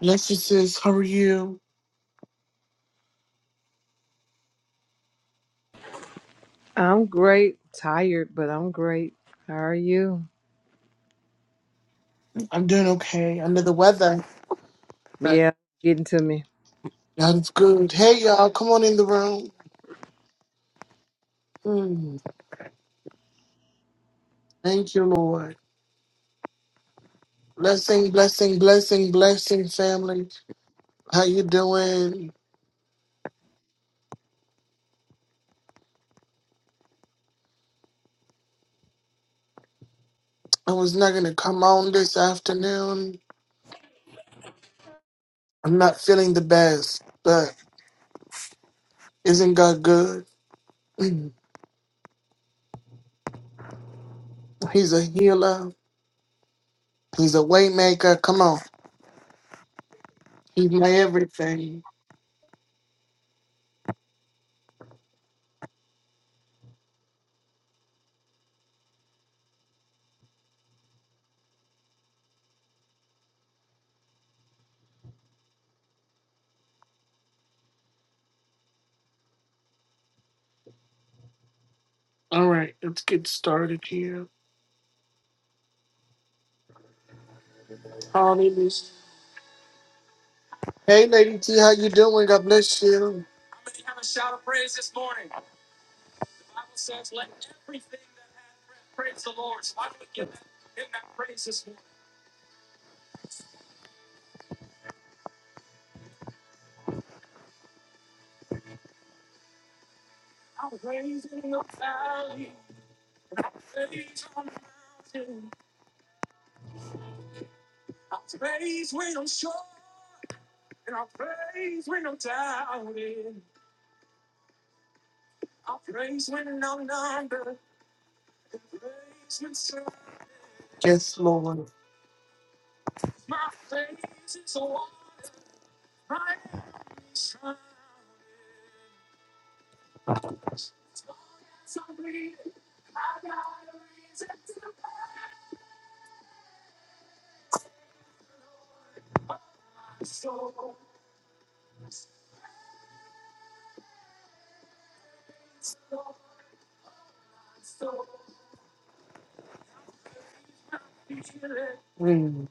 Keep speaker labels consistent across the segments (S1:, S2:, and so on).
S1: Bless you, sis. How are you?
S2: I'm great. Tired, but I'm great. How are you?
S1: I'm doing okay. Under the weather, but
S2: Yeah, getting to me.
S1: God is good. Hey, y'all, come on in the room. Mm, thank you, Lord. Blessing, blessing, blessing, blessing, family. How you doing? I was not gonna come on this afternoon. I'm not feeling the best, but isn't God good? Mm, He's a healer. He's a waymaker. Come on, He's my everything. All right, let's get started here. Hey, Lady T, how you doing? God bless you. Yes, Lord. Mm.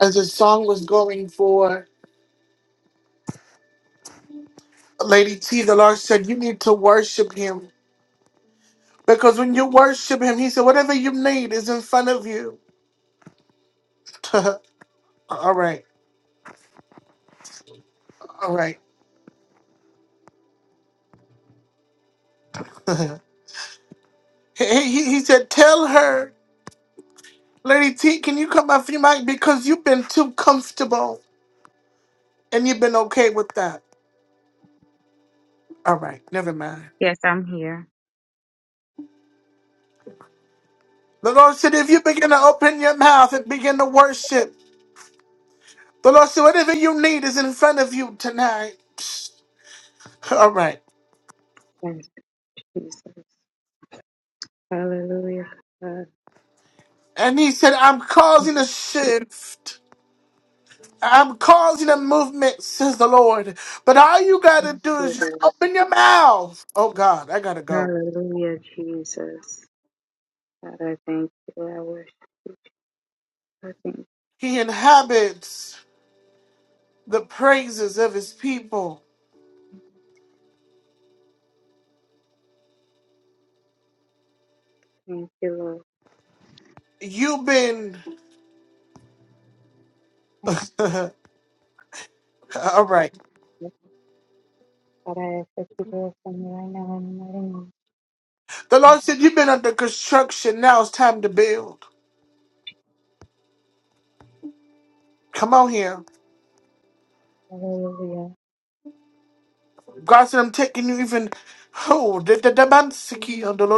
S1: As the song was going for Lady T, the Lord said, You need to worship him. Because when you worship him, he said, Whatever you need is in front of you. all right. All right. he, he, he said, Tell her, Lady T, can you come off your mic? Because you've been too comfortable and you've been okay with that. All right. Never mind.
S3: Yes, I'm here.
S1: The Lord said, If you begin to open your mouth and begin to worship, the Lord said, Whatever you need is in front of you tonight. All right.
S3: Thank you, Jesus. Hallelujah, God.
S1: And he said, I'm causing a shift. I'm causing a movement, says the Lord. But all you got to do
S3: You're
S1: is just open your mouth. Oh, God, I got to go.
S3: Hallelujah, Jesus. God, I thank you. I worship you. I thank you.
S1: He inhabits the praises of his people.
S3: Thank you, Lord.
S1: You've been.
S3: Thank
S1: all
S3: you.
S1: right.
S3: Jesus. God, I ask that you bless me right now in the mighty name of
S1: The Lord said, You've been under construction. Now it's time to build. Come on here.
S3: Hallelujah.
S1: God said, I'm taking you even. Oh, the the- the man sick, he under the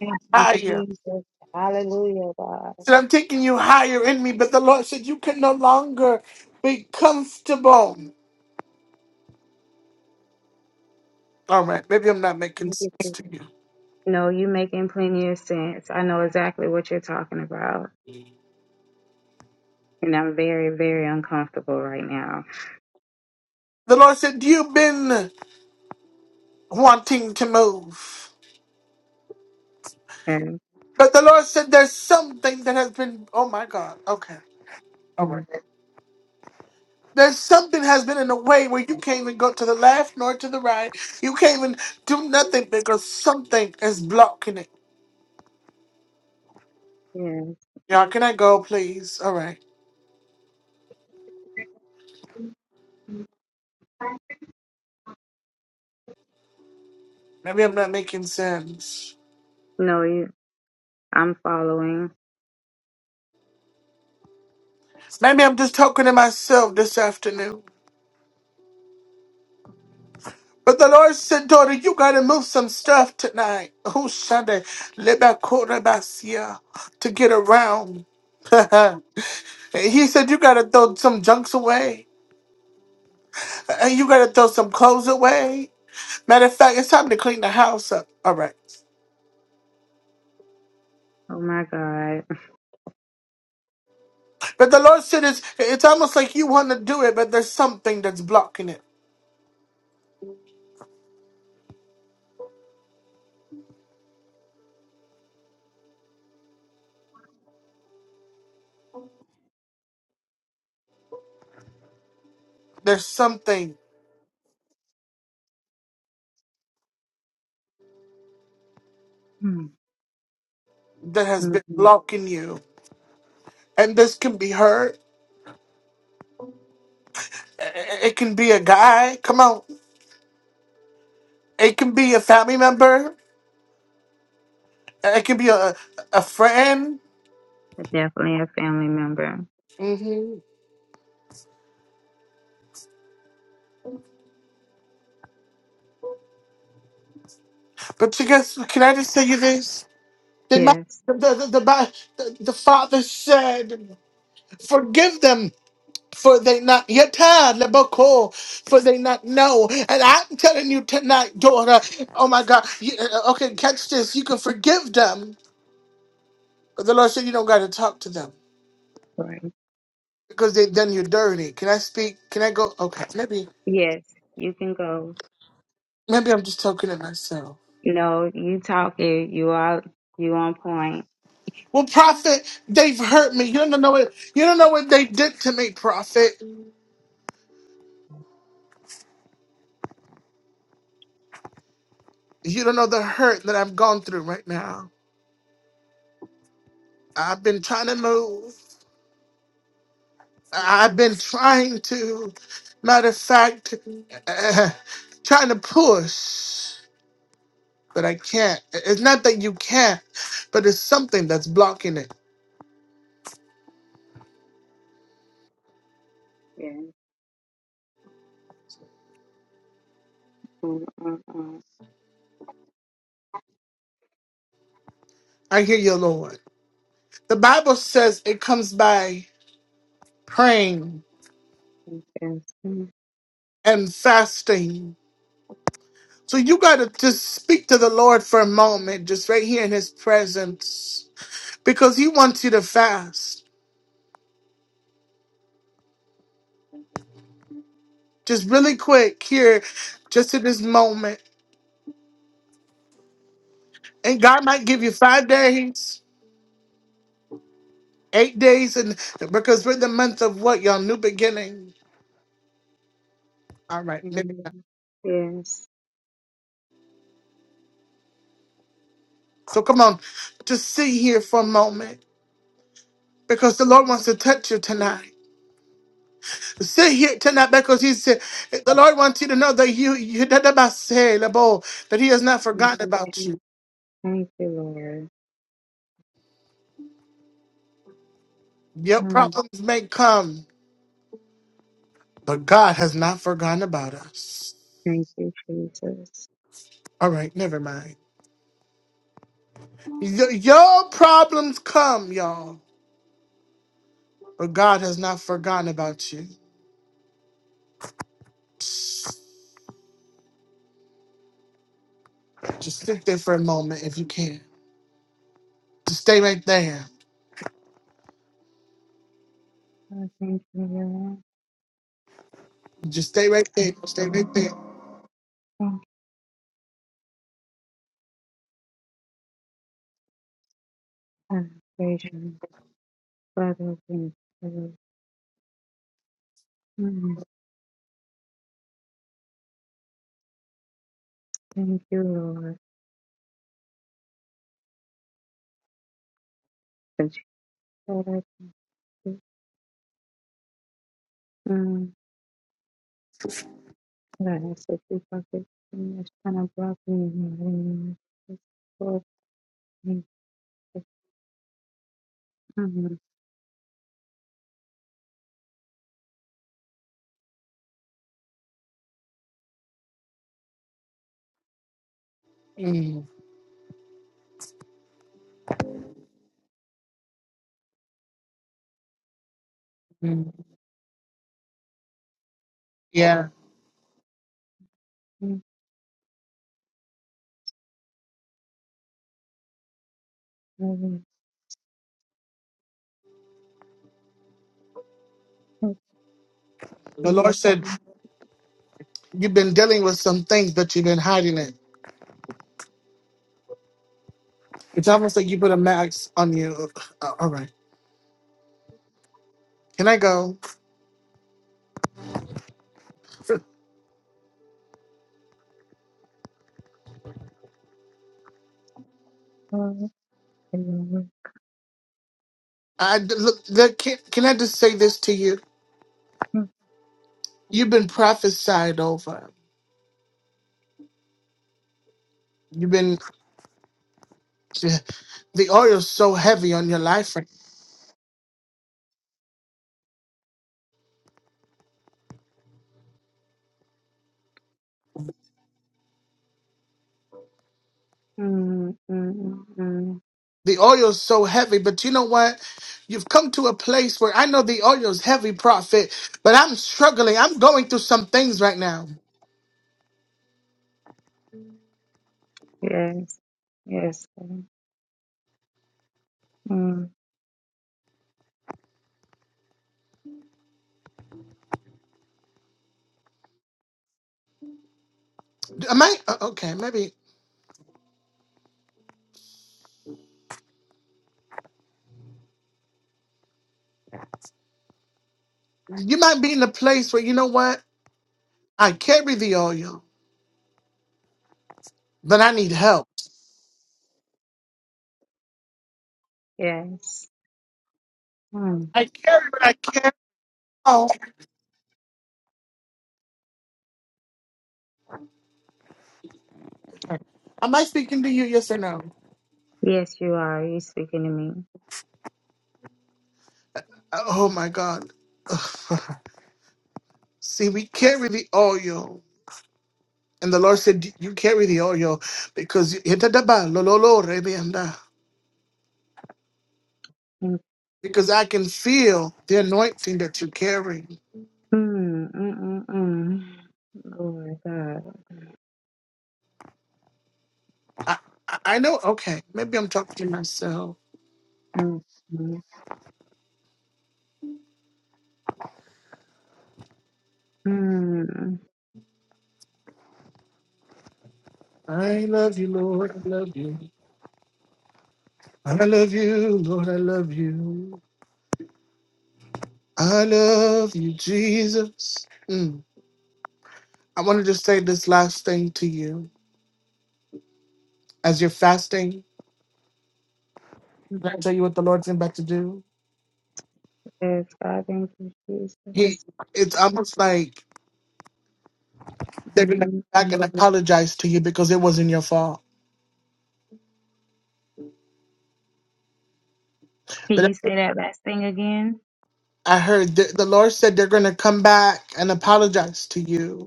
S3: Thank you, Jesus. Hallelujah, God.
S1: said, I'm taking you higher in me. But the Lord said, You can no longer be comfortable. All right, maybe I'm not making
S3: Thank you,
S1: sense
S3: Jesus.
S1: to you.
S3: No, you're making plenty of sense. I know exactly what you're talking about. And I'm very, very uncomfortable right now.
S1: The Lord said, You've been wanting to move.
S3: And
S1: But the Lord said, There's something that has been, oh my God, okay. All right. There's something has been in a way where you can't even go to the left nor to the right. You can't even do nothing because something is blocking it.
S3: yeah.
S1: Y'all, can I go, please? All right. Maybe I'm not making sense.
S3: No, you, I'm following.
S1: Maybe I'm just talking to myself this afternoon. But the Lord said, daughter, you gotta move some stuff tonight. Oh, Sunday, to get around. he said, you gotta throw some junks away. And you gotta throw some clothes away. Matter of fact, it's time to clean the house up. All right.
S3: Oh my God.
S1: But the Lord said, it's, it's almost like you want to do it, but there's something that's blocking it. There's something
S3: Mm-hmm.
S1: that has been blocking you. And this can be heard. It can be a guy. Come on. It can be a family member. It can be a a friend.
S3: Definitely a family member.
S1: hmm But you guess, can I just tell you this? The ma-
S3: Yes.
S1: the the, the, ma- the, the father said, "Forgive them." For they not yata leboko, for they not know, and I'm telling you tonight, daughter. Oh my God! You, uh, okay, catch this. You can forgive them, but the Lord said you don't got to talk to them
S3: Right.
S1: because they done you dirty. Can I speak? Can I go? Okay, maybe.
S3: Yes. You can go.
S1: Maybe I'm just talking to myself.
S3: No, you talking. You are you on point.
S1: Well, prophet, they've hurt me. You don't know what you don't know what they did to me, prophet. You don't know the hurt that I've gone through right now. I've been trying to move. I've been trying to, matter of fact, uh, trying to push, but I can't. It's not that you can't, but it's something that's blocking it.
S3: Yes. Mm-mm-mm.
S1: I hear you, Lord. The Bible says it comes by praying
S3: Yes. Mhm.
S1: and fasting. So you got to just speak to the Lord for a moment, just right here in His presence, because He wants you to fast. Just really quick here, just in this moment. And God might give you five days, eight days, and because we're in the month of what, y'all? New beginning. All right, maybe not.
S3: Yes.
S1: So come on, just sit here for a moment because the Lord wants to touch you tonight. Sit here tonight because He said, the Lord wants you to know that you, you that He has not
S3: Thank
S1: forgotten
S3: you,
S1: about
S3: Jesus.
S1: you.
S3: Thank you, Lord.
S1: Your
S3: Oh,
S1: problems may come, but God has not forgotten about us.
S3: thank you, Jesus.
S1: All right, never mind. Y- your problems come, y'all, but God has not forgotten about you. Just sit there for a moment if you can. Just stay right there.
S3: Oh, thank you, Lord.
S1: Just stay right there. Stay right there.
S3: Thank you. I Praise you. Father, thank you. Thank you, Lord. Since you said I could, um, that I said you bucket and it's kind of brought me in my room. It's for me to come and
S1: Mm, mm. Yeah.
S3: thank you, Lord. Thank you, Lord.
S1: The Lord said, You've been dealing with some things, but you've been hiding it. It's almost like you put a mask on you. Uh, all right. Can I go?
S3: Thank you, Lord.
S1: I look. look can, can I just say this to you? You've been prophesied over. You've been. The oil's so heavy on your life. right-
S3: Mm, mm, mm, mm.
S1: The oil's so heavy, but you know what? You've come to a place where I know the oil's heavy, prophet, but I'm struggling. I'm going through some things right now.
S3: Yes, yes, Lord. mm,
S1: Am I uh, okay? Maybe you might be in a place where you know what? I carry the oil, but I need help.
S3: yes, mm.
S1: I carry what I carry. Oh, am I speaking to you? Yes or no?
S3: yes, you are. You're speaking to me.
S1: Oh my God. See, we carry the oil. And the Lord said, You carry the oil because you-
S3: Mm,
S1: because I can feel the anointing that you carry.
S3: mm, mm, mm, mm. Lord God.
S1: I, I I know, okay, maybe I'm talking to myself.
S3: Mm, mm, mm.
S1: I love you, Lord. I love you. I love you, Lord. I love you. I love you, Jesus. Mm. I want to just say this last thing to you as you're fasting. Can I tell you what the Lord's about to do?
S3: Yes, God, thank you, Jesus.
S1: He, it's almost like They're going to
S3: Mhm.
S1: come back and
S3: mhm.
S1: apologize to you because it wasn't your fault.
S3: Can you
S1: But
S3: say that last thing again?
S1: I heard the, the Lord said they're going to come back and apologize to you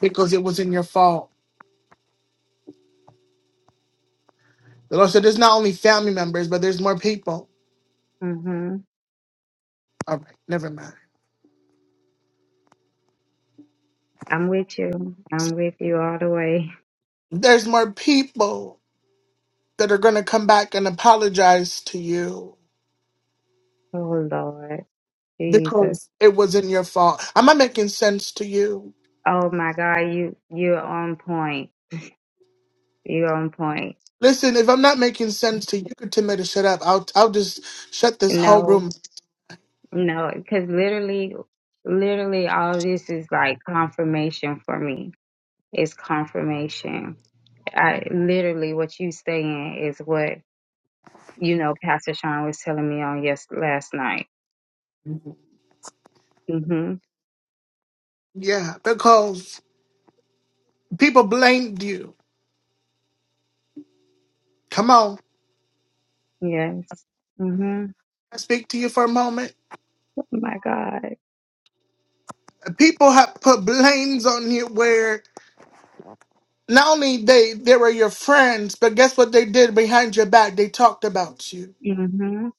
S1: because it wasn't your fault. The Lord said there's not only family members, but there's more people.
S3: hmm
S1: All right, never mind.
S3: I'm with you. I'm with you all the way.
S1: There's more people that are going to come back and apologize to you
S3: Oh Lord, Jesus.
S1: because it wasn't your fault. Am I making sense to you?
S3: Oh my God, you you're on point. You're on point.
S1: Listen, if I'm not making sense to you, you could tell me to shut up. I'll I'll just shut this whole
S3: No,
S1: room.
S3: no, because literally, literally, all this is like confirmation for me. It's confirmation. I literally what you saying is what you know. Pastor Sean was telling me on yes last night Mhm.
S1: Yeah, because People blamed you. Come on,
S3: Yes. Mhm.
S1: I speak to you for a moment.
S3: Oh my God.
S1: People have put blames on you where not only they they were your friends, but guess what they did behind your back? They talked about you.
S3: Mhm.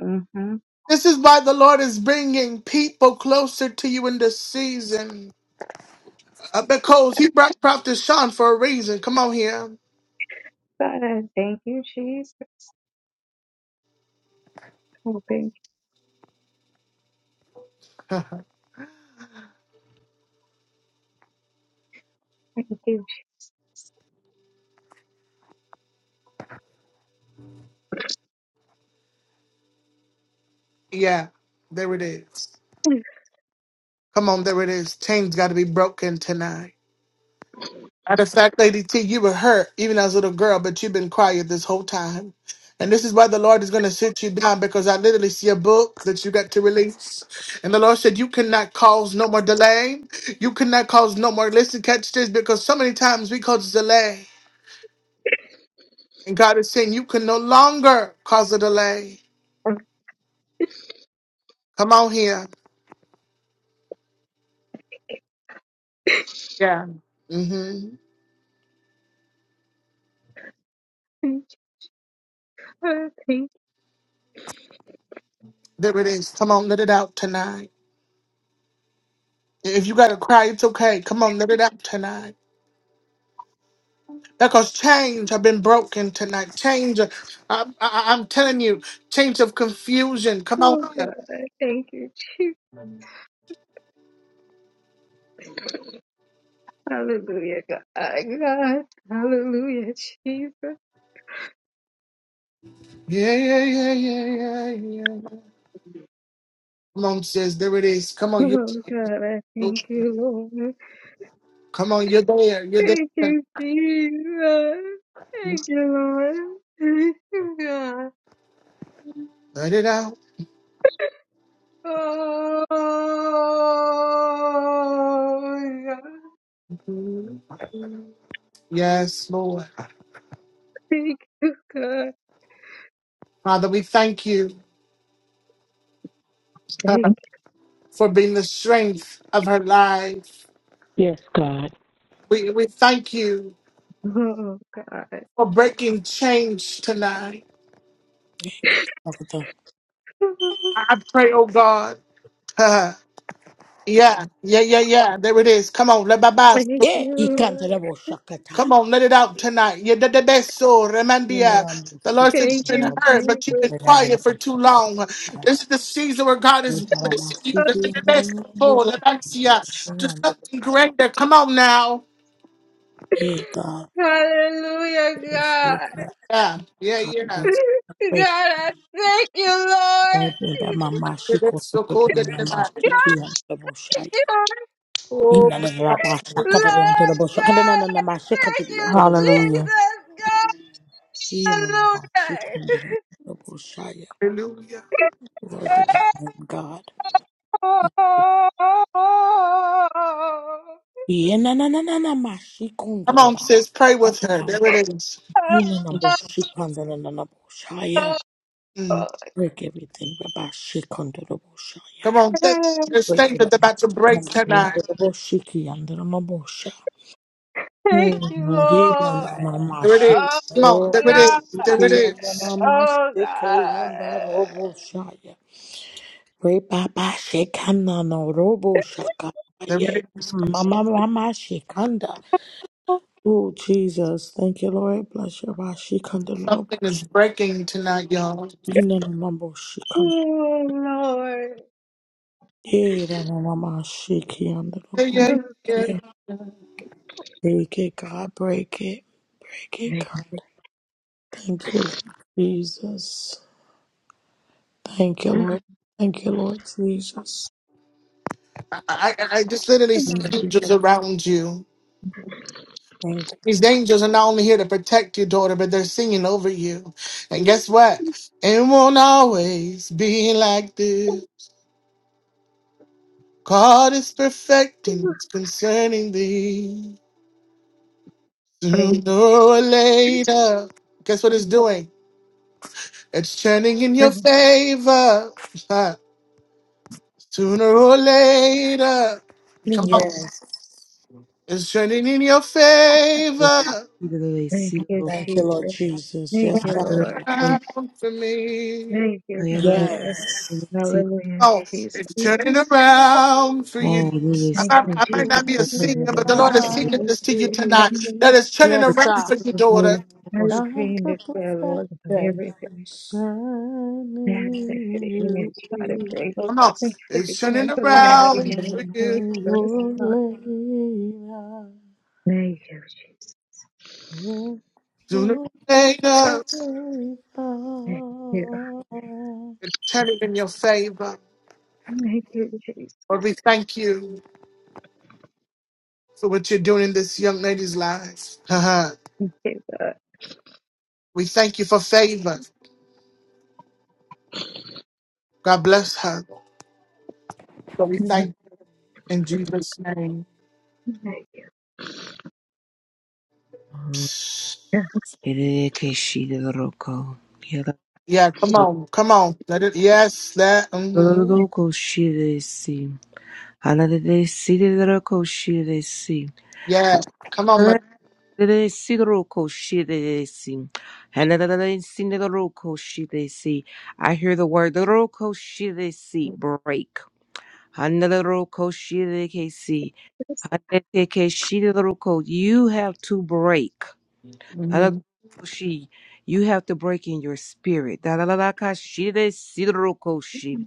S3: Mhm.
S1: This is why the Lord is bringing people closer to you in this season. Uh, because He brought Prophet Sean for a reason. Come on here.
S3: God, thank you, Jesus. Oh, thank you. Thank you.
S1: yeah, there it is.
S3: Jesus.
S1: Come on, there it is. Chains got to be broken tonight. Matter of fact, Lady T, you were hurt even as a little girl, but you've been quiet this whole time. And this is why the Lord is going to sit you down because I literally see a book that you got to release. And the Lord said, You cannot cause no more delay. You cannot cause no more. Listen, catch this because so many times we cause delay. And God is saying, You can no longer cause a delay. Come on here. Yeah. hmm
S3: Oh, Thank you. Thank you.
S1: There it is. Come on, let it out tonight. If you got to cry, it's okay. Come on, let it out tonight. Because chains have been broken tonight. Change, I, I, I'm telling you, chains of confusion. Come on.
S3: Oh God. Thank you, Jesus. Hallelujah, God. God. Hallelujah, Jesus.
S1: Yeah, yeah, yeah, yeah, yeah, yeah. Come on, sis. There it is. Come on, you.
S3: Oh God, I thank you, Lord.
S1: Come on, you're there. You're
S3: Thank
S1: there.
S3: you, Jesus. Thank you, Lord. Thank you, God.
S1: Let it out.
S3: Oh, God.
S1: Yes, Lord.
S3: Thank you, God.
S1: Father, we thank you uh,
S3: Thank
S1: for being the strength of her life.
S4: Yes, God.
S1: We, we thank you
S3: you, oh God.
S1: for breaking chains tonight.
S4: Thank you, Father.
S1: I I pray, oh God. Yeah, yeah, yeah, yeah. There it is. Come on, let Baba.
S3: Thank
S4: Eh,
S3: you.
S4: ikandarabo shakata.
S1: Come on, let it out tonight. Yeah, the the best soul, Remandia.
S4: Imaramo
S1: The Lord said you've
S3: Thank
S1: been
S3: you,
S4: shikandarabo
S1: hurt, but you've
S3: Jesus.
S1: been
S4: shikandarabo
S1: quiet for too
S4: shakata.
S1: long. This is the season where God is
S4: Imaramo
S1: blessing you. The the- the best
S4: shikandarabo
S1: soul, Remandia, to
S4: shikandarabo
S1: something
S4: shakata.
S1: greater. Come on now.
S4: Eh, God,
S3: Hallelujah, God.
S4: yes, Lord, God,
S1: Yeah, yeah,
S4: God,
S1: yeah.
S4: yes. I
S3: God,
S4: pray,
S3: I thank you, Lord.
S4: pray that my mind
S1: The
S4: she goes
S1: best soul,
S4: to
S1: cool,
S4: the
S1: the-
S4: my mind she
S1: the-
S4: can't have a
S3: Thank
S4: shake.
S3: you,
S1: Oh,
S4: Ina na na ba
S3: Lord
S4: shakata na na na
S3: God.
S4: shakata na na na
S3: I
S4: ma shakata
S3: Thank
S4: na
S3: you,
S4: na na
S5: Hallelujah.
S4: shakata.
S3: Jesus, God.
S4: Ina na ma shakata
S3: Hallelujah.
S4: na na na shakata.
S1: hallelujah.
S4: Glory be to the Lamb God.
S3: Oh, oh,
S1: Come on,
S4: Yenananananamashikundaraba.
S1: sis, pray with
S4: Ataya.
S1: her. There it is.
S3: oh, oh,
S4: Yenanaboshikundarananaboshaya.
S1: Mm.
S3: oh, oh,
S4: Break everything, Baba Shikundarabosha.
S1: Come on, thanks. There's
S4: Break
S1: things
S4: it up,
S1: that's about to break tonight.
S4: Mashikundarabosha. Yandarabosha.
S3: Thank you, Lord.
S1: There it
S4: Yenanamashi.
S1: is. Come on.
S4: Oh,
S1: There it
S3: God.
S1: is. There it is.
S3: Oh, God.
S4: Shikiyandanamashikayandaraboshaya. Pray, Baba Shikanano Robo
S1: There
S4: Shakaya.
S1: it is. Come on.
S4: Mama Mama Shikanda. Oh, Jesus. Thank you, Lord. Bless your Rashi Kandalobo.
S1: Something is breaking tonight, y'all.
S4: Ina Mambo
S3: Oh,
S4: Shikanda.
S3: Lord.
S4: Era Mama Shiki and the
S1: Yeah,
S4: Lobo.
S1: yeah, yeah. yeah.
S4: Break it, God. Break it. Break it,
S3: Thank
S4: God. Thank you, Lord Jesus. Thank you, Lord. Thank you, Lord Jesus.
S1: I, I, I just literally see
S4: Thank you.
S1: angels around you.
S4: Thank you.
S1: These angels are not only here to protect your daughter, but they're singing over you. And guess what? It won't always be like this. God is perfecting what's concerning thee. Sooner or later. Guess what it's doing? It's turning in your favor. Huh. Sooner or later. Come
S3: you,
S1: on.
S4: Yes.
S1: It's turning in your favor.
S3: Thank you,
S4: Thank you, Lord
S3: Jesus.
S4: Jesus.
S3: Thank
S4: Yes,
S3: you,
S4: God.
S3: Lord.
S1: Around for me.
S3: Thank you, God.
S4: Yes.
S3: Hallelujah,
S1: Oh,
S3: Jesus.
S1: it's turning around for you. I
S3: Thank
S1: might,
S3: you,
S1: I might
S3: Jesus,
S1: not be a
S3: for bringing
S1: singer,
S3: me
S1: but the
S3: now
S1: Lord is
S3: from
S4: God,
S3: the
S1: singing this to you
S3: Lord.
S1: tonight. That is turning around for your daughter.
S3: I agree and
S4: the
S3: declare, Lord, that
S4: perfection
S3: everything that the
S4: in
S3: enemy
S4: you.
S3: is trying to bring, oh
S1: Come
S3: God,
S1: on.
S3: thank you for this
S1: It's
S3: man
S1: turning
S3: in the mighty
S1: around
S3: name of
S1: for you.
S3: Jesus.
S4: Hallelujah.
S3: Thank you, Jesus.
S1: Sooner or later.
S3: Thank you.
S1: It's turning in your favor.
S3: Thank you, Jesus.
S1: Lord, we thank you. for what you're doing in this young lady's life. Uh-huh.
S3: Thank you, God.
S1: We thank you for favor. God bless her. So we
S3: Thank
S1: thank you in Jesus' name.
S3: you.
S1: Yeah, come on, come on. Let it. Yes, let. mhm.
S3: Thank
S1: Yeah, come on, man.
S2: They see The Roko I hear the word Roko break. Hanarokoshirekesi. roco she they can see.
S3: you, Son.
S2: Another she the roco. You have to break. Another
S1: hmm
S2: she You have to break in your spirit. Dalalakashiresirokoshi.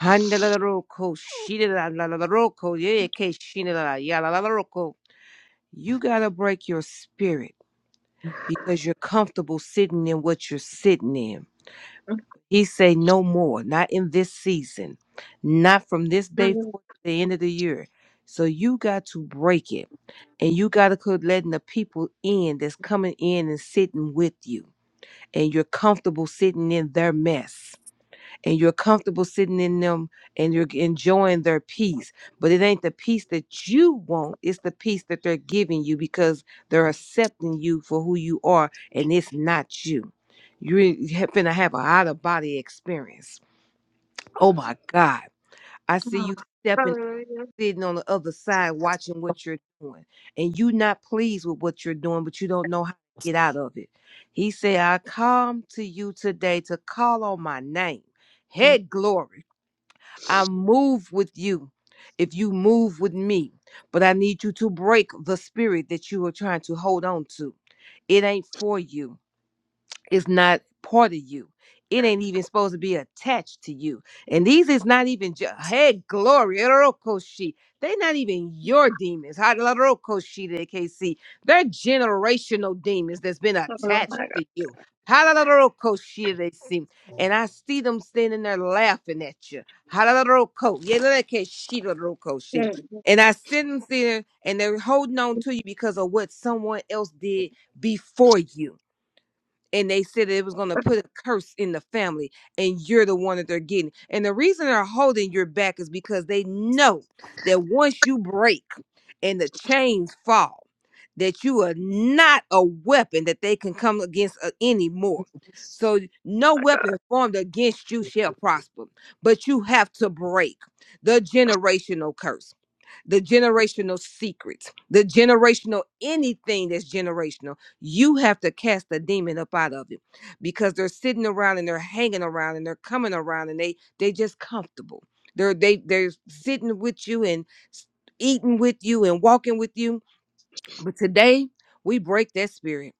S2: Hanarokoshirelalalalaroko. Yekeshinelala. roco she. Handala roco she la la la roco. Yeah, she la la la roco. You gotta break your spirit. because you're comfortable sitting in what you're sitting in. He say no more, not in this season, not from this day forward
S3: Oh,
S2: to the end of the year. So you got to break it. And you got to quit letting the people in that's coming in and sitting with you. And you're comfortable sitting in their mess and you're comfortable sitting in them and you're enjoying their peace. But it ain't the peace that you want, it's the peace that they're giving you because they're accepting you for who you are and it's not you. You're gonna have an out of body experience. Oh my God. I see you stepping,
S3: Hallelujah.
S2: sitting on the other side, watching what you're doing, and you not pleased with what you're doing, but you don't know how to get out of it. He said, I come to you today to call on my name. Head glory. I move with you if you move with me, but I need you to break the spirit that you are trying to hold on to. It ain't for you is not part of you. It ain't even supposed to be attached to you. And these is not even ju- hey glory, Erorokoshi. they not even your demons. Halalorokoshi de KC. They're generational demons that's been
S3: Oh, my
S2: attached
S3: God.
S2: to you. Halalorokoshi they see. And I see them standing there laughing at you. Halalaroko. Yelelekeshi lorokoshi.
S3: Thank
S2: And I see them there and they're holding on to you because of what someone else did before you and they said that it was going to put a curse in the family and you're the one that they're getting and the reason they're holding your back is because they know that once you break and the chains fall that you are not a weapon that they can come against uh, anymore so no weapon formed against you shall prosper but you have to break the generational curse the generational secrets, the generational anything that's generational. You have to cast the demon up out of it because they're sitting around and they're hanging around and they're coming around and they they just comfortable. They're they they're sitting with you and s- eating with you and walking with you. But today we break that spirit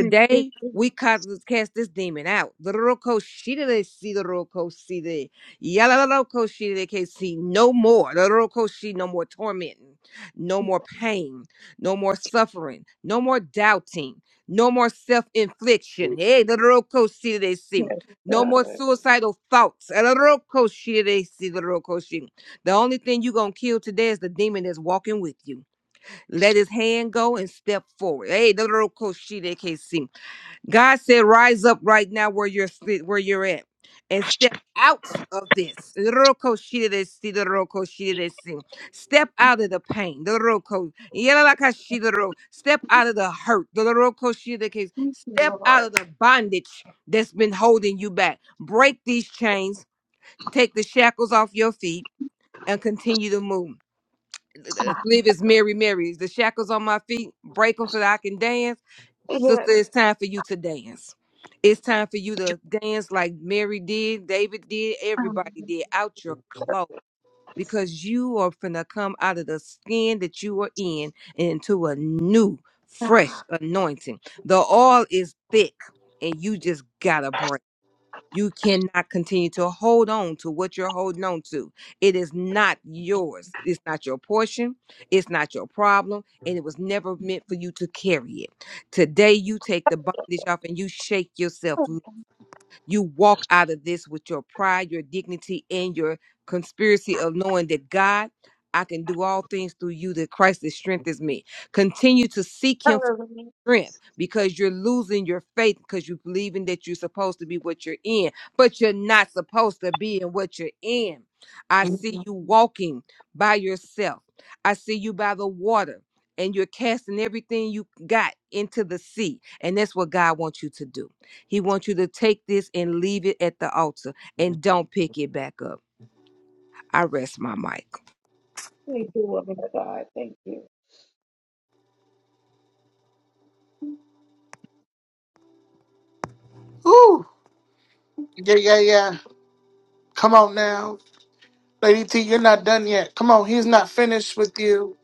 S3: you, Jesus.
S2: we ca- cast this demon out. Doroko shide see the roko see the yalaloko shide can see no more. Doroko she no more tormenting, no more pain, no more suffering, no more doubting, no more self-infliction. Hey, the doroko see they see.
S3: Yes,
S2: No
S3: God,
S2: more suicidal thoughts. Doroko shide they see the roko she. The only thing you gonna kill today is the demon that's walking with you. Let his hand go and step forward. Hey, the doroko shide can see. God said, "Rise up right now, where you're sti- where you're at, and step out of this." Roko shireresi, the roko shireresi. Step out of the pain. the roko- yeralaka shirero. Step out of the hurt. the roko shirereki.
S3: Thank you,
S2: Step out
S3: Lord.
S2: of the bondage that's been holding you back. Break these chains. Take the shackles off your feet and continue to move. I believe it's Mary Mary's. The shackles on my feet, break them so that I can dance. Sister,
S3: Yes,
S2: it's time for you to dance. It's time for you to dance like Mary did, David did, everybody did, out your clothes. Because you are finna come out of the skin that you are in and into a new, fresh anointing. The oil is thick and you just gotta break. You cannot continue to hold on to what you're holding on to. It is not yours. It's not your portion. It's not your problem. And it was never meant for you to carry it. Today, you take the bondage off and you shake yourself. loose. You walk out of this with your pride, your dignity, and your conspiracy of knowing that God, I can do all things through you, that Christ that strengthens me. Continue to seek Him for strength because you're losing your faith because you're believing that you're supposed to be what you're in, but you're not supposed to be in what you're in. I see you walking by yourself. I see you by the water and you're casting everything you got into the sea. And that's what God wants you to do. He wants you to take this and leave it at the altar and don't pick it back up. I rest my mic.
S3: Thank you, woman of God. Thank you.
S1: Ooh, yeah, yeah, yeah. Come on now, Lady T. You're not done yet. Come on, he's not finished with you.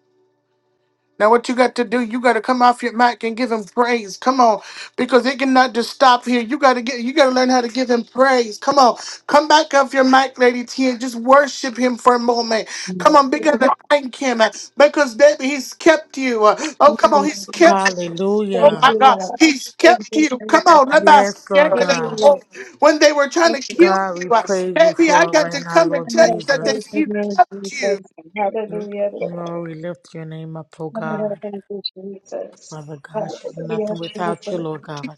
S1: Now, what you got to do, you got to come off your mic and give him praise. Come on, because it cannot just stop here. You got to get, you got to learn how to give him praise. Come on, come back off your mic, Lady T, and just worship him for a moment.
S3: Thank
S1: Come on, begin to thank him uh, because baby, he's kept you. Uh, Oh, come on,
S3: you,
S1: he's kept. Oh
S3: Thank
S1: my
S3: you,
S1: God,
S3: Lord.
S1: he's
S3: Thank you,
S1: kept you.
S3: Jesus.
S1: Come on, let my
S4: Yes,
S1: skin
S4: Lord
S1: get
S3: Thank
S1: in
S3: you,
S1: the
S4: God.
S3: Lord.
S1: hole. when they were trying
S3: Thank
S1: to
S3: you.
S1: kill
S4: God, we
S1: you, uh,
S4: praise you
S1: baby,
S4: for
S1: I
S4: it
S1: got
S4: right
S1: to
S4: now,
S1: come and
S4: Lord
S3: I'm
S1: tell
S3: going to
S1: you that they-
S3: praise the
S4: Jesus.
S1: he
S3: Lord
S1: kept you.
S3: Jesus. Hallelujah, Lord.
S4: Lord, we lift your name up, oh
S3: I'm going to
S4: God.
S3: thank you, Jesus.
S4: Father God, she's
S3: Hallelujah,
S4: nothing
S3: Jesus.
S4: without you, Lord God.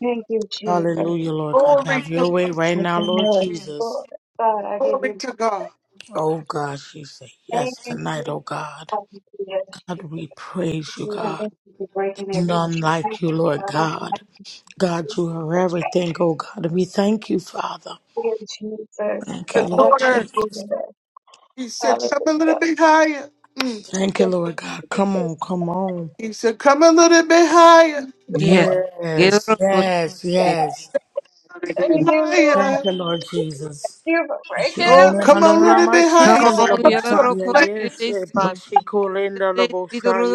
S3: Thank you, Jesus.
S4: Hallelujah, Lord God.
S1: Glory
S4: Have your
S1: to
S4: way
S1: God.
S4: right
S3: with
S4: now,
S3: the
S4: Lord
S3: Lord.
S4: Jesus.
S3: Lord, God, I give
S1: Glory
S3: you
S1: to God.
S4: Oh God, she say
S3: praise
S4: yes
S3: and
S4: tonight, oh
S3: praise.
S4: God.
S3: Hallelujah,
S4: God,
S3: Jesus.
S4: we praise you,
S3: And
S4: God.
S3: thank you for breaking every chain.
S4: None
S3: God,
S4: like you, Lord
S3: in the
S4: God.
S3: mighty
S4: God, you are everything, oh God. We thank you, Father.
S3: name of Jesus,
S4: Thank you,
S1: the
S4: Lord
S3: God, thank
S1: daughter,
S3: you,
S4: Jesus.
S3: Lord.
S1: he said, come a little
S3: Hallelujah.
S1: bit higher. Mm.
S4: Thank you,
S3: Thank you,
S4: Lord God. Come
S3: Jesus.
S4: on, come on.
S1: He said, come a little bit higher,
S2: Yes.
S4: Yes, yes, yes.
S3: Thank you, Lord.
S1: higher.
S4: Thank you, Lord
S3: Thank
S4: Jesus.
S3: you for breaking
S4: She
S1: Oh,
S4: owned
S3: every
S4: it
S1: come
S4: under
S1: on
S4: the
S1: a little
S4: name
S3: chain,
S1: bit
S4: she
S1: higher. He
S2: Come
S4: can
S1: said,
S4: the
S3: God.
S1: come
S4: most
S1: to a
S2: on,
S1: place.
S4: Yes, yeah, by
S2: see.
S4: she call in the most high.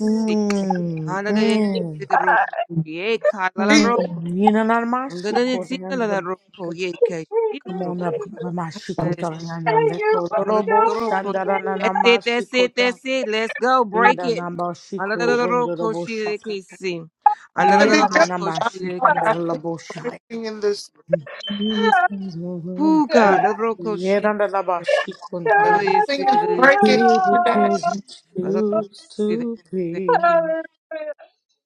S4: Mm, mm,
S3: God,
S1: He said,
S4: mm. You know, not my she called it under the
S3: Thank
S4: Come
S3: you,
S4: on up,
S3: Jesus.
S4: Ramashikota
S3: Thank you
S4: Yandraleko,
S3: for
S4: Robo
S3: covering me,
S4: Shandarana
S2: That's it, that's it,
S4: Namashikota,
S2: that's it. Let's go, break
S4: Yera
S2: it.
S4: Namashiko, Rondorobo Shakata,
S1: the
S4: Yera
S1: big devil. I
S3: God.
S1: I think
S4: Namashikandalabo
S1: it's
S4: Shaya.
S1: breaking in this
S4: Here comes my own
S2: Who God,
S4: feet,
S2: the
S3: God,
S2: Roko Shiresi,
S4: Yera
S2: that
S3: God,
S4: Nalamashikondaraba.
S3: I
S2: is
S1: thing
S2: it,
S1: is
S2: that
S3: thank
S2: is
S3: you,
S2: it,
S1: breaking
S4: Here
S1: today.
S4: because
S3: Lord.
S4: you choose to be,
S3: Hallelujah.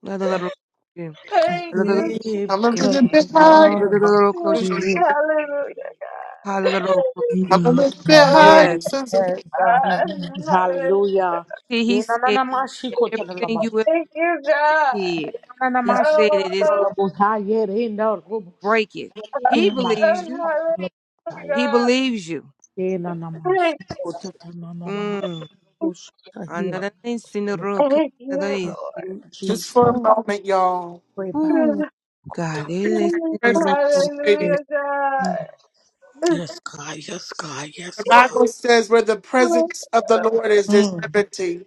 S2: another Roko Shiresi,
S3: Thank
S2: another
S3: you, Jesus.
S4: here
S1: Come a
S4: because
S1: little bit
S4: of
S1: higher.
S4: all
S2: Roko
S1: Mm.
S4: you.
S2: Shiresi.
S3: Hallelujah, God.
S2: Hallelujah.
S1: Come a little bit
S3: Oh,
S1: higher,
S2: Yes.
S1: sister.
S4: Yes, God.
S3: God. Hallelujah.
S4: Hallelujah.
S2: See, he said that everything
S4: Inanamashikotalaba.
S2: you ever
S3: Thank you, God.
S2: did, he said
S3: Oh,
S2: it is not
S4: Inanamashikotalaba. Yerendaroboshkinama.
S2: breaking.
S3: oh,
S2: He believes you.
S3: hallelujah,
S2: He
S3: God.
S2: believes you.
S3: Thank
S4: Inanamashikotatanama.
S2: Mm.
S3: you,
S4: Oshahila.
S2: Another thing, sin the room, come
S3: thank
S2: to the
S3: you,
S2: list.
S1: Just
S4: Jesus.
S1: for a
S2: Ooh,
S1: moment, y'all.
S4: Pray back.
S2: ooh.
S3: Lord.
S4: Kota.
S2: God, it is in the room, come
S1: Presence,
S2: to
S1: lady.
S2: this.
S3: Hallelujah,
S1: The
S3: God.
S4: Yes, God. Yes, God. Yes, God.
S1: Bible says where the
S3: Oh,
S1: presence of the Lord is, there's
S4: Mm,
S1: liberty.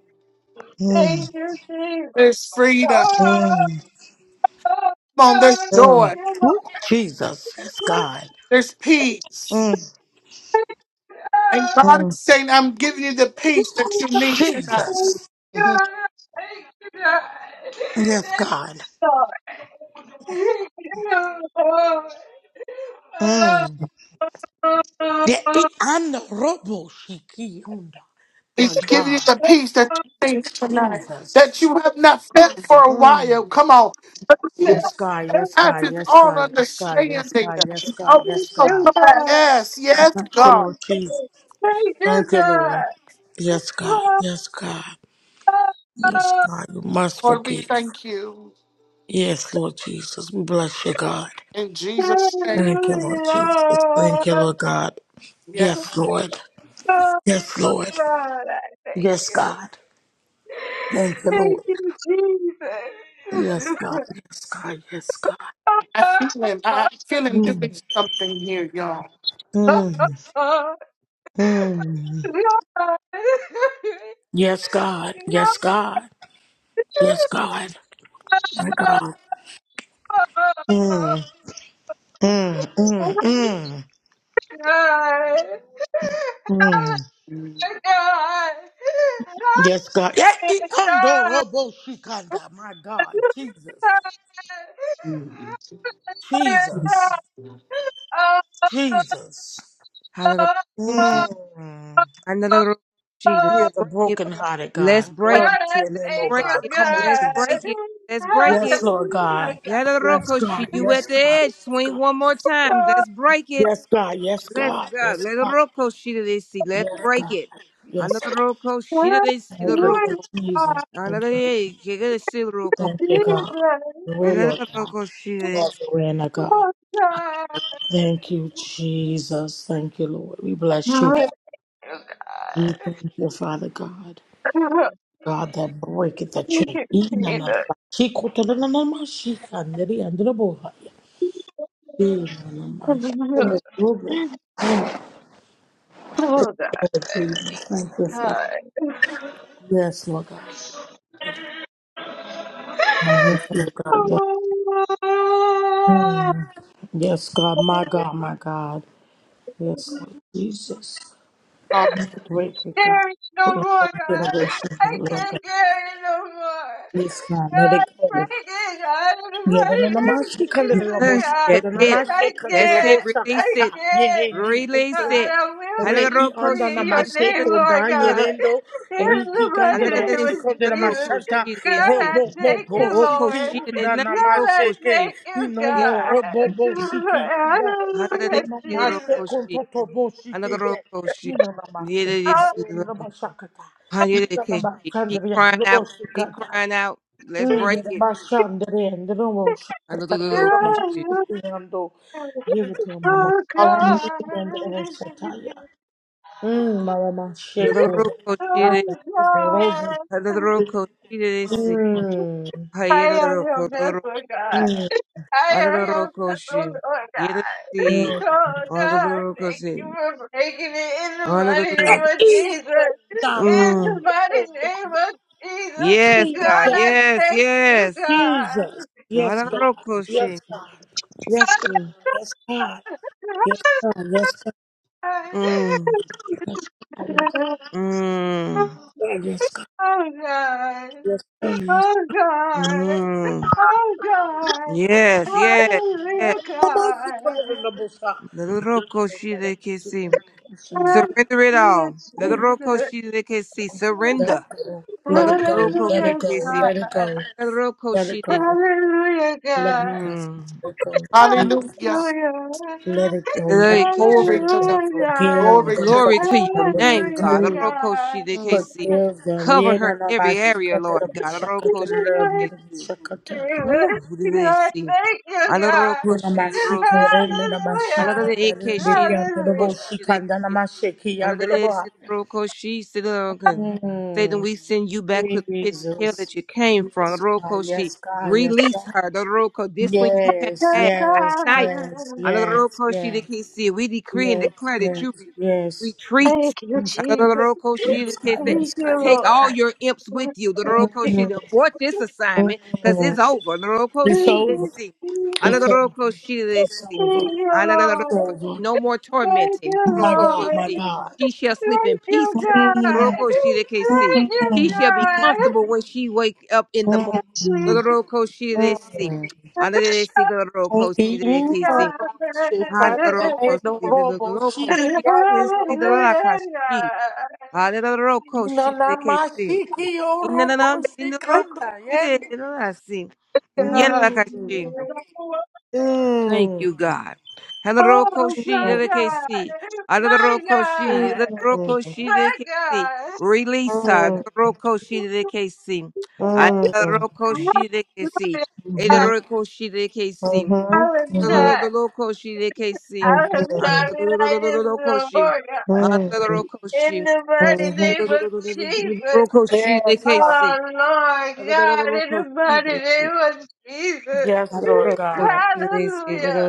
S4: mm,
S3: Thank you, Jesus.
S1: There's freedom.
S3: Oh,
S4: mm,
S3: oh,
S1: Come on, there's
S3: God.
S1: joy,
S4: mm,
S3: You're my
S4: Woo, Jesus. Yes,
S3: good
S4: God.
S1: there's peace.
S4: mm,
S1: And
S3: God.
S1: God is
S4: mm.
S1: saying, I'm giving you the peace that
S3: Thank
S1: you need
S3: you,
S1: tonight.
S4: Jesus.
S1: Mhm.
S3: God. Hallelujah.
S4: Yes, God.
S3: Oh,
S4: Mm. Yeah, it, and the robo shikiyonda. My
S1: He's giving you the
S4: God.
S1: peace that you need tonight, that
S4: Jesus.
S1: you have not felt for a
S4: Mm.
S1: while. Come on. But he
S4: Yes, God. Yes, God.
S1: passes
S4: Yes,
S1: all
S4: God. Yes, God. Yes,
S1: understanding.
S4: God. Yes, God.
S1: Oh,
S4: Yes,
S1: oh,
S4: God.
S1: God. Yes, yes,
S4: Thank you,
S1: God.
S4: Lord Jesus. Thank you, Lord. Yes, God. Yes, God. Yes, God. You must
S1: Lord, we
S4: forgive.
S1: thank you
S4: Yes, Lord Jesus. We bless you, God.
S1: in Jesus' name.
S4: Thank you, Lord Jesus. Thank you, Lord God.
S1: Yeah,
S4: Yes, Lord. Yes, Lord.
S3: God, I thank
S4: Yes,
S3: you.
S4: God. Thank you,
S3: Thank
S4: Lord.
S3: you,
S4: Yes,
S3: Jesus.
S4: God. Yes, God. Yes, God.
S1: I feel him. I I feel him
S4: Mm.
S1: doing something here, y'all.
S4: Mm.
S3: Oh,
S4: Mm.
S3: God.
S4: Yes, God.
S3: No, God.
S4: Yes, God. Yes, God. My God.
S3: Oh,
S4: Mm. Mm. Mm.
S3: God.
S4: Mm.
S3: Oh, God.
S4: Mm.
S3: Oh, God.
S4: Yes, God.
S3: Oh,
S4: Yeah,
S3: thank you,
S4: e- undo
S3: God.
S4: robo shikanda. My God. Jesus.
S3: Hallelujah,
S4: Jesus. Jesus.
S2: Hallelujah.
S4: Mm.
S2: Hallelujah. Gee,
S4: Hear the brokenhearted
S2: Let's
S4: God.
S2: break
S4: Glory
S2: it.
S4: to your
S2: Let's
S4: name, oh
S2: break
S4: God.
S2: it.
S4: Come on,
S2: Let's break it. Let's break
S4: Jesus.
S2: it. Let's break
S4: Yes,
S2: it.
S4: Lord God.
S3: God.
S4: Yes,
S2: Hallelujah.
S4: God.
S2: You
S4: Yes,
S2: at the
S4: God.
S2: edge.
S4: Yes,
S2: Swing
S4: God.
S2: one more time. Let's break it.
S4: Yes, God. Yes,
S2: Let's
S4: God.
S2: go.
S4: Yes,
S2: Let the
S4: God.
S2: roko shida they see. Let's
S4: Yes,
S2: break
S4: God.
S2: it. Another
S4: Yes, God.
S2: roko shida
S3: Oh,
S2: they see the
S4: Thank you, Lord
S3: you
S2: roko.
S4: Jesus.
S3: are
S2: Another
S4: Thank you, Lord.
S2: day, you gotta see the roko.
S4: Thank you,
S3: Jesus.
S4: God. Your way,
S2: Another
S4: Lord God.
S2: roko shida they
S4: Lord,
S2: see.
S4: your in a God.
S3: Oh, God.
S4: Thank you, Jesus. Thank you, Lord. We bless you.
S3: Hallelujah,
S4: We thank you, Father God.
S3: God.
S4: God that breaketh the
S3: You
S4: chain.
S3: can see
S4: Inanna-
S3: that.
S4: Chico to the Chikotolanamashika, neriandrobohaya. Inanamashi- Thank you, Lord
S3: Oh
S4: Jesus, Thank you, Father.
S3: God.
S4: Yes, Lord God. Yes, Lord God. Mm. Yes, God,
S3: Oh,
S4: my God, my God. Yes, Lord Jesus.
S1: Um,
S4: Great good God.
S3: carry it no
S4: Full
S3: more,
S4: of
S3: God.
S4: generation,
S3: I
S4: Lord
S3: can't
S4: God.
S3: carry it no more.
S4: Yes, God, let
S3: God,
S4: it
S3: break
S4: go.
S3: it, God, in the mighty name of
S4: Yedanamashi
S3: Jesus,
S4: kandelabosha,
S2: Yes,
S3: God.
S2: that's it.
S3: I
S4: kadanamashi
S2: That's it.
S3: can't.
S4: kandelabosha
S3: I
S2: Release it.
S4: kata, yerendi
S3: can't. God,
S2: Release
S4: enkunda.
S2: it.
S3: I will be
S2: Another
S4: Re i
S2: roko
S3: free
S4: anda
S3: in
S2: shida they
S3: your
S2: see
S4: namashe
S3: name,
S2: the
S3: Lord
S4: konda
S3: God.
S4: yerendo,
S3: In
S2: roko.
S3: the
S4: riki
S3: mighty
S2: Another
S3: name
S2: day,
S4: kandelamashi
S3: of
S2: see the
S3: Jesus.
S2: roko
S4: kandelamashata,
S2: shida they
S3: God,
S2: see.
S3: I
S4: robo bo
S3: thank you,
S4: bo
S2: Ho- Hoko
S3: Lord.
S4: shiki
S2: shida they
S4: anda
S2: not
S3: God, I
S2: roko
S4: namashe ke,
S2: shida.
S3: thank you,
S4: inono
S3: God.
S4: robo bo shiki anda.
S2: Another day,
S3: Hallelujah,
S2: see the
S4: Namashe
S2: roko
S3: Jesus.
S2: shida.
S4: konto tobo shiki
S2: Another
S4: te,
S2: she
S4: inonamashe
S2: keep
S3: Oh,
S4: kandelabosha kata, inonamashe
S2: crying out,
S4: kandelabosha
S2: keep
S4: kata.
S2: crying out. Let's
S4: Hmm. My
S2: break it.
S4: God, I'm
S2: Another little coach.
S3: hallelujah.
S2: Another
S3: Oh
S1: um,
S3: God.
S4: sorry.
S2: coach.
S3: Oh
S2: Another
S3: God.
S2: coach. Another
S3: I am your vessel,
S2: coach.
S3: God. I am
S2: Another
S3: your
S2: roco
S3: vessel,
S2: she
S3: Lord
S2: yet
S3: God.
S2: see.
S3: Oh God,
S2: Another coach.
S3: thank you for breaking it in the mighty name
S2: Another
S3: of Jesus. In the mighty name of Jesus.
S2: Yes,
S3: God,
S2: God.
S3: I
S2: Yes,
S3: thank you,
S2: yes. Another coach. Mm. Mm.
S3: God. Oh God.
S4: I'm sorry.
S3: Oh God,
S2: Mm.
S3: oh God,
S2: Yes, yes,
S4: Let it,
S2: yes.
S3: hallelujah,
S4: let it go,
S3: God,
S2: Neroko shidekisi. Surrender it
S3: hallelujah,
S2: all. Neroko
S3: Jesus,
S2: shidekisi. Surrender.
S4: let it go,
S2: Anaroko
S4: let it
S3: hallelujah,
S4: go,
S2: kitisi.
S4: let it
S3: God,
S4: go,
S2: Anaroko
S4: let it go,
S2: shidekisi.
S3: hallelujah,
S4: let it go, let
S3: God,
S2: Mm.
S4: it go,
S1: Hallelujah.
S4: Jesus.
S3: hallelujah,
S4: Let it go, let it go,
S1: Glory
S4: let it
S1: to
S4: go.
S1: God.
S2: Anaroko.
S4: Forgive
S3: hallelujah,
S1: Glory
S4: them
S1: to
S4: for
S2: Glory
S3: God,
S4: doing
S2: to your
S4: not what they
S2: name, God.
S3: hallelujah,
S4: do.
S2: Anaroko
S1: God.
S2: shidekisi.
S4: Forgive them.
S2: Cover
S4: Yeah, no,
S2: her
S4: no, no.
S2: in
S4: I
S2: every
S4: should
S2: area,
S4: cut the
S2: Lord
S4: little
S2: God.
S4: shakata,
S2: Anaroko
S3: God.
S4: the little
S2: shidekisi.
S4: shakata.
S3: God,
S2: Ooh, shidekisi.
S3: thank you, God.
S2: Anaroko
S4: Mm,
S2: shidekisi.
S3: Hallelujah. Hallelujah.
S2: Anaroko shidekisi. Satan, we send you back to the pits of hell
S4: Jesus.
S2: that you came from.
S4: Yes, God,
S2: Rokoshi,
S4: yes, God, yes,
S2: release
S4: God.
S2: her. Doroko, this one you can't
S4: Yes,
S3: Yes,
S2: have. Not
S4: yes,
S2: tonight.
S4: yes,
S3: God.
S2: Another
S4: yes,
S2: Rokoshi
S4: yes,
S2: that can see. We decree and
S4: yes,
S2: declare that you re-
S4: yes, yes.
S2: retreat.
S3: Thank you,
S4: Yes, yes, God,
S2: Another
S3: Jesus.
S2: Rokoshi
S4: yes,
S2: that can
S4: God,
S2: see.
S3: Thank
S4: yes,
S2: And
S4: God,
S3: you,
S4: yes,
S2: take
S3: Lord.
S2: all
S4: God.
S2: your imps with
S3: Thank
S2: you. The
S3: you,
S2: Rokoshi
S3: Jesus.
S4: Mm,
S2: to abort this assignment because it's
S4: mm.
S2: over. The
S4: It's
S3: Thank
S2: Rokoshi that
S4: over.
S2: see.
S4: It's
S2: Another
S4: over.
S2: Rokoshi that
S4: It's
S2: see.
S4: over.
S3: you,
S2: Another
S4: It's
S3: Lord.
S2: Rokoshi.
S4: over.
S2: No more
S3: Thank
S2: tormenting.
S3: you,
S4: My
S3: Lord.
S4: God, my God.
S2: She shall
S3: Thank
S2: sleep in peace.
S3: you,
S2: tonight.
S3: God.
S4: Mm,
S2: Roko shirekesi.
S3: Thank you,
S2: She
S4: mm,
S2: shall be comfortable
S3: God.
S2: when she wake up
S4: mm,
S2: in the morning.
S4: mm.
S3: Jesus.
S2: Roko shiresi. Anaresi roko
S4: You know
S2: shirekesi.
S4: my shikanda, hey,
S2: Hadaroko
S4: no
S3: God.
S4: robo
S2: shiroko
S3: Oh my God!
S4: shiki, yando
S2: shiresi
S4: robo shi-
S2: dalakashi. Hadaroko
S4: ina na ma
S2: shirekesi.
S4: shiki, yo robo
S2: Inanana sinaroko
S4: shikanda, yendo.
S2: shirekesi.
S4: Mm,
S2: Yelakashi. Thank
S4: mm,
S2: you, God. Halarokoshi
S4: mm,
S2: dedekesi.
S3: My
S2: Alarokoshi
S3: God!
S4: mm,
S2: dedekesi
S3: My
S2: dedekesi.
S3: God!
S2: Release
S4: mm,
S2: her.
S4: mm.
S2: Rokoshi dedekesi.
S4: Mhm,
S2: Alarokoshi dedekesi.
S4: mhm,
S2: Ederokoshi dedekesi.
S3: I was
S4: mhm,
S3: not.
S2: Lolokoshi dedekesi.
S3: I was not
S4: mhm,
S3: like this no
S2: Alorokoshi.
S3: more. God.
S4: mhm,
S3: In
S2: Alorokoshi.
S3: the mighty
S4: mhm.
S3: name of Jesus.
S2: Rokoshi
S4: Yes, God.
S2: dedekesi.
S3: Oh,
S2: Alorokoshi
S3: Lord God, in the mighty name
S2: dedekesi.
S3: of Jesus.
S4: Yes, Lord
S2: Alorokoshi
S4: God.
S2: dedekesi.
S3: Hallelujah.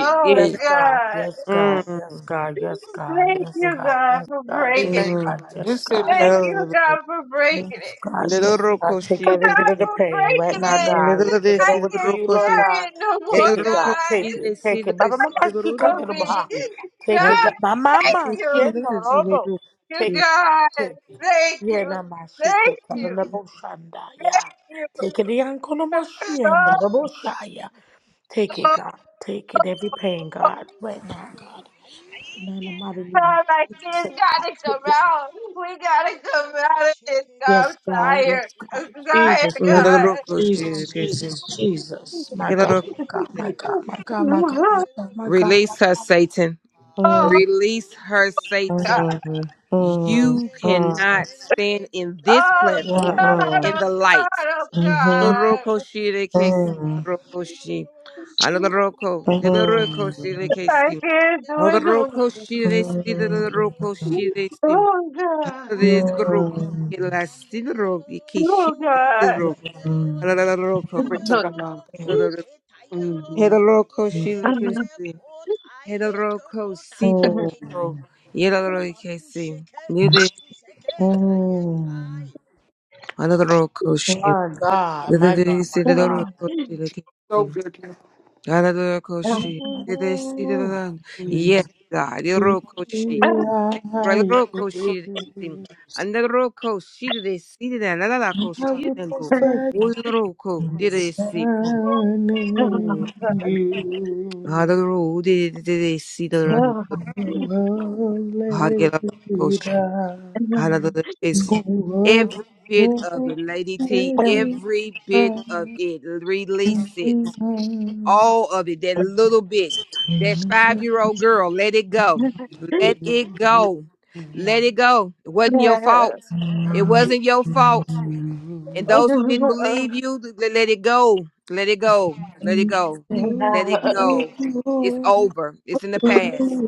S3: Oh,
S4: Yes, God.
S3: God.
S4: Yes, God. Yes,
S2: Mm,
S4: God. Yes, God.
S3: Thank
S4: Yes,
S2: mm,
S3: you,
S4: God.
S3: God,
S4: Yes,
S3: for
S4: God. Yes,
S3: breaking
S1: Amen.
S3: it.
S4: God.
S2: mm.
S1: We
S4: Yes,
S1: say
S4: God.
S1: glory
S3: Thank you,
S2: Little
S3: God, for breaking
S4: Yes, God,
S3: it.
S2: little
S4: yes, God. Take
S3: Oh,
S2: she
S4: every bit
S3: God,
S4: of the
S3: for
S4: pain right
S3: breaking
S4: now, God. We
S2: little
S3: it.
S4: give
S2: de
S4: it
S3: I
S2: si
S4: over to
S3: can't
S4: you, Lord
S2: she
S3: carry
S4: God.
S3: it no more,
S4: Take
S2: little
S4: it,
S2: roco
S4: God.
S3: God.
S2: she
S4: Take
S3: It's
S2: de
S4: it.
S2: si
S4: Take
S2: de
S4: it. Mama,
S2: si
S4: mama, she come
S3: for
S4: to the
S3: me.
S4: bar.
S2: she
S4: Take it,
S3: God,
S4: God. Mama,
S3: thank
S2: little
S4: mama, she
S2: she
S3: you.
S4: in the robo.
S3: you,
S4: Take
S2: she
S4: it, God.
S3: God.
S4: Take it.
S3: Thank
S4: Yeah,
S3: you.
S4: na ma she
S3: Thank
S4: cook up in
S3: you.
S4: the boshanda.
S3: Thank
S4: Yeah.
S3: you.
S4: Take it, the uncle, no she in the robo shaya. Take it,
S3: Oh,
S4: God. Take it. Every pain, God. Right now, God. In the mighty name of
S3: God, my
S4: Jesus, oh
S3: kids
S4: God.
S3: gotta come
S4: Take it.
S3: out. We gotta come out of this. God,
S4: Yes,
S3: I'm
S4: God.
S3: tired.
S4: Yes, God.
S3: I'm tired,
S4: Jesus, Jesus,
S2: little
S3: God.
S4: Jesus,
S2: si
S4: Jesus, Jesus. My
S2: little
S4: God,
S2: roco
S4: my God, my God,
S3: Oh,
S4: my God, my
S3: God.
S4: God, my God, my God.
S2: Release her, Satan.
S3: Oh,
S4: Mm,
S2: Release her,
S4: mm,
S2: Satan.
S4: mm, mm, mm,
S2: You
S6: Shake
S4: mhm,
S6: bandom
S2: cannot
S6: derambe
S2: stand
S6: dom
S2: in this
S6: dandere ro
S4: mm,
S6: ro
S2: platform
S3: God.
S6: ro
S4: mm,
S2: in
S3: Oh,
S2: the
S6: taye
S2: light.
S3: God.
S6: to
S3: Oh,
S6: seke
S3: God.
S2: Roko Shire Casey Roko
S6: Kuamandondero
S2: Shi.
S6: sutuwe
S2: Alaroko, Yeloroko
S6: momomondero
S2: Another
S3: I
S2: Casey.
S3: can't do
S6: sutundero
S3: it no more.
S6: tiki
S2: Alaroko they see. the
S6: amandondero
S2: Roko
S6: tai
S2: Shire Sim.
S3: Oh, God.
S2: The
S6: shiamandondero
S2: Yelastinro
S3: Oh,
S2: Kishi Sidro.
S6: tayero tiki
S2: Alaroko.
S1: to
S6: nanyero
S3: God.
S1: God.
S6: tayeke tayero
S1: Mm-hmm.
S2: Hedaroko The
S3: Thank
S6: tayeke
S2: Casey.
S6: po tayeke to
S2: Hedaroko
S3: you,
S6: tayeke
S4: mm,
S6: tai
S2: Sidro.
S6: huamatu
S2: Yeloroko
S6: sheke tatu seke
S4: mm, mm,
S6: taye tai
S4: mm.
S2: Another Nide Alaroko
S4: My
S1: But
S4: God,
S2: The
S4: my
S2: Nide
S4: God, my God.
S2: Sidroko Shire
S1: so
S2: Casey.
S1: good.
S2: Dadadakoshi, didesi, dadadan. Yes, God.
S4: Mm,
S2: Irorokoshi,
S4: yeah,
S2: radorokoshi, didesi.
S4: yeah.
S2: Andadorokoshi, didesi, dadan.
S4: I
S2: Ladadakoshi,
S4: will
S2: dando.
S4: perfection
S2: Udoroko, didesi. Ooh.
S4: in you.
S2: Hadoro, didesi, dadan.
S4: Holy
S2: Hagelakoshi,
S4: Peter,
S2: hadadadakesi.
S4: who works
S2: Every bit
S4: your
S2: of it, Lady T,
S4: way.
S2: every bit of it, release it. all of it, that little bit, that five year old girl, let it go. Let it go. Let it go. It wasn't your fault. It wasn't your fault. And those who didn't believe you, th- let let it go. Let it go. Let it go. Let it go. It's over. It's in the past.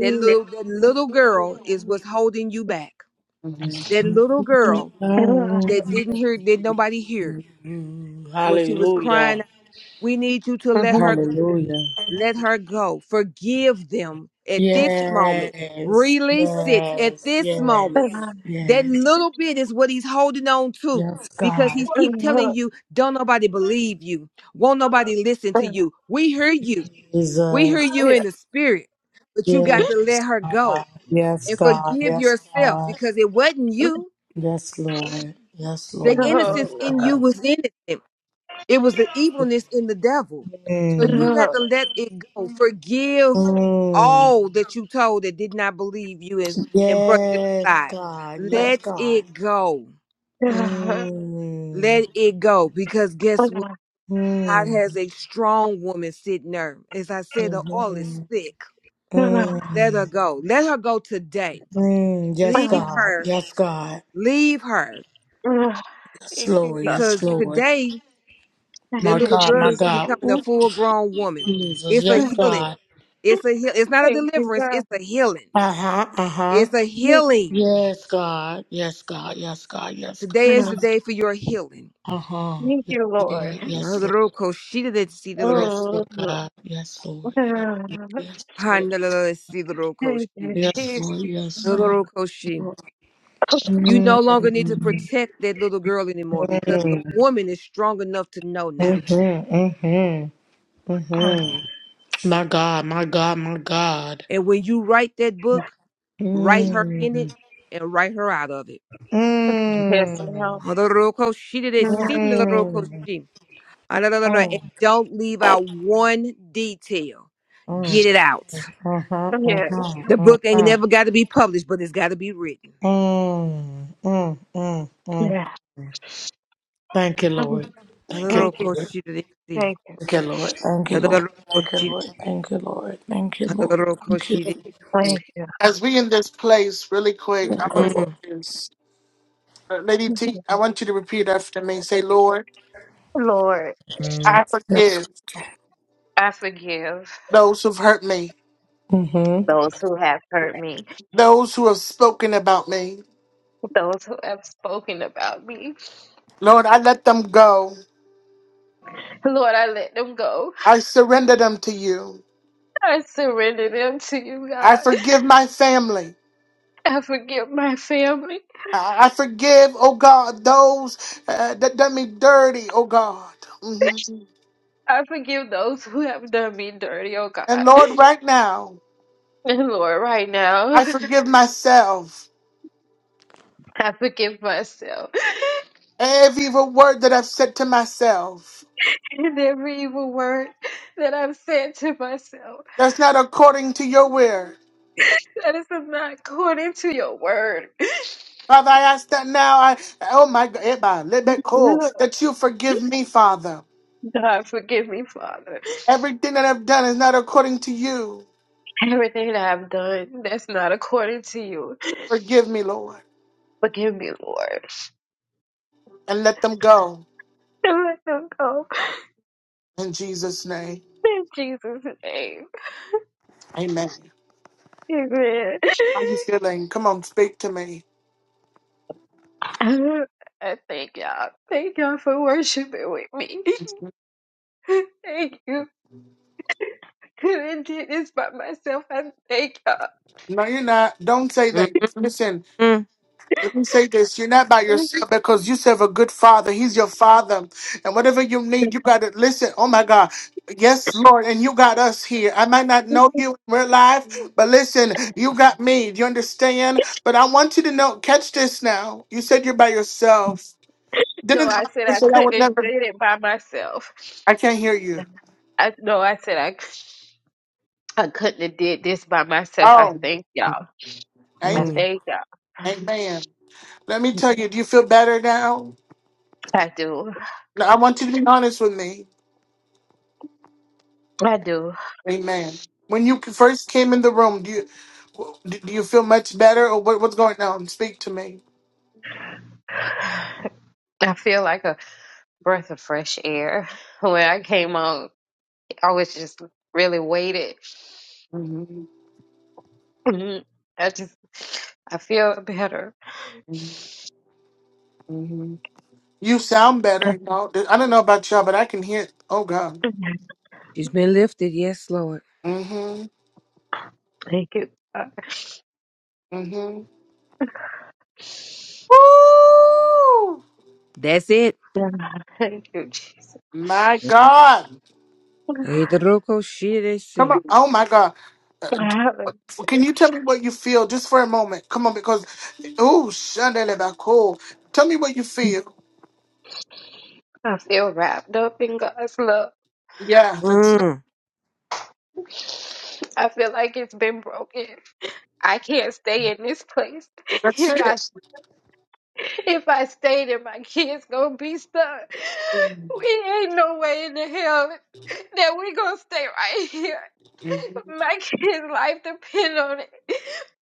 S2: That little that little girl is what's holding you back.
S1: Mm-hmm.
S2: That little girl that didn't hear, did nobody hear when she was
S4: Hallelujah.
S2: crying. We need you to let her go.
S4: Hallelujah.
S2: Let her go. Forgive them at this moment.
S4: Yes,
S2: Release it at
S4: yes,
S2: this
S4: yes,
S2: moment. That
S4: yes,
S2: little bit is what he's holding on to
S4: yes,
S2: because
S4: God,
S2: he's keep telling you, don't nobody believe you. Won't nobody listen to you. We hear you. We hear
S4: Jesus,
S2: you in the spirit, but you got to
S4: yes,
S2: let her
S4: God,
S2: go
S4: yes,
S2: and
S4: God,
S2: forgive
S4: yes,
S2: yourself
S4: God,
S2: because it wasn't you.
S4: yes, Lord, yes,
S2: The
S4: Lord, yes,
S2: innocence in you
S4: Lord.
S2: was innocent. It was the evilness in the devil. So
S4: Mm.
S2: you let to let it go. Forgive
S4: Mm.
S2: all that you told that did not believe you and, and brush it
S4: Yes,
S2: aside.
S4: God, yes,
S2: Let
S4: God.
S2: it go.
S4: Mm.
S2: Let it go. Because guess what? God
S4: Mm.
S2: has a strong woman sitting there. As I said, the oil is
S4: Mm-hmm.
S2: thick. Let her
S4: Mm.
S2: go. Let her go today.
S4: Mm. Yes,
S2: Leave
S4: God,
S2: her.
S4: yes, God,
S2: Leave her.
S4: yes, Lord,
S3: God.
S4: yes,
S2: Because
S4: Lord.
S2: today
S3: Thank
S2: that
S4: My
S3: you,
S2: little
S4: God,
S2: girl
S4: my
S3: Jesus.
S2: is
S4: God.
S2: becoming a
S4: Oop,
S2: full grown woman.
S4: Jesus.
S2: It's a
S4: Yes,
S2: healing.
S4: God.
S2: It's a heal. It's not a
S3: Thank you,
S2: deliverance.
S3: God.
S2: It's a healing.
S4: Uh huh, uh huh.
S2: It's a healing.
S4: Yes, God. Yes, God. Yes, God. Yes, God.
S2: Today is the
S3: Thank
S4: Yes.
S2: day for your healing.
S4: Uh huh.
S3: you, Lord. Thank
S4: Yes, Lord.
S2: Nadaroko shi da da si da ro-
S4: Yes, Lord. Yes,
S3: you,
S4: Lord
S3: Lord.
S4: God. Yes, Lord. Yes,
S2: ha
S4: Lord.
S2: na la la la si da ro ko shi.
S4: Yes, Lord. Yes,
S3: Jeez.
S4: Lord. Yes, Lord.
S2: Nadaroko shi. You no longer need to
S4: Mm-hmm.
S2: protect that little girl anymore because the woman is strong enough to know now.
S4: Mm-hmm. Mm-hmm. My God, my God, my God.
S2: And when you write that book, write her in it
S4: Mm.
S2: and write her out of it.
S3: Yes, Lord.
S4: Mm.
S2: Nadaroko shi da da
S3: Yes.
S2: si da la ro ko
S4: Mm.
S2: shi. Ah, la la la la.
S4: Oh.
S2: And don't leave out one detail.
S4: Oh.
S2: Get it out.
S4: Mhm,
S3: Thank
S4: mhm,
S3: you.
S2: The book ain't
S4: mhm.
S2: never got to be published, but it's got to be written.
S4: Mm, mm, mm, mm. Thank you, Lord. Thank you,
S3: Thank you.
S4: Lord.
S2: Hanarokoshiririsi.
S3: Thank
S4: Thank you, Lord. Thank you, Lord. Thank you,
S2: Dadadarokoshi-
S4: Lord. Thank you, Lord. Thank you, Lord. Thank
S3: you.
S2: Hanarokoshiririsi.
S1: As we in this place, really quick, I want to
S4: you,
S2: Mm,
S1: say this. Uh, Lady T, I want you to repeat after me. Say, Lord,
S3: Lord,
S4: Lord.
S1: I
S4: Yes.
S1: forgive
S3: I forgive
S1: those who've hurt me,
S4: Mm-hmm.
S3: those who have hurt me,
S1: those who have spoken about me.
S3: those who have spoken about me.
S1: Lord, I let them go.
S3: Lord, I let them go.
S1: I surrender them to you.
S3: I surrender them to you,
S1: I
S3: God.
S1: forgive my family.
S3: I forgive my family.
S1: I I forgive, oh God, those uh, that done me dirty, oh God. hmm
S3: I forgive those who have done me dirty, oh
S1: And
S3: God.
S1: Lord, right now,
S3: And Lord, right now,
S1: I forgive myself.
S3: I forgive myself
S1: Every evil word that I've said to myself
S3: and every evil word that I've said to myself.
S1: that's not according to your will.
S3: That is not according to your word.
S1: Father, I ask that now. I oh my God, Eba, Lebeko, that you forgive me, Father.
S3: God, forgive me, Father.
S1: Everything that I've done is not according to you.
S3: Everything that I've done that's not according to you.
S1: Forgive me, Lord,
S3: Forgive me, Lord.
S1: and let them go
S3: And let them go.
S1: in Jesus' name.
S3: In Jesus' name.
S1: Amen.
S3: Amen.
S1: How you feeling? Come on, speak to me.
S3: I thank y'all. Thank y'all for worshiping with me. Thank you. Couldn't do this by myself. I thank y'all.
S1: No, you're not. Don't say
S2: mm,
S1: that. Listen,
S2: mm,
S1: let me say this. You're not by yourself because you serve a good father. He's your father. And whatever you need, you got to listen. Oh my God. Yes, Lord. And you got us here. I might not know you in real life, but listen, you got me. Do you understand? But I want you to know, catch this now. You said you're by yourself.
S3: No,
S1: Didn't the
S3: I said
S1: Bible
S3: I
S1: say I
S3: couldn't
S1: would
S3: have
S1: never?
S3: did it by myself.
S1: I can't hear you.
S3: I no, I said I. I couldn't have did this by myself. I
S1: Oh,
S3: thank y'all. I
S1: amen.
S2: mm.
S3: thank y'all.
S1: Amen. Let me tell you, do you feel better now?
S3: I do.
S1: No, I want you to be honest with me.
S3: I do.
S1: Amen. When you first came in the room, do you do you feel much better, or what, what's going on? Speak to me.
S3: I feel like a breath of fresh air. When I came on, I was just really weighted.
S1: hmm
S3: Mhm. I just, I feel better.
S1: hmm You sound better. You know? I don't know about y'all, but I can hear. Oh God.
S2: She's been lifted, yes, Lord.
S1: hmm
S3: Thank you. God.
S1: hmm Woo!
S2: That's it.
S3: Thank you, Jesus.
S1: My God. Come on.
S2: Hanarokoshiririsi.
S1: Oh my God. Uh,
S3: I
S1: Can you tell me what you feel just for a moment? Come on, because oh, cool. Tell me what you feel.
S3: feel wrapped up in God's love.
S1: Yeah, that's it.
S2: Mm.
S3: I feel like it's been broken. I can't stay in this place if I
S1: That's
S3: If I stay there, my kids gonna be stuck. We ain't no way in the hell that we gonna stay right here.
S1: it.
S3: My kids' life depend on it.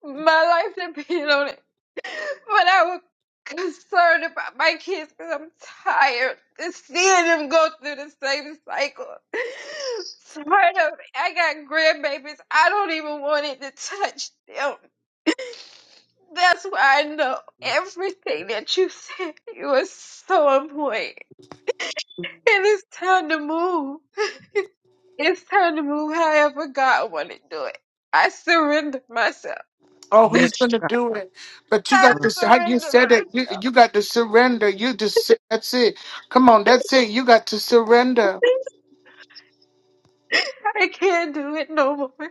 S3: My life depend on it. But I was concerned about my kids because I'm tired of seeing them go through the same cycle. Tired of it. I got grandbabies. I don't even want it to touch them. That's why I know everything that you said. It was so on point. And it's time to move. It's time to move however God wanted to do it. I surrender myself.
S1: Oh,
S2: Yes,
S1: he's gonna
S2: God.
S1: do it. But you
S3: I
S1: got
S2: Mm.
S1: to how you
S3: surrender
S1: said it. You, you got to surrender. You just that's it. Come on, that's it. You got to surrender.
S3: myself. I can't do it no more. God,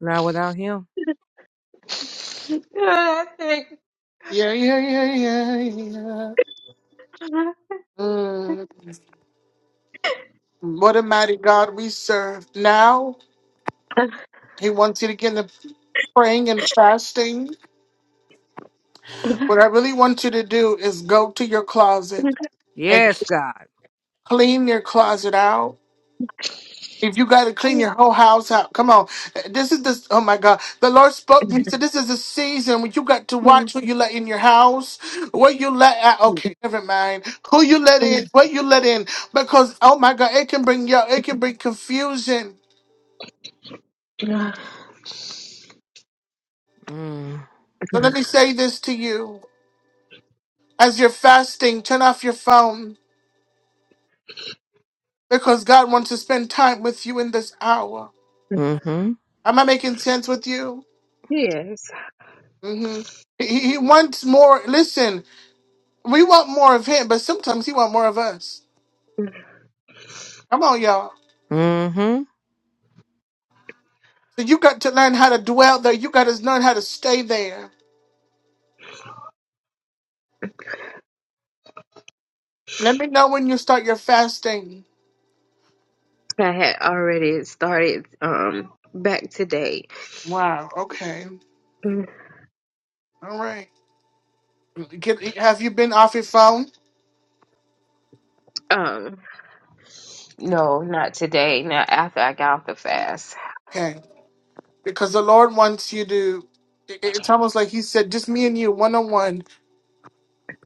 S2: Not without him.
S3: I think
S1: Yeah, yeah, yeah, yeah, yeah. Mm, what a mighty God we serve. Now He wants you to get into praying and fasting. What I really want you to do is go to your closet and
S2: Yes, God.
S1: clean your closet out If you got to clean your whole house out, come on. This is this. Oh my God! The Lord spoke to me. He said, "This is a season when you got to watch what you let in your house, what you let out. Okay, never mind. Who you let in, what you let in, because oh my God, it can bring you. It can bring confusion.
S2: Mm.
S1: So let me say this to you: as you're fasting, turn off your phone because God wants to spend time with you in this hour.
S2: Mm-hmm.
S1: Am I making sense with you?
S3: Yes,
S1: Mm-hmm. He, he he wants more. Listen. We want more of him, but sometimes he want more of us. Come on, y'all.
S2: Mm-hmm.
S1: So you got to learn how to dwell there. You got to learn how to stay there. Let me know when you start your fasting.
S3: I had already started um back today.
S1: Wow. Okay. All right. Get, have you been off your phone?
S3: Um, no, not today. Not after I got off the fast.
S1: Okay. Because the Lord wants you to. it- It's almost like He said, just me and you, one on one,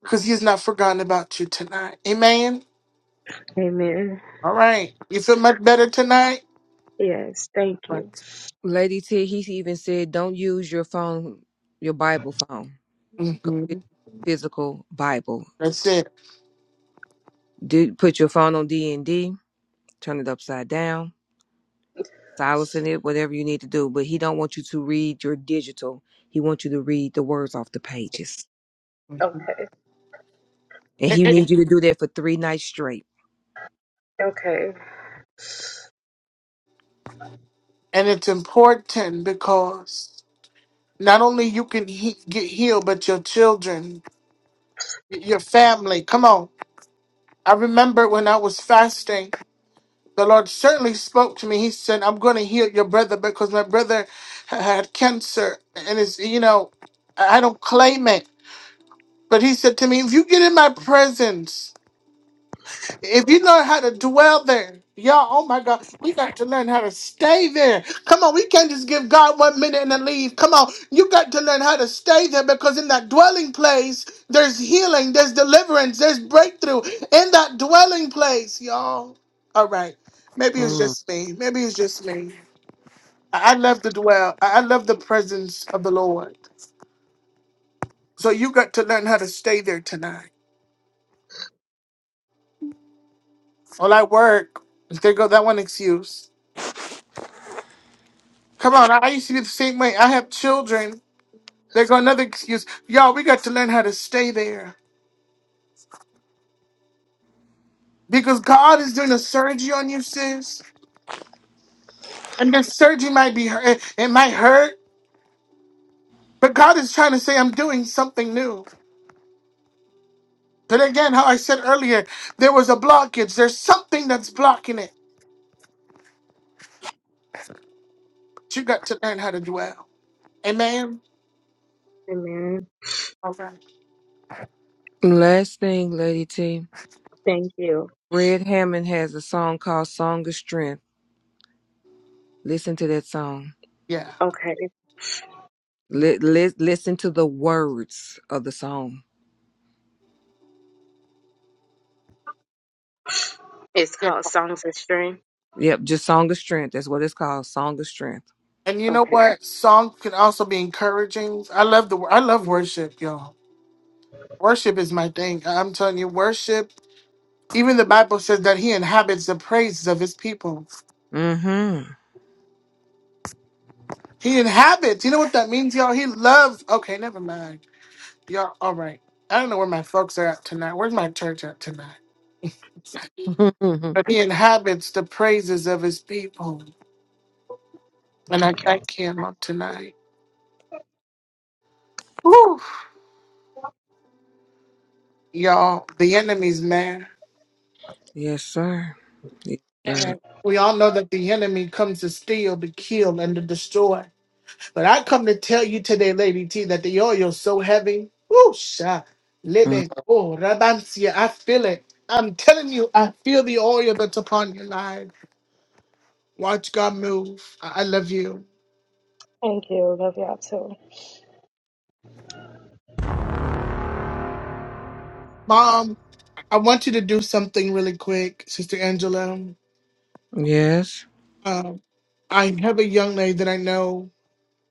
S1: because He's not forgotten about you tonight. Amen.
S3: Amen.
S1: All right. You feel much better tonight.
S3: Yes, thank
S1: Right.
S3: you.
S2: Lady T, he even said, don't use your phone, your Bible phone. Go
S1: hmm
S2: get your physical Bible
S1: That's it.
S2: Do put your phone on D and D, turn it upside down, silencing it, whatever you need to do. But he don't want you to read your digital. He wants you to read the words off the pages,
S3: Oh,
S1: Mhm.
S2: and he needs you to do that for three nights straight.
S3: Okay.
S1: and it's important because not only you can he- get healed but your children y- your family come on i remember when i was fasting the lord certainly spoke to me he said i'm going to heal your brother because my brother ha- had cancer and it's you know i I don't claim it but he said to me if you get in my presence If you learn how to dwell there, y'all, oh my God, we got to learn how to stay there. Come on, we can't just give God one minute and then leave. Come on, you got to learn how to stay there because in that dwelling place, there's healing, there's deliverance, there's breakthrough in that dwelling place, y'all. All right, maybe it's
S2: Mm.
S1: just me. Maybe it's just me. I I love to dwell, I I love the presence of the Lord. So you got to learn how to stay there tonight. All I work, there go that one excuse. Come on, I used to be the same way. I have children. They got another excuse. Y'all, we got to learn how to stay there. Because God is doing a surgery on you, sis. And the surgery might be hurt. It might hurt. But God is trying to say, I'm doing something new. But again, how I said earlier, there was a blockage. There's something that's blocking it. But you got to learn how to dwell. Amen?
S3: Amen.
S1: All right.
S2: Last thing, Lady T.
S3: Thank you.
S2: Fred Hammond has a song called "Song of Strength." Listen to that song.
S1: Yeah.
S3: Okay.
S2: Li- li- listen to the words of the song.
S3: It's
S1: Yeah.
S2: Yep, just "Song of Strength." That's what it's called, "Song of Strength."
S1: And you know what? Song can also be encouraging. I love the I love worship, y'all. Worship is my thing. I'm telling you, worship Even the Bible says that he inhabits the praises of his people.
S2: Mm-hmm.
S1: He inhabits. You know what that means, y'all? He loves. Okay, never mind. Y'all, all right. I don't know where my folks are at tonight. Where's my church at tonight? But he inhabits the praises of his people. And I thank him on tonight. Whew. Y'all, the enemy's man.
S2: Yes, sir. Yes, sir.
S1: And we all know that the enemy comes to steal, to kill, and to destroy. But I come to tell you today, Lady T, that the oil's so heavy. Whoosh. ah,
S2: Mm-hmm.
S1: Lebe, oh, rabansia, I feel it. I'm telling you, I feel the oil that's upon your life. Watch God move. I I love you.
S3: Thank you. Love y'all too.
S1: Mom, I want you to do something really quick, Sister Angela.
S2: Yes.
S1: Um, I have a young lady that I know.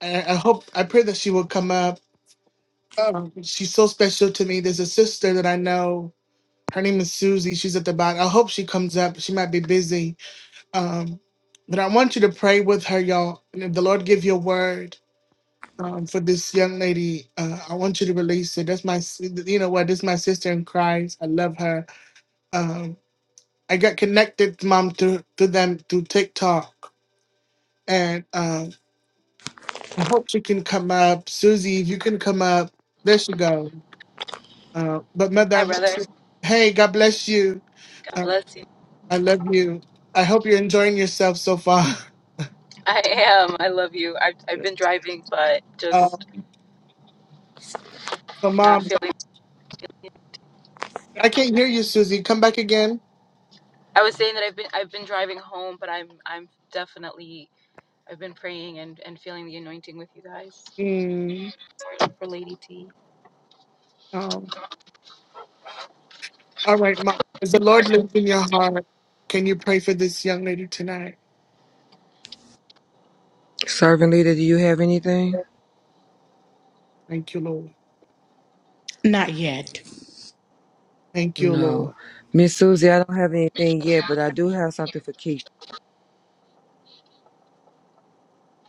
S1: I, I hope, I pray that she will come up. Um, she's so special to me. There's a sister that I know. Her name is Susie. She's at the bottom. I hope she comes up. She might be busy Um, but I want you to pray with her, y'all. And if the Lord give you a word um, for this young lady, uh, I want you to release it. That's my, s- you know what? This is my sister in Christ. I love her. Um, I got connected, mom, to to them through TikTok, and um, I hope she can come up. Susie, if you can come up, there she go. Uh, but mother, I
S7: Hi,
S1: want
S7: brother.
S1: you. Hey, God bless you.
S7: God
S1: Uh,
S7: bless you.
S1: I love you. I hope you're enjoying yourself so far.
S7: I am. I love you. I've, I've been driving, but
S1: Uh,
S7: just
S1: so,
S7: not
S1: mom.
S7: feeling.
S1: I can't hear you, Susie. Come back again.
S7: I was saying that I've been I've been driving home, but I'm I'm definitely I've been praying and and feeling the anointing with you guys
S1: Mm,
S7: for Lady T.
S1: um, all right, Mom. As the Lord lives in your heart, can you pray for this young lady tonight?
S2: Servant leader, do you have anything?
S1: Thank you, Lord.
S4: Not yet.
S1: Thank you,
S2: No.
S1: Lord.
S2: Miss Susie, I don't have anything yet, but I do have something for Keisha.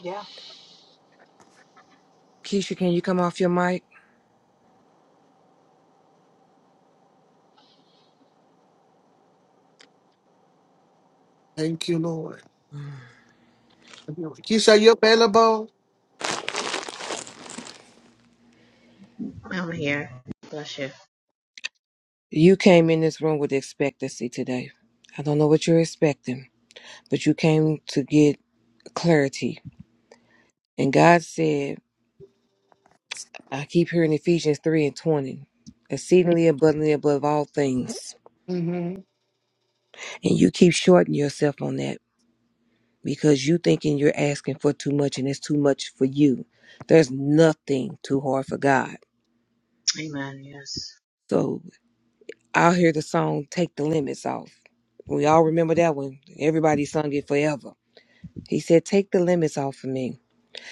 S7: Yeah.
S2: Keisha, can you come off your mic?
S1: Thank you, Lord. Keisha, are you available?
S8: I'm here. Bless you.
S2: You came in this room with expectancy today. I don't know what you're expecting, but you came to get clarity. And God said, I keep hearing Ephesians 3 and 20, exceedingly abundantly above all things.
S1: Mm-hmm.
S2: And you keep shorting yourself on that. because you thinking you're asking for too much and it's too much for you. There's nothing too hard for God.
S8: Amen. Yes.
S2: So I'll hear the song Take the Limits Off. We all remember that one. Everybody sung it forever. He said, Take the limits off of me,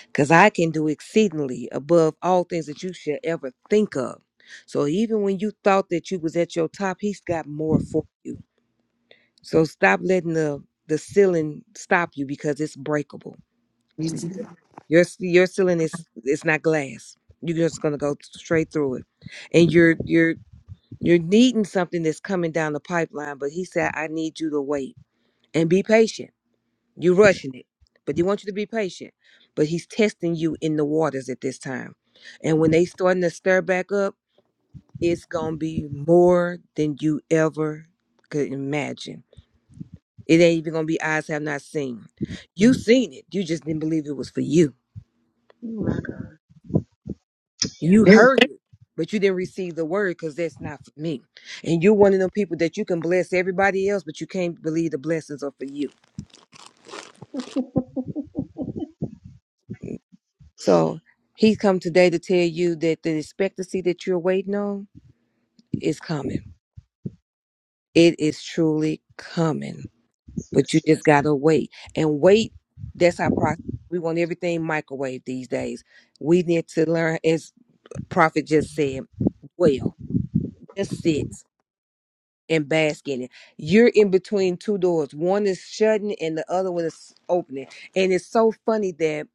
S2: because I can do exceedingly above all things that you should ever think of. So even when you thought that you was at your top, he's got more for you. So stop letting the the ceiling stop you because it's breakable. Your s- your ceiling is it's not glass. You're just gonna go straight through it, and you're you're you're needing something that's coming down the pipeline. But he said, I need you to wait and be patient. You're rushing it, but he wants you to be patient. But he's testing you in the waters at this time, and when they starting to stir back up, it's gonna be more than you ever could imagine. It ain't even gonna be eyes have not seen. You seen it. You just didn't believe it was for you
S8: Oh my God.
S2: You
S8: Yes.
S2: heard it, but you didn't receive the word because that's not for me. And you're one of them people that you can bless everybody else, but you can't believe the blessings are for you. So he's come today to tell you that the expectancy that you're waiting on is coming. It is truly coming, but you
S8: Yes.
S2: just
S8: Yes.
S2: got to wait. And wait, that's our process. We want everything microwave these days. We need to learn, as Prophet just said, well, just sit. and bask in it. You're in between two doors. One is shutting and the other one is opening. And it's so funny that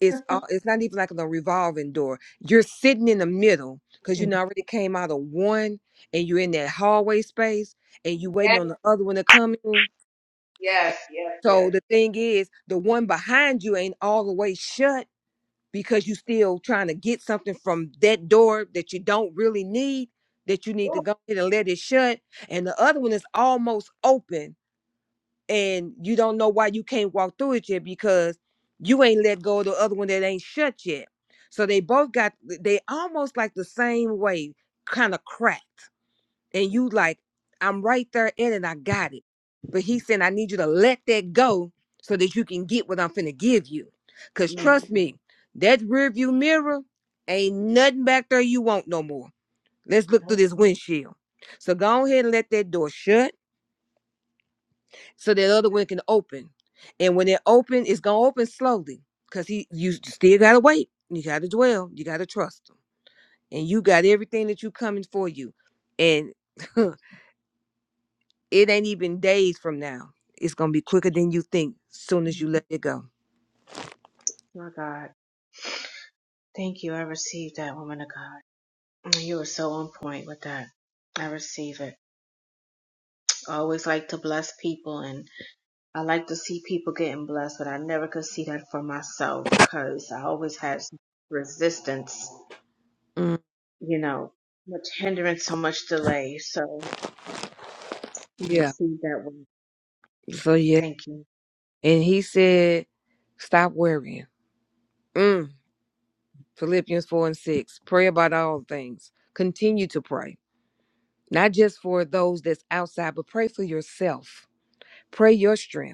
S2: it's all, it's not even like a revolving door. You're sitting in the middle because you done already came out of one and you're in that hallway space and you waiting
S8: Yes,
S2: on the other one to come in.
S8: yes, yes, yes.
S2: So the thing is, the one behind you ain't all the way shut because you still trying to get something from that door that you don't really need that you need to
S8: Ooh.
S2: go ahead and let it shut and the other one is almost open and you don't know why you can't walk through it yet because you ain't let go of the other one that ain't shut yet so they both got they almost like the same way kind of cracked and you like i'm right there in it and i got it but he said i need you to let that go so that you can get what i'm finna give you because
S8: Mm.
S2: trust me that rear view mirror ain't nothing back there you want no more let's look through
S8: Nope.
S2: this windshield so go ahead and let that door shut so that other one can open and when it open it's gonna open slowly because he you still gotta wait you gotta dwell you gotta trust him and you got everything that you coming for you and It ain't even days from now. It's gonna be quicker than you think. Soon as
S8: Mm.
S2: you let it go.
S8: My God. Thank you. I received that woman of God. Mm, You were so on point with that. I receive it. I always like to bless people and I like to see people getting blessed, but I never could see that for myself because I always had some resistance,
S2: Mm,
S8: you know, much hindrance, so much delay. So I
S2: yeah.
S8: received that.
S2: So yeah.
S8: Thank you.
S2: And he said, stop worrying. Mm, Philippians 4 and 6. Pray about all things. Continue to pray. Not just for those that's outside, but pray for yourself. Pray your strength.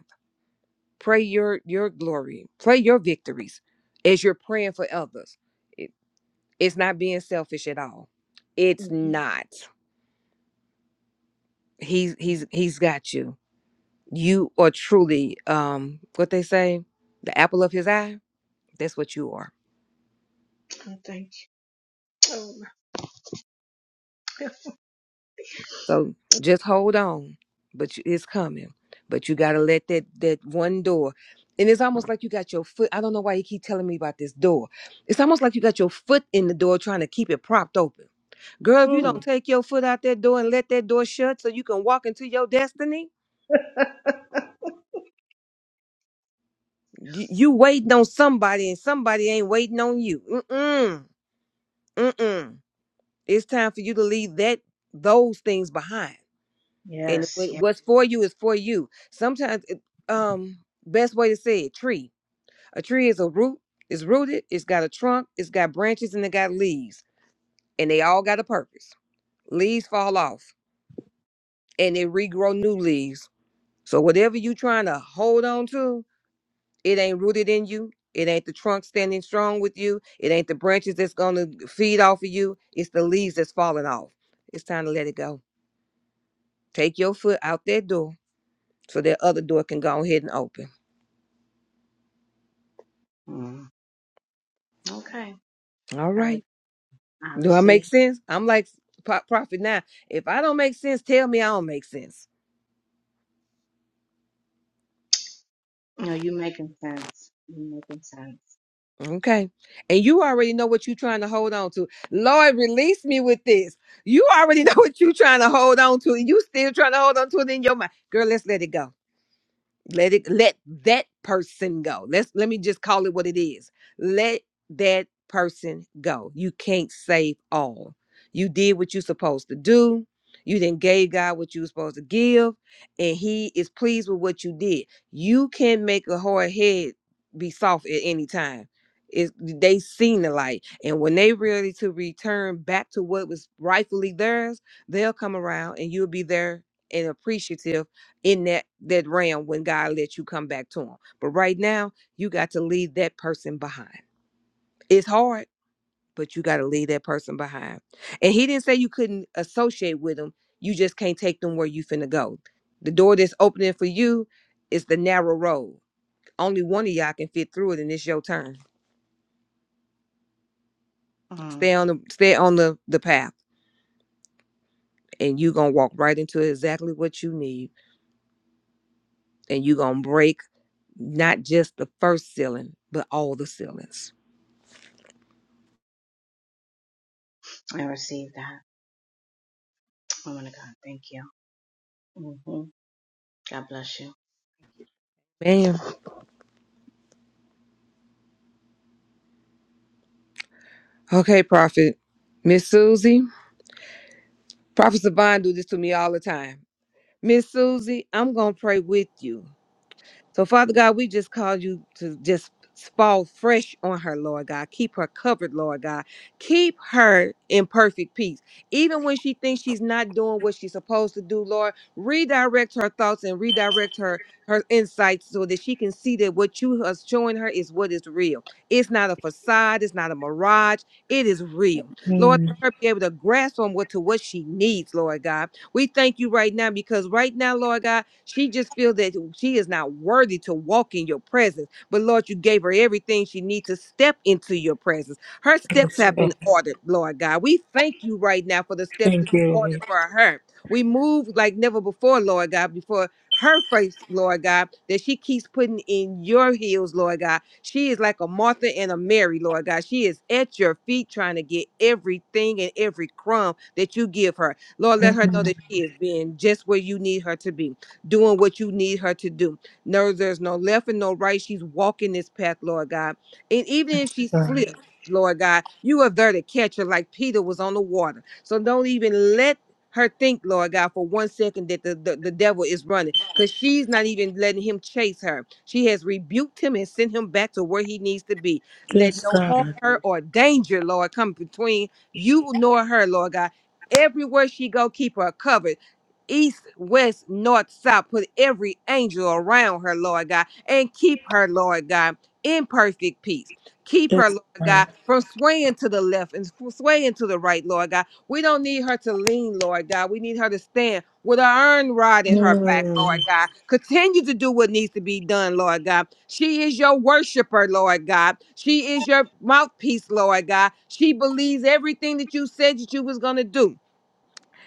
S2: pray your your glory pray your victories as you're praying for others It- it's not being selfish at all it's
S8: Mhm.
S2: not he's he's he's got you you are truly um what they say the apple of his eye that's what you are
S8: Oh, thank you. Oh
S2: so just hold on but you, it's coming but you got to let that that one door and it's almost like you got your foot i don't know why you keep telling me about this door it's almost like you got your foot in the door trying to keep it propped open Girl, if you don't
S8: Mm.
S2: take your foot out that door and let that door shut so you can walk into your destiny, you, you waiting on somebody and somebody ain't waiting on you. Mm-mm. Mm-mm. It's time for you to leave that those things behind. And
S8: Yes,
S2: what-
S8: yeah.
S2: what's for you is for you. Sometimes it, um best way to say it, tree. A tree is a root, it's rooted, it's got a trunk, it's got branches and it got leaves. And they all got a purpose. Leaves fall off and they regrow new leaves. So whatever you trying to hold on to, It ain't rooted in you. It ain't the trunk standing strong with you. It ain't the branches that's going to feed off of you. It's the leaves that's falling off. It's time to let it go. Take your foot out that door so that other door can go ahead and open.
S8: Mm. Okay.
S2: All
S8: I, re-
S2: right.
S8: I
S2: Do I
S8: receive.
S2: make sense? I'm like Pro- prophet now. If I don't make sense, tell me I don't make sense.
S8: No, you making sense. You making sense.
S2: Okay. And you already know what you're trying to hold on to. Lord, release me with this. You already know what you're trying to hold on to, and you still trying to hold on to it in your mind. Girl, let's let it go. Let it let that person go. Let's let me just call it what it is. Let that person go. You can't save all. You did what you're supposed to do. You then gave God what you were supposed to give, and He is pleased with what you did. You can make a hard head be soft at any time. Is they seen the light, and when they ready to return back to what was rightfully theirs, they'll come around, and you'll be there and appreciative in that that realm when God lets you come back to him. But right now, you got to leave that person behind. It's hard, but you got to leave that person behind. And he didn't say you couldn't associate with them. You just can't take them where you finna go. The door that's opening for you is the narrow road. Only one of y'all can fit through it, and it's your turn.
S8: Mm.
S2: Stay on the stay on the, the path, and you gonna walk right into exactly what you need, and you gonna break not just the first ceiling, but all the ceilings.
S8: I receive that. Woman of God, thank you. hmm God bless you.
S2: Man. Okay, Prophet. Miss Susie, Prophet Savon do this to me all the time. Miss Susie, I'm gonna pray with you. So, Father God, we just call you to just fall fresh on her, Lord God. Keep her covered, Lord God. Keep her in perfect peace. Even when she thinks she's not doing what she's supposed to do, Lord, redirect her thoughts and redirect her her insights so that she can see that what you are showing her is what is real. It's not a facade, it's not a mirage, it is real. Lord,
S4: Mm,
S2: let her be able to grasp on what to what she needs, Lord God we thank you right now because right now, Lord God, she just feels that she is not worthy to walk in your presence. But Lord, you gave her everything she needs to step into your presence. Her steps
S4: yes,
S2: have been
S4: God.
S2: ordered, Lord God. We thank you right now for the steps that
S4: Thank
S2: you
S4: you,
S2: ordered
S4: Lord.
S2: for her. We move like never before, Lord God, before her face, Lord God, that she keeps putting in your heels, Lord God. She is like a Martha and a Mary, Lord God. She is at your feet trying to get everything and every crumb that you give her. Lord, let her know
S4: Mm,
S2: that she is being just where you need her to be, doing what you need her to do. No, there's no left and no right. She's walking this path, Lord God. And even
S4: yes,
S2: if she
S4: God.
S2: slips, Lord God, you are there to catch her like Peter was on the water. So don't even let her think, Lord God, for one second that the, the, the devil is running because she's not even letting him chase her. She has rebuked him and sent him back to where he needs to be. Let
S4: Yes,
S2: no harm,
S4: God.
S2: hurt, or danger, Lord, come between you nor her, Lord God. Everywhere she go, keep her covered. East, west, north, south. Put every angel around her, Lord God, and keep her, Lord God, in perfect peace. Keep
S4: Yes,
S2: her, Lord
S4: God.
S2: God, from swaying to the left and sw- swaying to the right, Lord God. We don't need her to lean, Lord God. We need her to stand with an iron rod in her back,
S4: Mm,
S2: Lord God. Continue to do what needs to be done, Lord God. She is your worshiper, Lord God. She is your mouthpiece, Lord God. She believes everything that you said that you was going to do.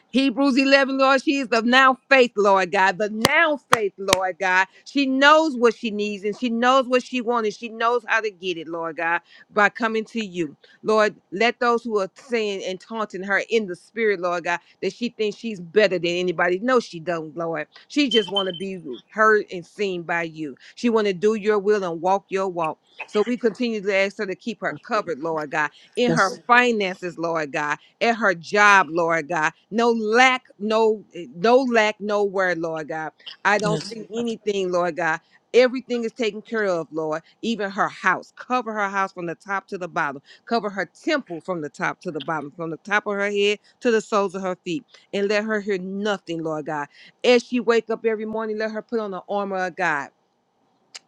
S2: Hebrews 11, Lord, she is of now faith, Lord God, the now faith, Lord God. She knows what she needs and she knows what she wants and she knows how to get it, Lord God, by coming to you. Lord, let those who are saying and taunting her in the spirit, Lord God, that she thinks she's better than anybody. No, she don't, Lord. She just want to be heard and seen by you. She want to do your will and walk your walk. So we continue to ask her to keep her covered, Lord God, in her
S4: yes,
S2: finances, Lord God at her job, Lord God. No lack, no, eh, no lack, no word, Lord God. I don't
S4: yes.
S2: see anything, Lord God. Everything is taken care of, Lord. Even her house. Cover her house from the top to the bottom. Cover her temple from the top to the bottom, from the top of her head to the soles of her feet. And let her hear nothing, Lord God. As she wake up every morning, let her put on the armor of God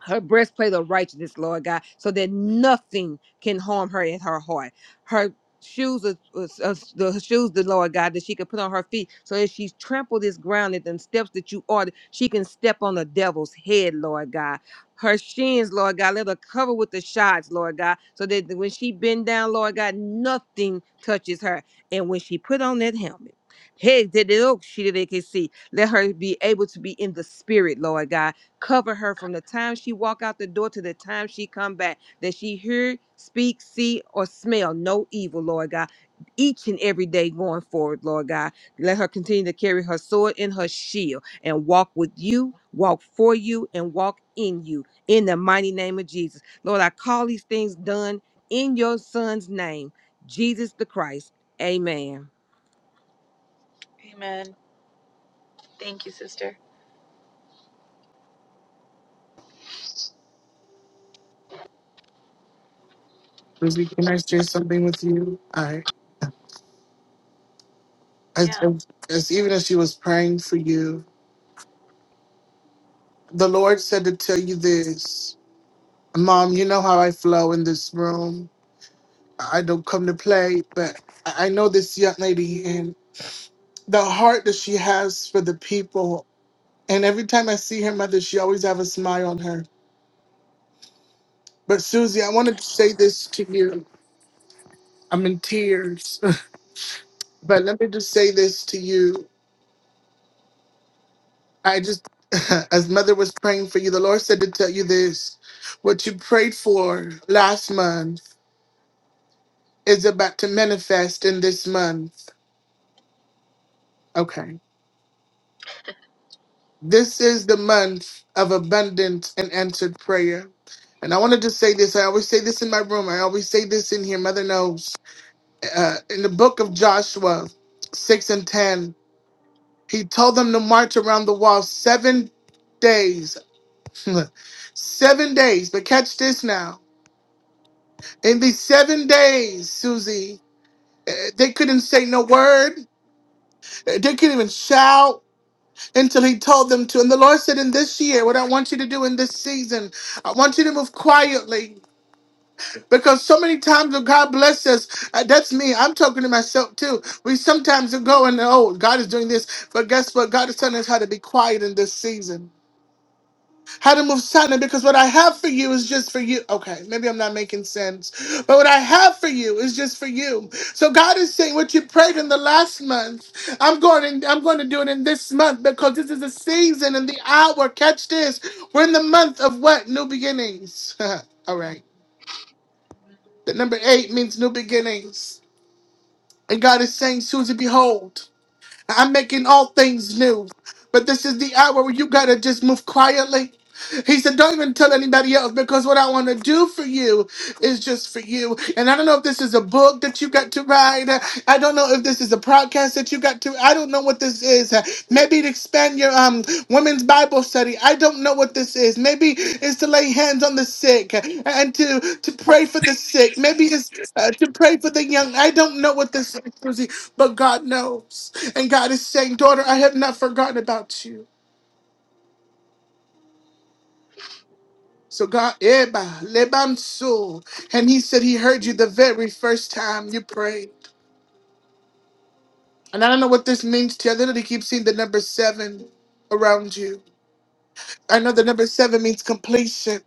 S2: her breastplate of righteousness, Lord God, so that nothing can harm her in her heart. Her shoes, are, was- was- the shoes, the Lord God, that she can put on her feet, so as she trampled this ground at the steps that you ordered, she can step on the devil's head, Lord God. Her shins, Lord God, let her cover with the shots, Lord God, so that when she bend down, Lord God, nothing touches her. And when she put on that helmet, hey, did it look she did it can see. Let her be able to be in the spirit, Lord God cover her from the time she walk out the door to the time she come back that she hear speak see or smell no evil lord god each and every day going forward lord god let her continue to carry her sword and her shield and walk with you walk for you and walk in you in the mighty name of jesus lord i call these things done in your son's name jesus the christ amen
S7: Amen. Thank you, sister.
S1: Susie, can I share something with you? I, as,
S7: Yeah.
S1: as even as she was praying for you, the Lord said to tell you this, Mom. You know how I flow in this room. I don't come to play, but I I know this young lady and the heart that she has for the people. And every time I see her mother, she always have a smile on her. But Susie, I wanted to say this to you. I'm in tears, but let me just say this to you. I just, as mother was praying for you, the Lord said to tell you this: what you prayed for last month is about to manifest in this month. Okay This is the month of abundant and answered prayer. And I wanted to say this. I always say this in my room. I always say this in here. Mother knows. Uh, in the book of Joshua 6 and 10, he told them to march around the wall seven days. seven days. But catch this now. In these seven days, Susie, uh, they couldn't say no word. Uh, They couldn't even shout. until he told them to. And the Lord said, In this year, what I want you to do in this season, I want you to move quietly. Because so many times when God bless us, uh, that's me. I'm talking to myself too. We sometimes go and oh, God is doing this, but guess what? God is telling us how to be quiet in this season how to move silent because what I have for you is just for you. Okay, maybe I'm not making sense, but what I have for you is just for you. So God is saying what you prayed in the last month, I'm going in, I'm going to do it in this month because this is the season and the hour. Catch this. We're in the month of what? New beginnings. All right. The number eight means new beginnings. And God is saying, Susie, behold. I'm making all things new. But this is the hour where you gotta just move quietly. He said, Don't even tell anybody else because what I want to do for you is just for you. And I don't know if this is a book that you got to write. I don't know if this is a podcast that you got to. I don't know what this is. Maybe to expand your um women's Bible study. I don't know what this is. Maybe it's to lay hands on the sick and to to pray for the sick.
S9: Please.
S1: Maybe it's uh, to pray for the young. I don't know what this is, Susie, but God knows. And God is saying, Daughter, I have not forgotten about you. So God, Eba, Lebansu, And he said he heard you the very first time you prayed. And I don't know what this means to you. I literally keep seeing the number seven around you. I know the number seven means completion,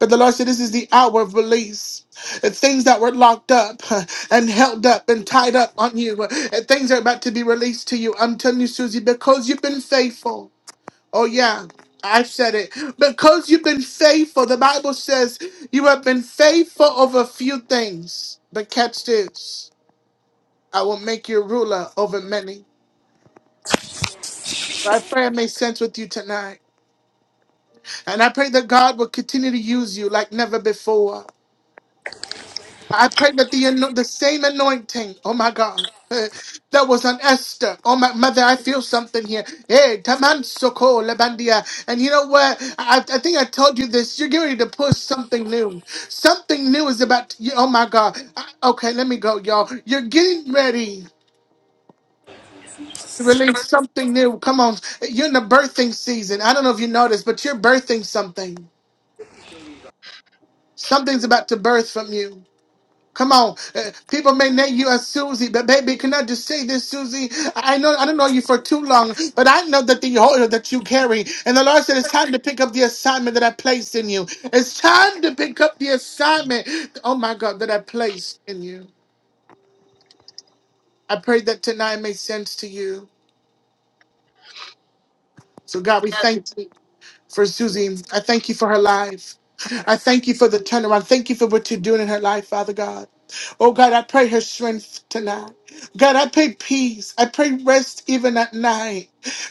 S1: but the Lord said this is the hour of release. And things that were locked up huh, and held up and tied up on you, uh, and things are about to be released to you. I'm telling you, Susie, because you've been faithful. Oh, yeah, I've said it. Because you've been faithful, the Bible says you have been faithful over few things. But catch this I will make you ruler over many. So I pray it made sense with you tonight. And I pray that God will continue to use you like never before. I pray that the, ano- the same anointing, oh my God, eh, that was on Esther. Oh my mother, I feel something here. Hey, Taman Soko Lebandia. And you know what? I, I think I told you this. You're getting ready to push something new. Something new is about to, oh my God. I- okay, let me go, y'all. You're getting ready. to Release something new. Come on. You're in the birthing season. I don't know if you noticed, but you're birthing something. Something's about to birth from you. Come on, uh, people may name you as Susie, but baby, can I just say this, Susie? I I know I don't know you for too long, but I know that the oil that you carry, and the Lord said it's time to pick up the assignment that I placed in you. It's time to pick up the assignment. Oh my God, that I placed in you. I pray that tonight made sense to you. So God, we
S7: Yeah.
S1: thank you. for Susie. I thank you for her life. I thank you for the turnaround. Thank you for what you're doing in her life, Father God. Oh God, I pray her strength tonight. God, I pray peace. I pray rest even at night.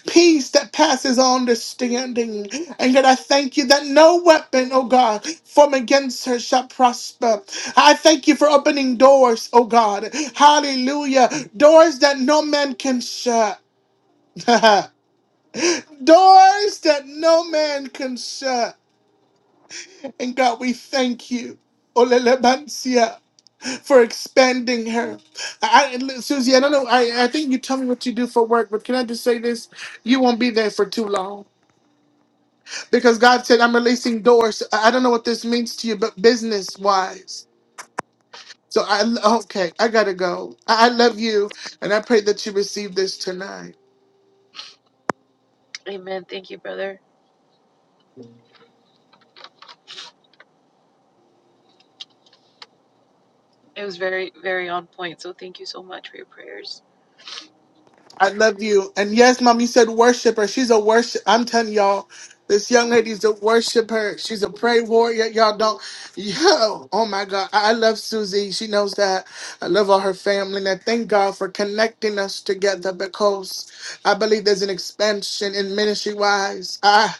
S1: Peace that passes all understanding. And God, I thank you that no weapon, oh God, formed against her shall prosper. I thank you for opening doors, oh God. Hallelujah. Doors that no man can shut. doors that no man can shut. And God, we thank you. Olelebansia for expanding her. I, I- Susie, I don't know. I, I think you tell me what you do for work, but can I just say this? You won't be there for too long because God said, I'm releasing doors. I I don't know what this means to you, but business wise. So I, okay, I gotta go. I I love you, and I pray that you receive this tonight.
S7: Amen. Thank you, brother. It was very very on point. So thank you so much for your prayers.
S1: I love you. And yes, mom, you said worshiper. She's a worship. I'm telling y'all, this young lady's a worshiper. She's a prayer warrior. Y'all don't. Yo, oh my God. I I love Susie. She knows that. I love all her family. And I thank God for connecting us together because I believe there's an expansion in ministry wise. Ah,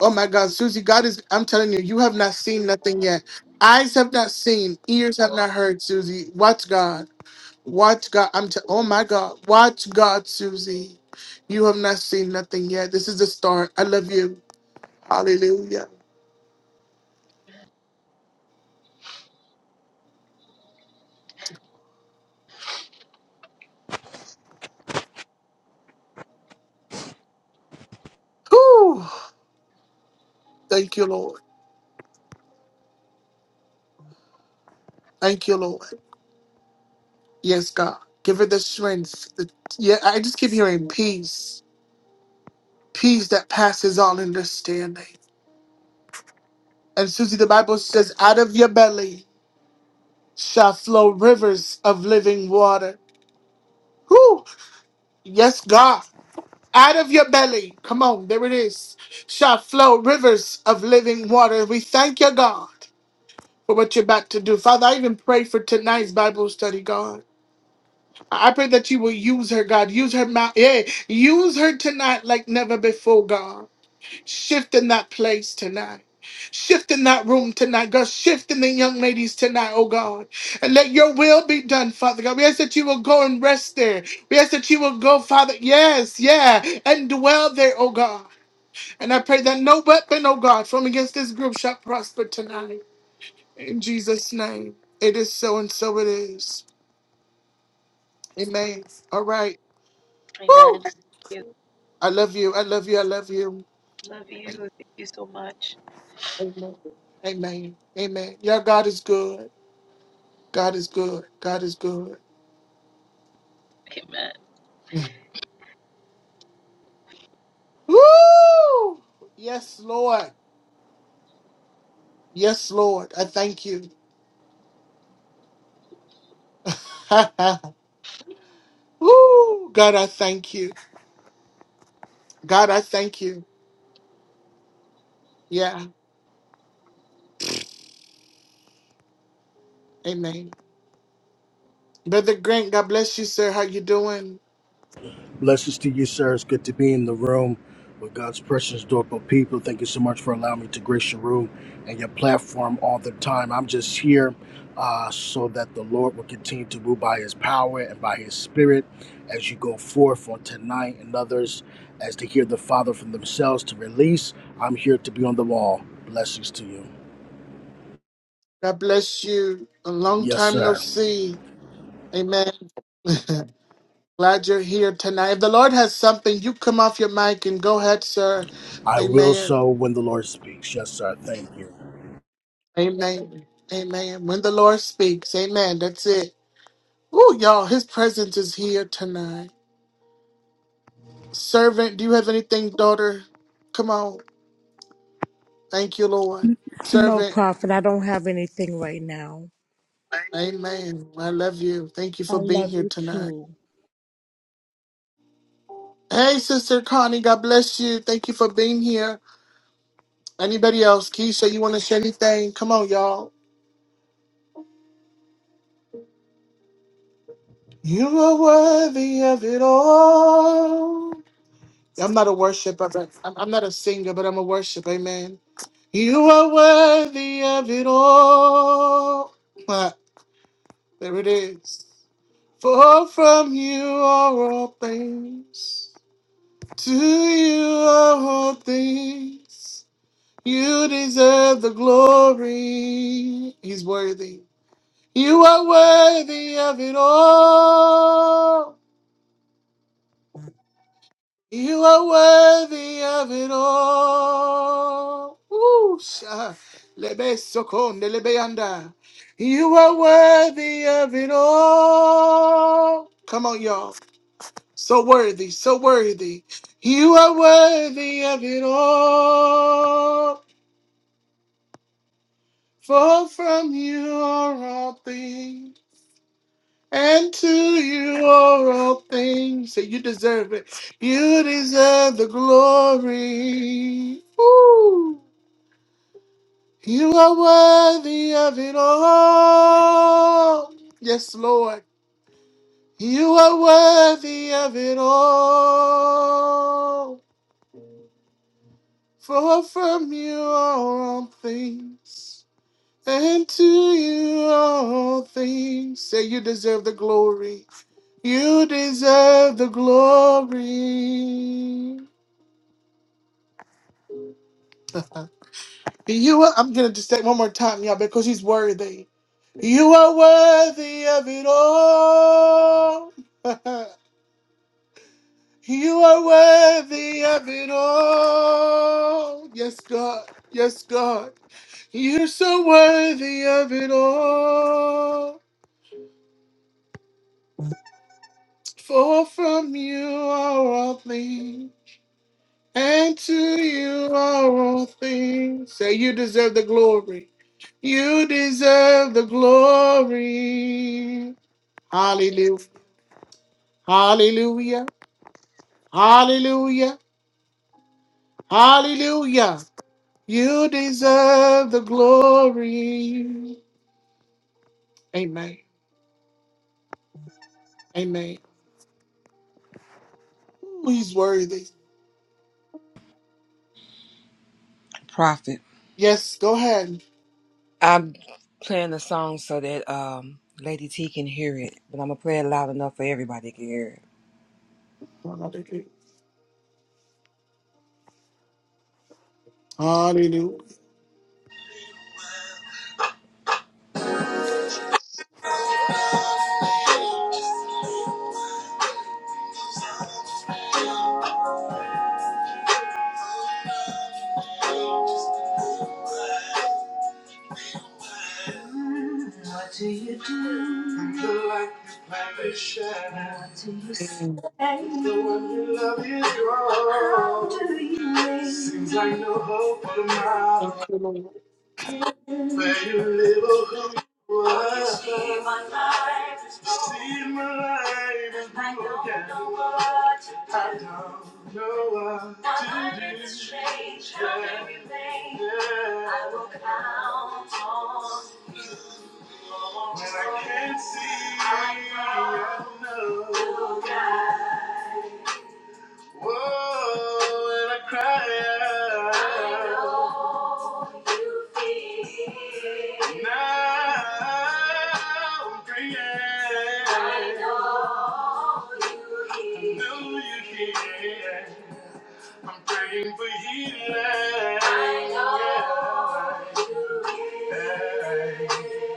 S1: oh my God. Susie, God is, I'm telling you, you have not seen nothing yet. Eyes have not seen, ears have not heard, Susie. Watch God. Watch God. I'm. T- oh my God. Watch God, Susie. You have not seen nothing yet. This is the start. I love you. Hallelujah. Whew. Thank you, Lord. Thank you, Lord. Yes, God. Give her the strength. The, yeah, I just keep hearing peace. Peace that passes all understanding. And Susie, the Bible says, out of your belly shall flow rivers of living water. Whew. Yes, God. Out of your belly, come on, there it is, shall flow rivers of living water. We thank you, God, for what you're about to do. Father, I even pray for tonight's Bible study, God. I pray that you will use her, God. Use her mouth. Yeah, use her tonight like never before, God. Shift in that place tonight. Shift in that room tonight, God. Shift in the young ladies tonight, oh God. And let your will be done, Father God. We ask that you will go and rest there. We ask that you will go, Father. Yes, yeah. And dwell there, oh God. And I pray that no weapon, oh God, from against this group shall prosper tonight. In Jesus' name. It is so and so it is. Amen. All right.
S7: Amen.
S1: Woo!
S7: Thank you.
S1: I love you. I love you. I love you.
S7: Love you. Thank you so much.
S1: Amen. Amen. Y'all, God is good. God is good. God is good.
S7: Amen.
S1: Woo! Yes, Lord. Yes, Lord. I thank you. Woo! God, I thank you. God, I thank you. Yeah. Amen. Brother Grant, God bless you, sir. How you doing?
S10: Blessings to you, sir. It's good to be in the room with God's precious, adorable people. Thank you so much for allowing me to grace your room and your platform all the time. I'm just here uh, so that the Lord will continue to move by His power and by His Spirit as you go forth on tonight and others as to hear the Father from themselves to release. I'm here to be on the wall. Blessings to you.
S1: God bless you. A long
S10: Yes,
S1: time no
S10: sir.
S1: see. Amen. Glad you're here tonight. If the Lord has something, you come off your mic and go ahead, sir.
S10: I will
S1: Amen.
S10: so when the Lord speaks. Yes, sir. Thank you.
S1: Amen. Amen. When the Lord speaks, amen. That's it. Ooh, y'all, his presence is here tonight. Servant, do you have anything, daughter? Come on. Thank you, Lord.
S4: No,
S1: Servant,
S4: prophet. I don't have anything right now.
S1: amen. I love you. Thank you
S4: I
S1: for being
S4: love
S1: here
S4: you
S1: tonight.
S4: too.
S1: Hey, Sister Connie, God bless you. Thank you for being here. Anybody else? Keisha, you want to say anything? Come on, y'all. You are worthy of it all. I'm not a worshiper, but I'm I'm not a singer, but I'm a worshiper. Amen. You are worthy of it all. Ah, there it is. For from you are all things. To you are all things. You deserve the glory. He's worthy. You are worthy of it all. You are worthy of it all. Ooh, sha- lebe sokonde lebe yanda. You are worthy of it all. Come on, y'all. So worthy, so worthy. You are worthy of it all. For from you are all things. And to you are all things Say you deserve it. You deserve the glory. Woo. You are worthy of it all. Yes, Lord. You are worthy of it all. For from you are all things. And to you all things. Say you deserve the glory. You deserve the glory. You are, I'm gonna just say it one more time, y'all, because he's worthy. You are worthy of it all. you are worthy of it all. Yes, God. Yes, God. You're so worthy of it all. For from you are all things, and to you are all things. Say, you deserve the glory. You deserve the glory. Hallelujah. Hallelujah. Hallelujah. Hallelujah. You deserve the glory. Amen. Amen. Ooh, he's worthy.
S2: Prophet.
S1: Yes, go ahead.
S2: I'm playing the song so that um, Lady T can hear it, but I'm gonna play it loud enough for everybody to hear it.
S1: Hallelujah. Hallelujah.
S2: What do you do? The light is shining. What do
S1: Thank
S2: you do? The one you love is gone. How do you make Seems like no hope for tomorrow.
S1: you, Lord.
S2: Say you live or who you are. You see my life is broken. You see my life is broken. I don't know what to do. I don't know what My to life do. My life is a strange how it Yeah. remains. Yeah. I will count on When I can't see, I know. I know. You got. Whoa, and I cried. I know you feel. Now I'm free. I know you hear. I know you hear. I'm praying for healing. I know. Yeah.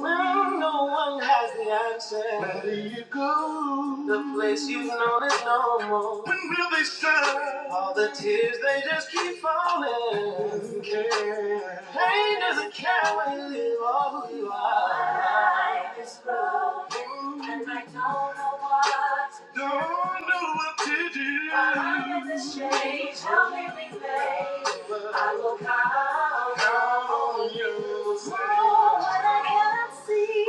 S2: Well, no one has the answer. Where do you go? The place you've known is no more. When will they stop? All the tears they just keep falling. Doesn't care. Pain doesn't care where you live all who you are. My life is broken, and I don't know why. Don't know what to do. I am the strange, lovely thing. I will call, call on you. So when I can't see.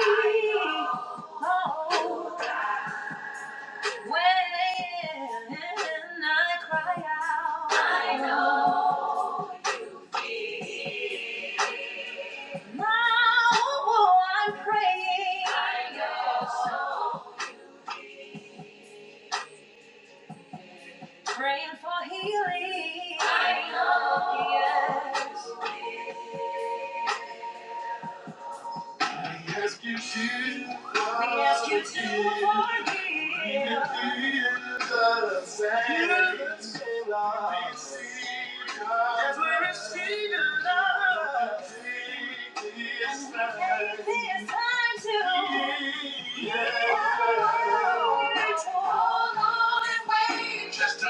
S2: Oh, when I cry out. I know. Now I'm praying. I know. Praying for healing. I know. Yes. We ask you to forgive. We ask you to forgive. Even Jesus and Savior. As we receive your love. Take this time. Take this time to. heal. Just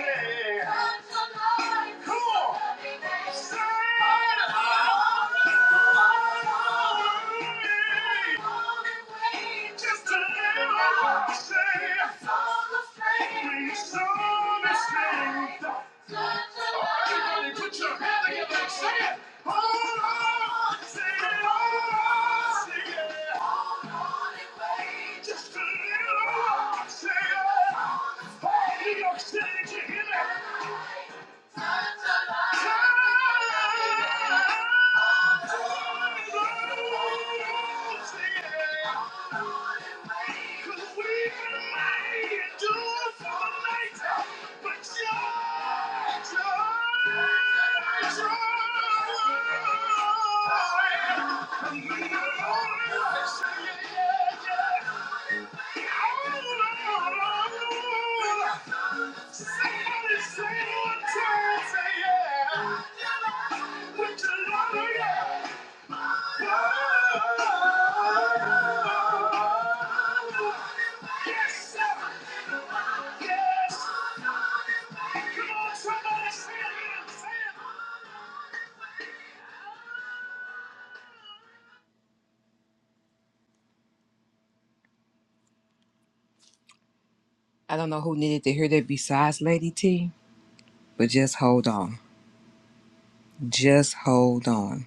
S2: yeah. Say, the song the song is sing. Everybody put your hand together and sing it. Hold on, sing it, hold on, sing it. Hold on just a little while, it. Hey, New York City, did you hear me? but Joy! you, Joy! Say it, one time, say yeah. With your love, yeah. I don't know who needed to hear that besides Lady T, but just hold on. Just hold on.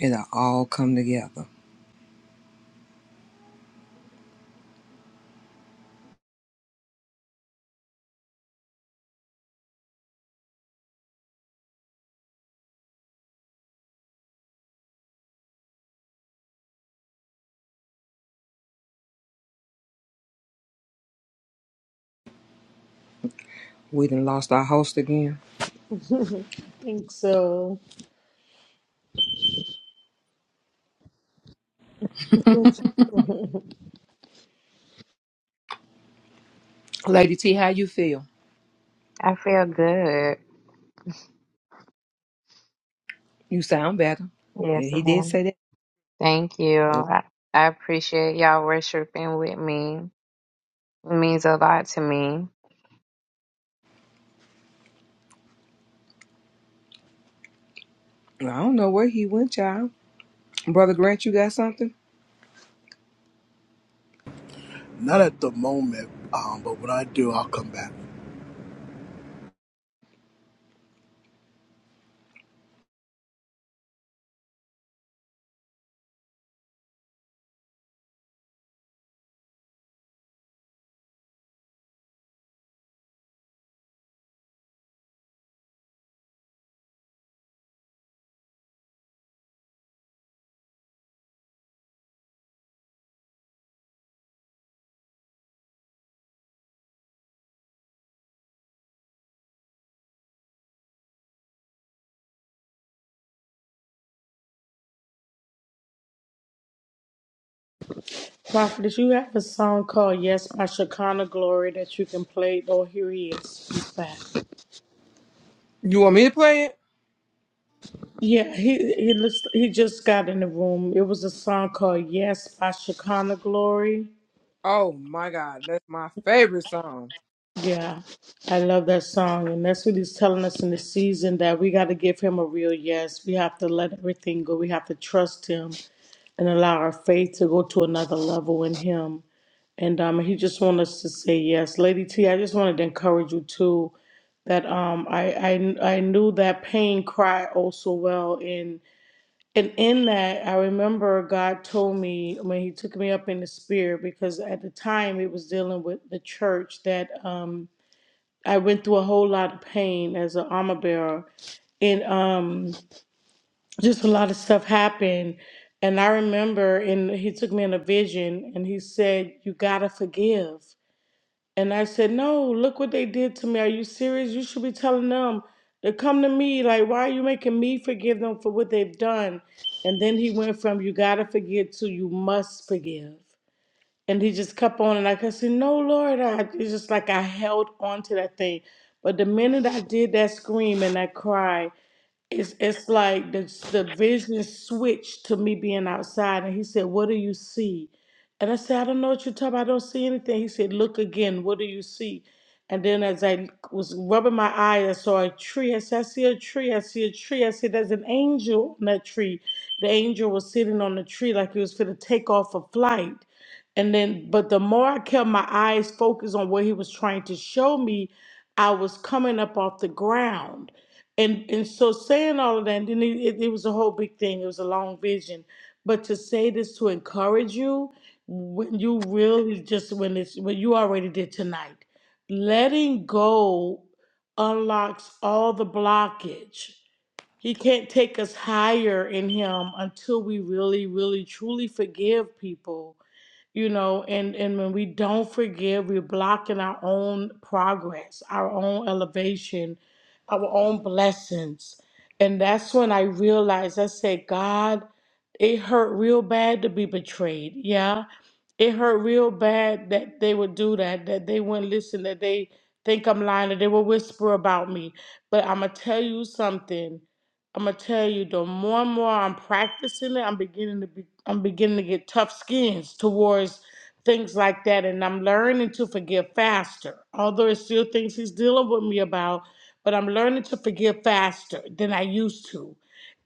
S2: It'll all come together. We done lost our host again.
S4: think so.
S2: Lady T, how you feel?
S3: I feel good.
S2: You sound better. Yeah,
S3: Yes,
S2: He did
S3: ma'am.
S2: say that.
S3: Thank you. I, I appreciate y'all worshiping with me. It means a lot to me.
S2: I don't know where he went, child. Brother Grant, you got something?
S10: Not at the moment, um, but when I do, I'll come back.
S4: Prophet, you have a song called Yes by Shekinah Glory that you can play. Oh, here he is. He's back.
S2: You want me to play it?
S4: Yeah, he he lis- he just got in the room. It was a song called Yes by Shekinah Glory.
S2: Oh my God, that's my favorite song.
S4: Yeah, I love that song. And that's what he's telling us in the season that we got to give him a real yes. We have to let everything go. We have to trust him and allow our faith to go to another level in him. And um, he just wanted us to say yes, Lady T. I just wanted to encourage you too that um, I, I I knew that pain cry oh so well, and and in that I remember God told me when He took me up in the spirit because at the time it was dealing with the church that um, I went through a whole lot of pain as an armor bearer, and um, just a lot of stuff happened. And I remember, and He took me in a vision, and He said, "You gotta forgive." And I said, No, look what they did to me. Are you serious? You should be telling them to come to me. Like, why are you making me forgive them for what they've done? And then he went from, You got to forgive to, You must forgive. And he just kept on. And I could say, No, Lord. I, it's just like I held on to that thing. But the minute I did that scream and that cry, it's it's like the the vision switched to me being outside, and he said, "What do you see?" And I said, "I don't know what you're talking about. I don't see anything." He said, "Look again. What do you see?" And then as I was rubbing my eye, I saw a tree. I said, "I see a tree. I see a tree." I said, "There's an angel on that tree." The angel was sitting on the tree like he was going to take off a flight. And then, but the more I kept my eyes focused on what he was trying to show me, I was coming up off the ground and and so saying all of that, and then it, it, it was a whole big thing. It was a long vision, but to say this to encourage you, when you really just when it's when you already did tonight, letting go unlocks all the blockage. He can't take us higher in Him until we really, really, truly forgive people you know and and when we don't forgive we're blocking our own progress our own elevation our own blessings and that's when i realized i said god it hurt real bad to be betrayed yeah it hurt real bad that they would do that that they wouldn't listen that they think i'm lying that they will whisper about me but i'm gonna tell you something I'm gonna tell you, the more and more I'm practicing it, I'm beginning to be, I'm beginning to get tough skins towards things like that, and I'm learning to forgive faster. Although it's still things he's dealing with me about, but I'm learning to forgive faster than I used to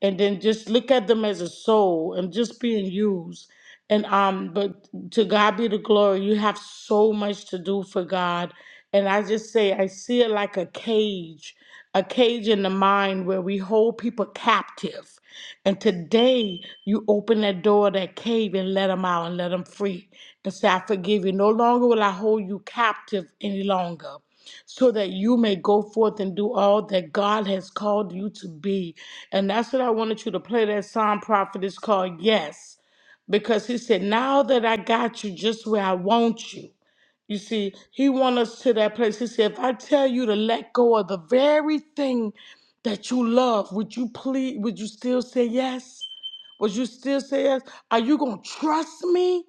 S4: and then just look at them as a soul and just being used. And um, but to God be the glory. You have so much to do for God, and I just say I see it like a cage, a cage in the mind where we hold people captive. And today you open that door, of that cave, and let them out and let them free. And say, I forgive you. No longer will I hold you captive any longer so that you may go forth and do all that God has called you to be. And that's what I wanted you to play that song, Prophet, is called Yes. Because he said, Now that I got you just where I want you. You see, he wants us to that place. He said, if I tell you to let go of the very thing that you love, would you please, would you still say yes? Would you still say yes? Are you going to trust me?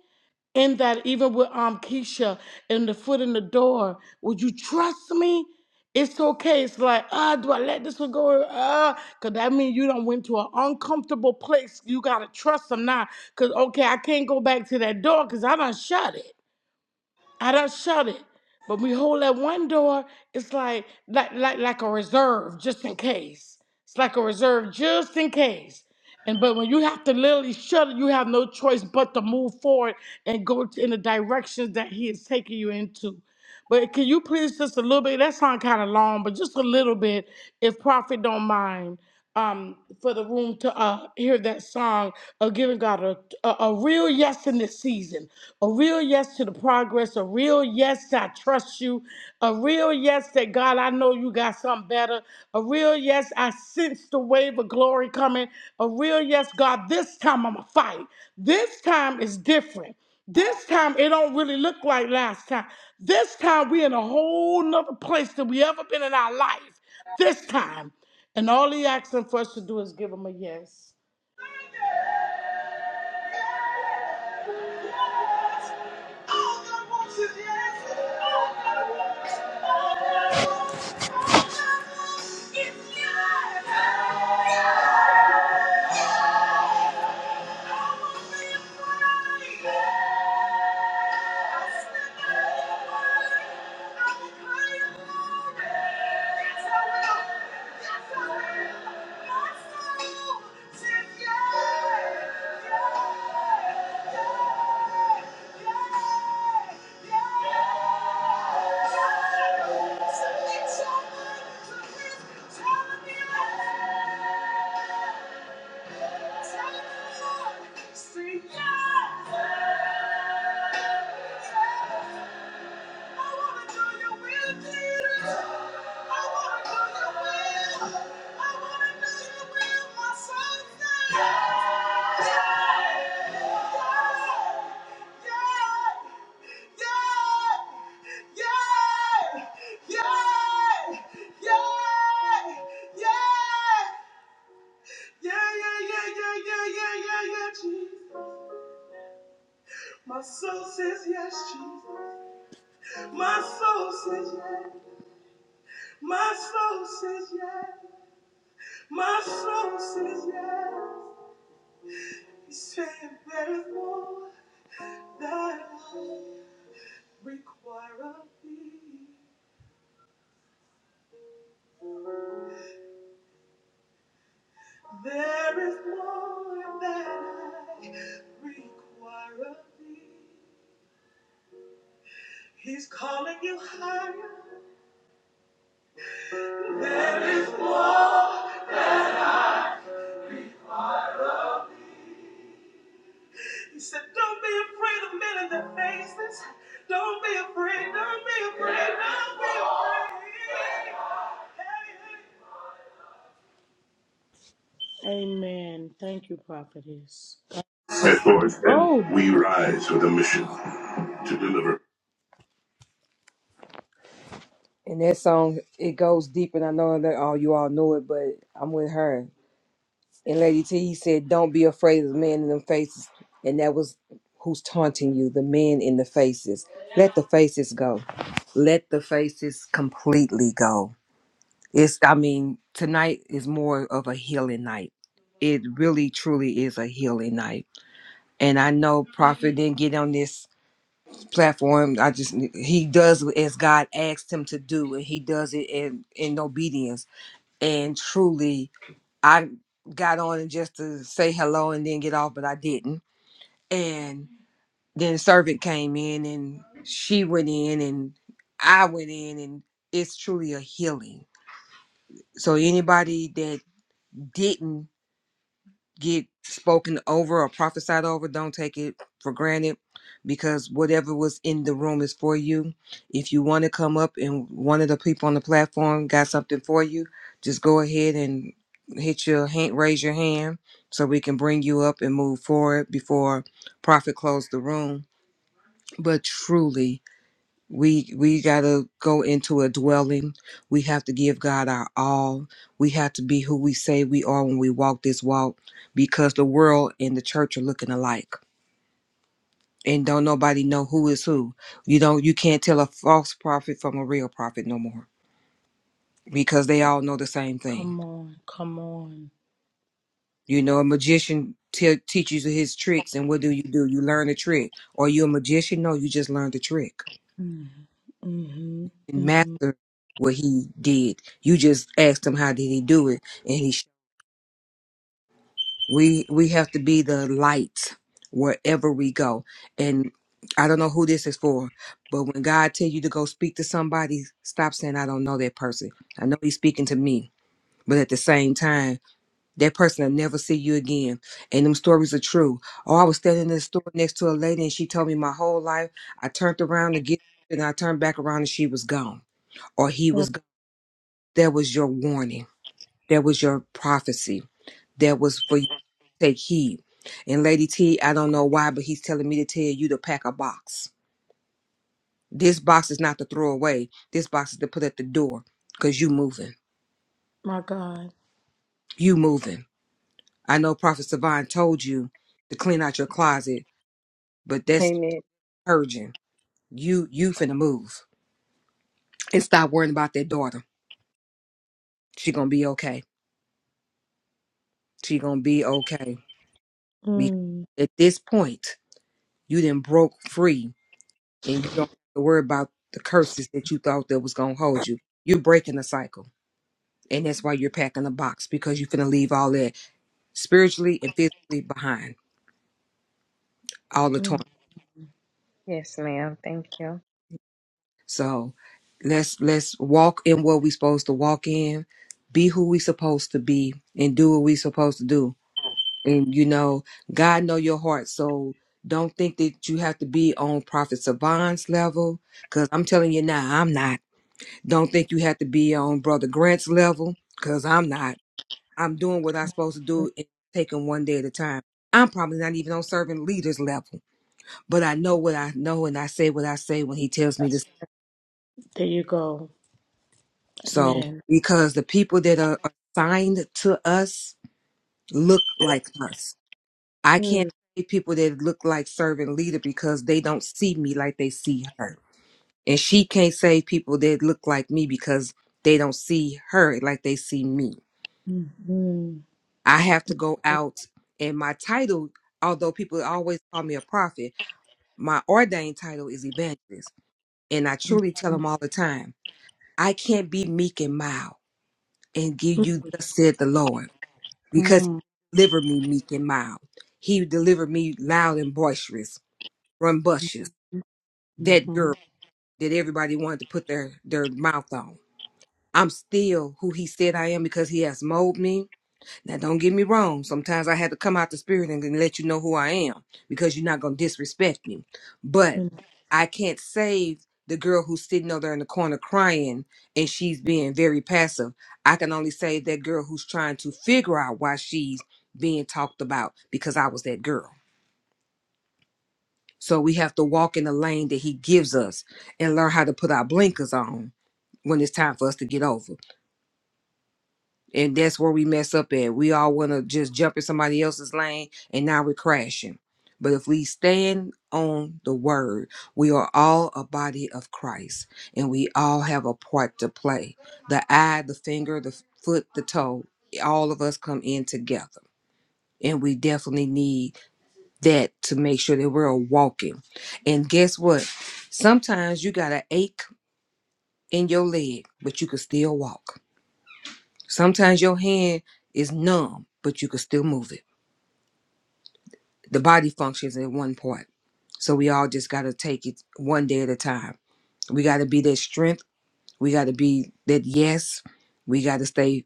S4: in that even with um Keisha and the foot in the door, would you trust me? It's okay. It's like, ah, do I let this one go? Ah, cause that means you don't went to an uncomfortable place. You gotta trust them now. Cause okay, I can't go back to that door because I done shut it. I don't shut it. But we hold that one door, it's like like like like a reserve just in case. It's like a reserve just in case. And but when you have to literally shut it, you have no choice but to move forward and go to, in the directions that he is taking you into. But can you please just a little bit? That sound kind of long, but just a little bit, if Prophet don't mind, um, for the room to uh, hear that song of giving God a, a a real yes in this season, a real yes to the progress, a real yes I trust you, a real yes that God I know you got something better, a real yes I sense the wave of glory coming, a real yes God this time I'm a fight. This time is different. This time it don't really look like last time. This time we in a whole nother place than we ever been in our life. This time. And all he asking for us to do is give him a yes.
S2: All that wants is yes. All that wants, all that wants, all that wants is yes. Yes. I won't be afraid. Say yes! My soul says yes, Jesus. My soul says yes. My soul says yes. My soul says yes. He's saying there is more that I require of thee. There is more that I require of thee. He's calling you higher. There is more. He said, Don't be afraid of men in their faces. Don't be afraid. Don't be afraid. Don't be
S4: Amen. Thank you, prophetess.
S2: afraid. At North End, Oh, we rise with a mission to deliver. and that song it goes deep, and I know that all you all know it, but I'm with her. And Lady T He said, "Don't be afraid of the men in them faces," and that was who's taunting you, the men in the faces. Let the faces go. Let the faces completely go. It's, I mean, tonight is more of a healing night. It really, truly is a healing night. And I know Prophet didn't get on this platform. I just, he does as God asked him to do, and he does it in, in obedience. And truly, I got on just to say hello and then get off, but I didn't. And then a servant came in, and she went in, and I went in, and it's truly a healing. So anybody that didn't get spoken over or prophesied over, don't take it for granted because whatever was in the room is for you. If you want to come up and one of the people on the platform got something for you, just go ahead and hit your hand, raise your hand so we can bring you up and move forward before Prophet closed the room. But truly, we we got to go into a dwelling we have to give god our all we have to be who we say we are when we walk this walk because the world and the church are looking alike and don't nobody know who is who you don't you can't tell a false prophet from a real prophet no more because they all know the same thing
S4: Come on, come on.
S2: you know a magician te- teaches you his tricks and what do you do you learn the trick or you a magician no you just learn the trick
S4: Mm-hmm.
S2: and
S4: Mm-hmm.
S2: master what he did you just asked him how did he do it and he. We we have to be the light wherever we go. And I don't know who this is for, but when God tell you to go speak to somebody, stop saying I don't know that person. I know he's speaking to me. But at the same time, that person will never see you again. And them stories are true. Oh, I was standing in the store next to a lady and she told me my whole life. I turned around to get and I turned back around and she was gone. Or he
S4: Oh,
S2: was gone. That was your warning. That was your prophecy that was for you to take heed. And Lady T, I don't know why, but he's telling me to tell you to pack a box. This box is not to throw away. This box is to put at the door because you moving.
S4: my God.
S2: You moving. I know Prophet Savine told you to clean out your closet, but that's
S3: Amen.
S2: urgent. You you finna move. And stop worrying about that daughter. She gonna be okay. She gonna be okay. Because
S4: Mm.
S2: at this point, you done broke free and you don't have to worry about the curses that you thought that was gonna hold you. You're breaking the cycle, and that's why you're packing a box because you're gonna leave all that spiritually and physically behind, all the torment.
S3: Yes, ma'am. Thank you.
S2: So let's let's walk in what we supposed to walk in, be who we supposed to be, and do what we supposed to do. And you know, God know your heart, so don't think that you have to be on Prophet Savant's level. Cause I'm telling you now, I'm not. Don't think you have to be on Brother Grant's level, because I'm not. I'm doing what I'm supposed to do and taking one day at a time. I'm probably not even on servant leader's level, but I know what I know and I say what I say when he tells me to. say.
S4: There you go.
S2: So,
S4: Amen.
S2: because the people that are assigned to us look like us, I
S4: Mm-hmm.
S2: can't say people that look like servant leader because they don't see me like they see her. And she can't say people that look like me because they don't see her like they see me. I have to go out and my title, although people always call me a prophet, my ordained title is evangelist. And I truly tell them all the time, I can't be meek and mild and give you thus said the Lord because he delivered me meek and mild. He delivered me loud and boisterous, rambunctious, that
S4: Mm-hmm.
S2: girl that everybody wanted to put their, their mouth on. I'm still who he said I am because he has molded me Now, don't get me wrong. Sometimes I had to come out the spirit and then let you know who I am because you're not going to disrespect me. But I can't save the girl who's sitting over there in the corner crying and she's being very passive. I can only save that girl who's trying to figure out why she's being talked about because I was that girl. So we have to walk in the lane that he gives us and learn how to put our blinkers on when it's time for us to get over. And that's where we mess up at. We all want to just jump in somebody else's lane and now we're crashing. But if we stand on the word, we are all a body of Christ and we all have a part to play. The eye, the finger, the foot, the toe, all of us come in together. And we definitely need that to make sure that we're walking. And guess what? Sometimes you got an ache in your leg, but you can still walk Sometimes your hand is numb, but you can still move it. The body functions in one part. So we all just got to take it one day at a time. We got to be that strength. We got to be that yes. We got to stay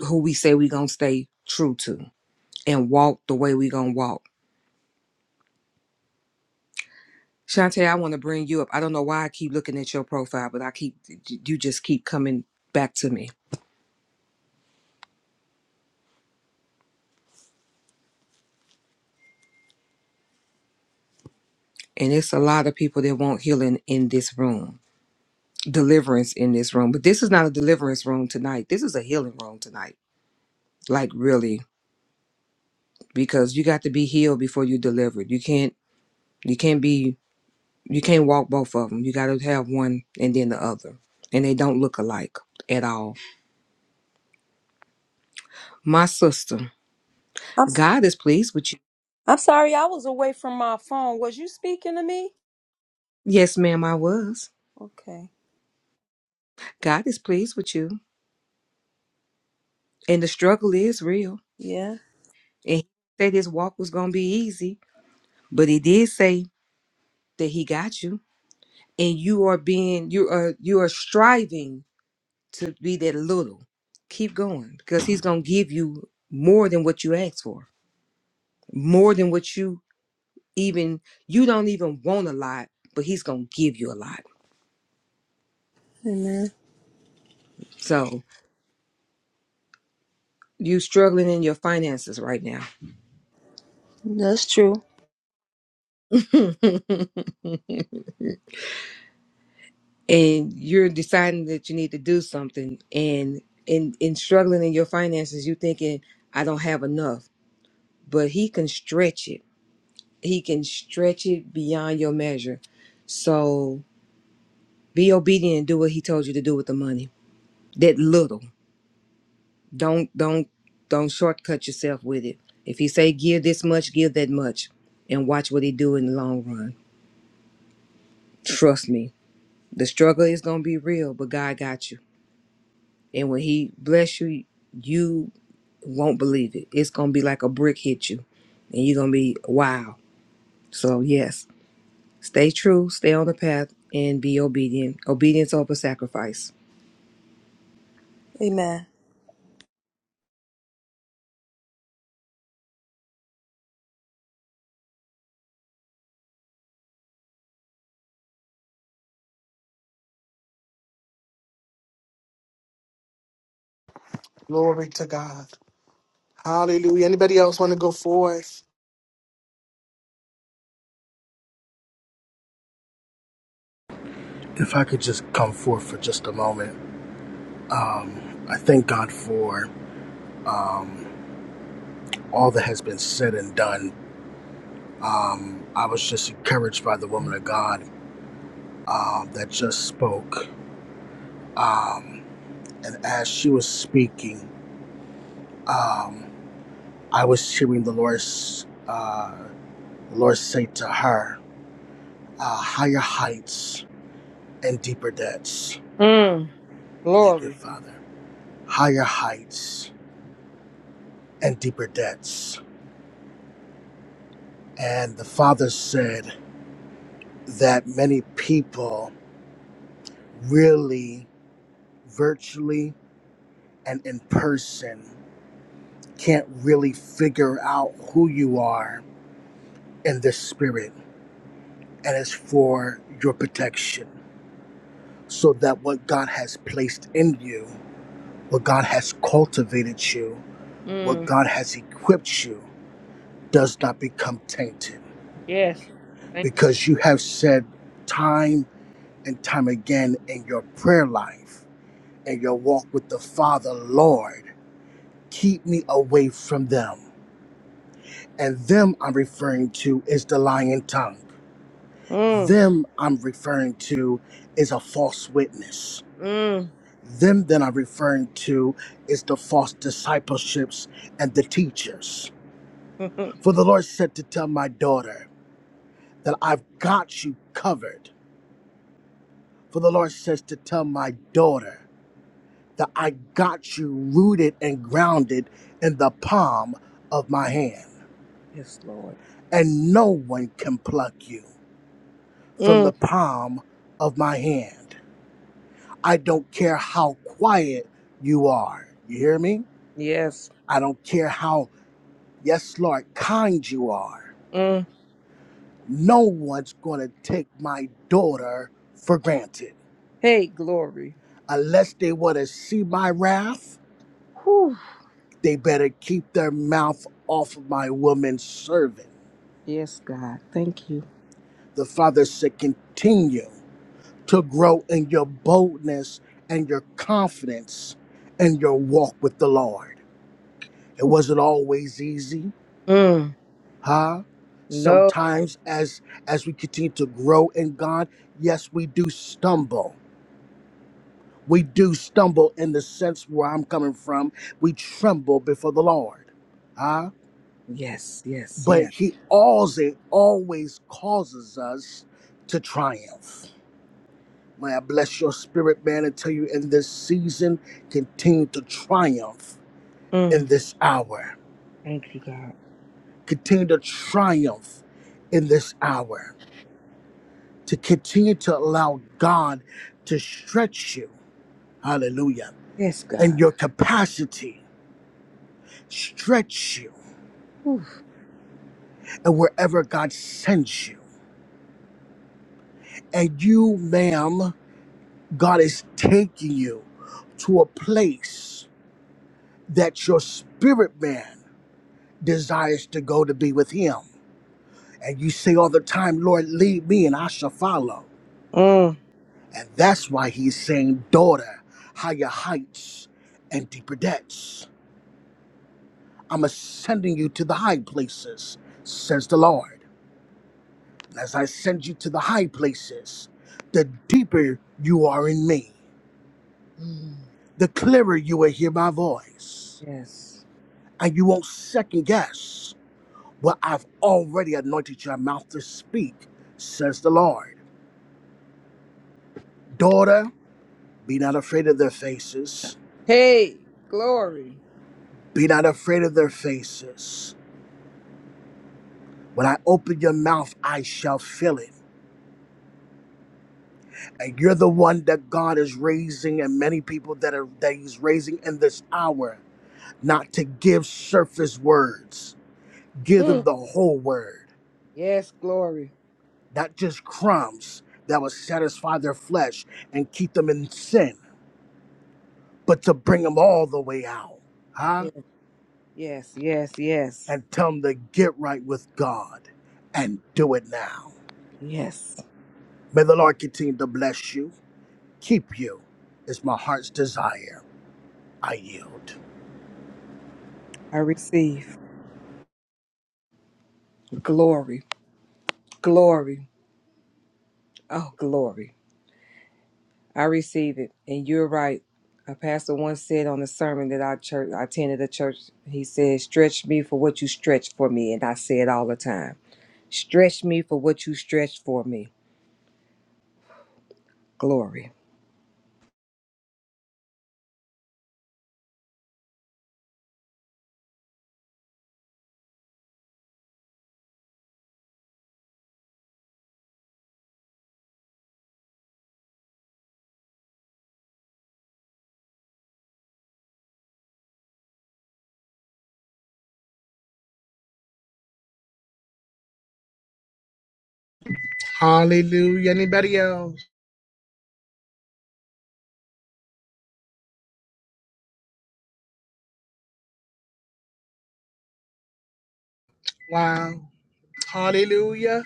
S2: who we say we going to stay true to and walk the way we going to walk. Shantae, I want to bring you up. I don't know why I keep looking at your profile, but I keep, you just keep coming back to me. And it's a lot of people that want healing in this room deliverance in this room, but this is not a deliverance room tonight. This is a healing room tonight. Like really, because you got to be healed before you delivered. You can't you can't be you can't walk both of them. You got to have one and then the other. And they don't look alike at all. My sister,
S11: I'm, s-
S2: God is pleased with you.
S11: I'm sorry, I was away from my phone. Was you speaking to me?
S2: Yes, ma'am, I was.
S11: Okay.
S2: God is pleased with you. And the struggle is real.
S11: Yeah.
S2: And he said his walk was going to be easy, but he did say that he got you. And you are being you are you are striving to be that little. Keep going because he's going to give you more than what you asked for, more than what you even, you don't even want a lot, but he's going to give you a lot.
S11: Amen.
S2: So you struggling in your finances right now
S11: That's true.
S2: and you're deciding that you need to do something and in, in struggling in your finances, you thinking, I don't have enough, but he can stretch it. He can stretch it beyond your measure. So Be obedient and do what he told you to do with the money. That little. Don't don't don't shortcut yourself with it. If he say give this much, give that much. And watch what he do in the long run. Trust me. The struggle is gonna be real, but God got you. And when he bless you, you won't believe it. It's gonna be like a brick hit you. And you're gonna be wow. So yes, stay true, stay on the path, and be obedient. Obedience over sacrifice.
S11: Amen.
S1: Glory to God. Hallelujah. Anybody else want to go forth?
S10: if I could just come forth for just a moment, I thank God for um, all that has been said and done. Um, I was just encouraged by the woman of God um, that just spoke. Um, and as she was speaking, um, I was hearing the Lord, uh, the Lord say to her, uh, higher heights and deeper depths.
S2: Mm,
S10: Thank you,
S2: glory.
S10: Father. Higher heights and deeper depths. And the Father said, that many people really virtually and in person can't really figure out who you are in the spirit and it's for your protection so that what god has placed in you what god has cultivated you what
S2: Mm,
S10: god has equipped you does not become tainted
S2: yes.
S10: because you have said time and time again in your prayer life and your walk with the father lord keep me away from them. And them I'm referring to is the lying tongue.
S2: Mm,
S10: Them I'm referring to is a false witness.
S2: mm,
S10: Them that I'm referring to is the false discipleships and the teachers. For the Lord said to tell my daughter that I've got you covered. For the Lord says to tell my daughter that I got you rooted and grounded in the palm of my hand,
S2: yes, Lord.
S10: and no one can pluck you. from
S2: Mm,
S10: the palm of my hand. I don't care how quiet you are. You hear me?
S2: yes.
S10: I don't care how, yes, Lord, kind you are.
S2: Mm.
S10: No one's going to take my daughter for granted.
S2: Hey, glory.
S10: Unless they want to see my wrath,
S2: Whew.
S10: they better keep their mouth off of my woman servant.
S2: Yes, God. Thank you.
S10: The Father said, continue to grow in your boldness and your confidence and your walk with the Lord. It wasn't always easy,
S2: Mm.
S10: huh?
S2: No.
S10: Sometimes as as we continue to grow in God, yes, we do stumble. We do stumble in the sense where I'm coming from. We tremble before the Lord. Huh?
S2: Yes, yes,
S10: But
S2: yeah.
S10: he always always causes us to triumph. May I bless your spirit, man, and tell you in this season, continue to triumph
S2: Mm.
S10: in this hour.
S2: Thank you, God.
S10: Continue to triumph in this hour to continue to allow God to stretch you. Hallelujah.
S2: Yes,
S10: And
S2: God.
S10: your capacity stretch you
S2: Whew.
S10: and wherever God sends you. And you, ma'am, God is taking you to a place that your spirit man desires to go to be with him. And you say all the time, Lord, lead me and I shall follow.
S2: Mm.
S10: And that's why he's saying, daughter, higher heights and deeper depths. I'm ascending you to the high places, says the Lord. And as I send you to the high places, the deeper you are in me,
S2: Mm.
S10: the clearer you will hear my voice.
S2: Yes.
S10: And you won't second guess what I've already anointed your mouth to speak, says the Lord. Daughter, be not afraid of their faces.
S2: Hey, glory.
S10: Be not afraid of their faces. When I open your mouth, I shall fill it And you're the one that God is raising, and many people that are that He's raising in this hour, not to give surface words. Give them
S2: Mm.
S10: the whole word,
S2: Yes, glory.
S10: not just crumbs that will satisfy their flesh and keep them in sin, but to bring them all the way out, huh?
S2: Yes, yes, yes, yes.
S10: And tell them to get right with God and do it now.
S2: Yes.
S10: May the Lord continue to bless you, keep you. It's my heart's desire. I yield.
S2: I receive glory, glory. Oh, glory. I receive it, and you're right. A pastor once said on a sermon that I church I attended a church. He said, "Stretch me for what you stretch for me," and I say it all the time. Stretch me for what you stretch for me. Glory,
S1: Hallelujah. Anybody else? Wow. Hallelujah.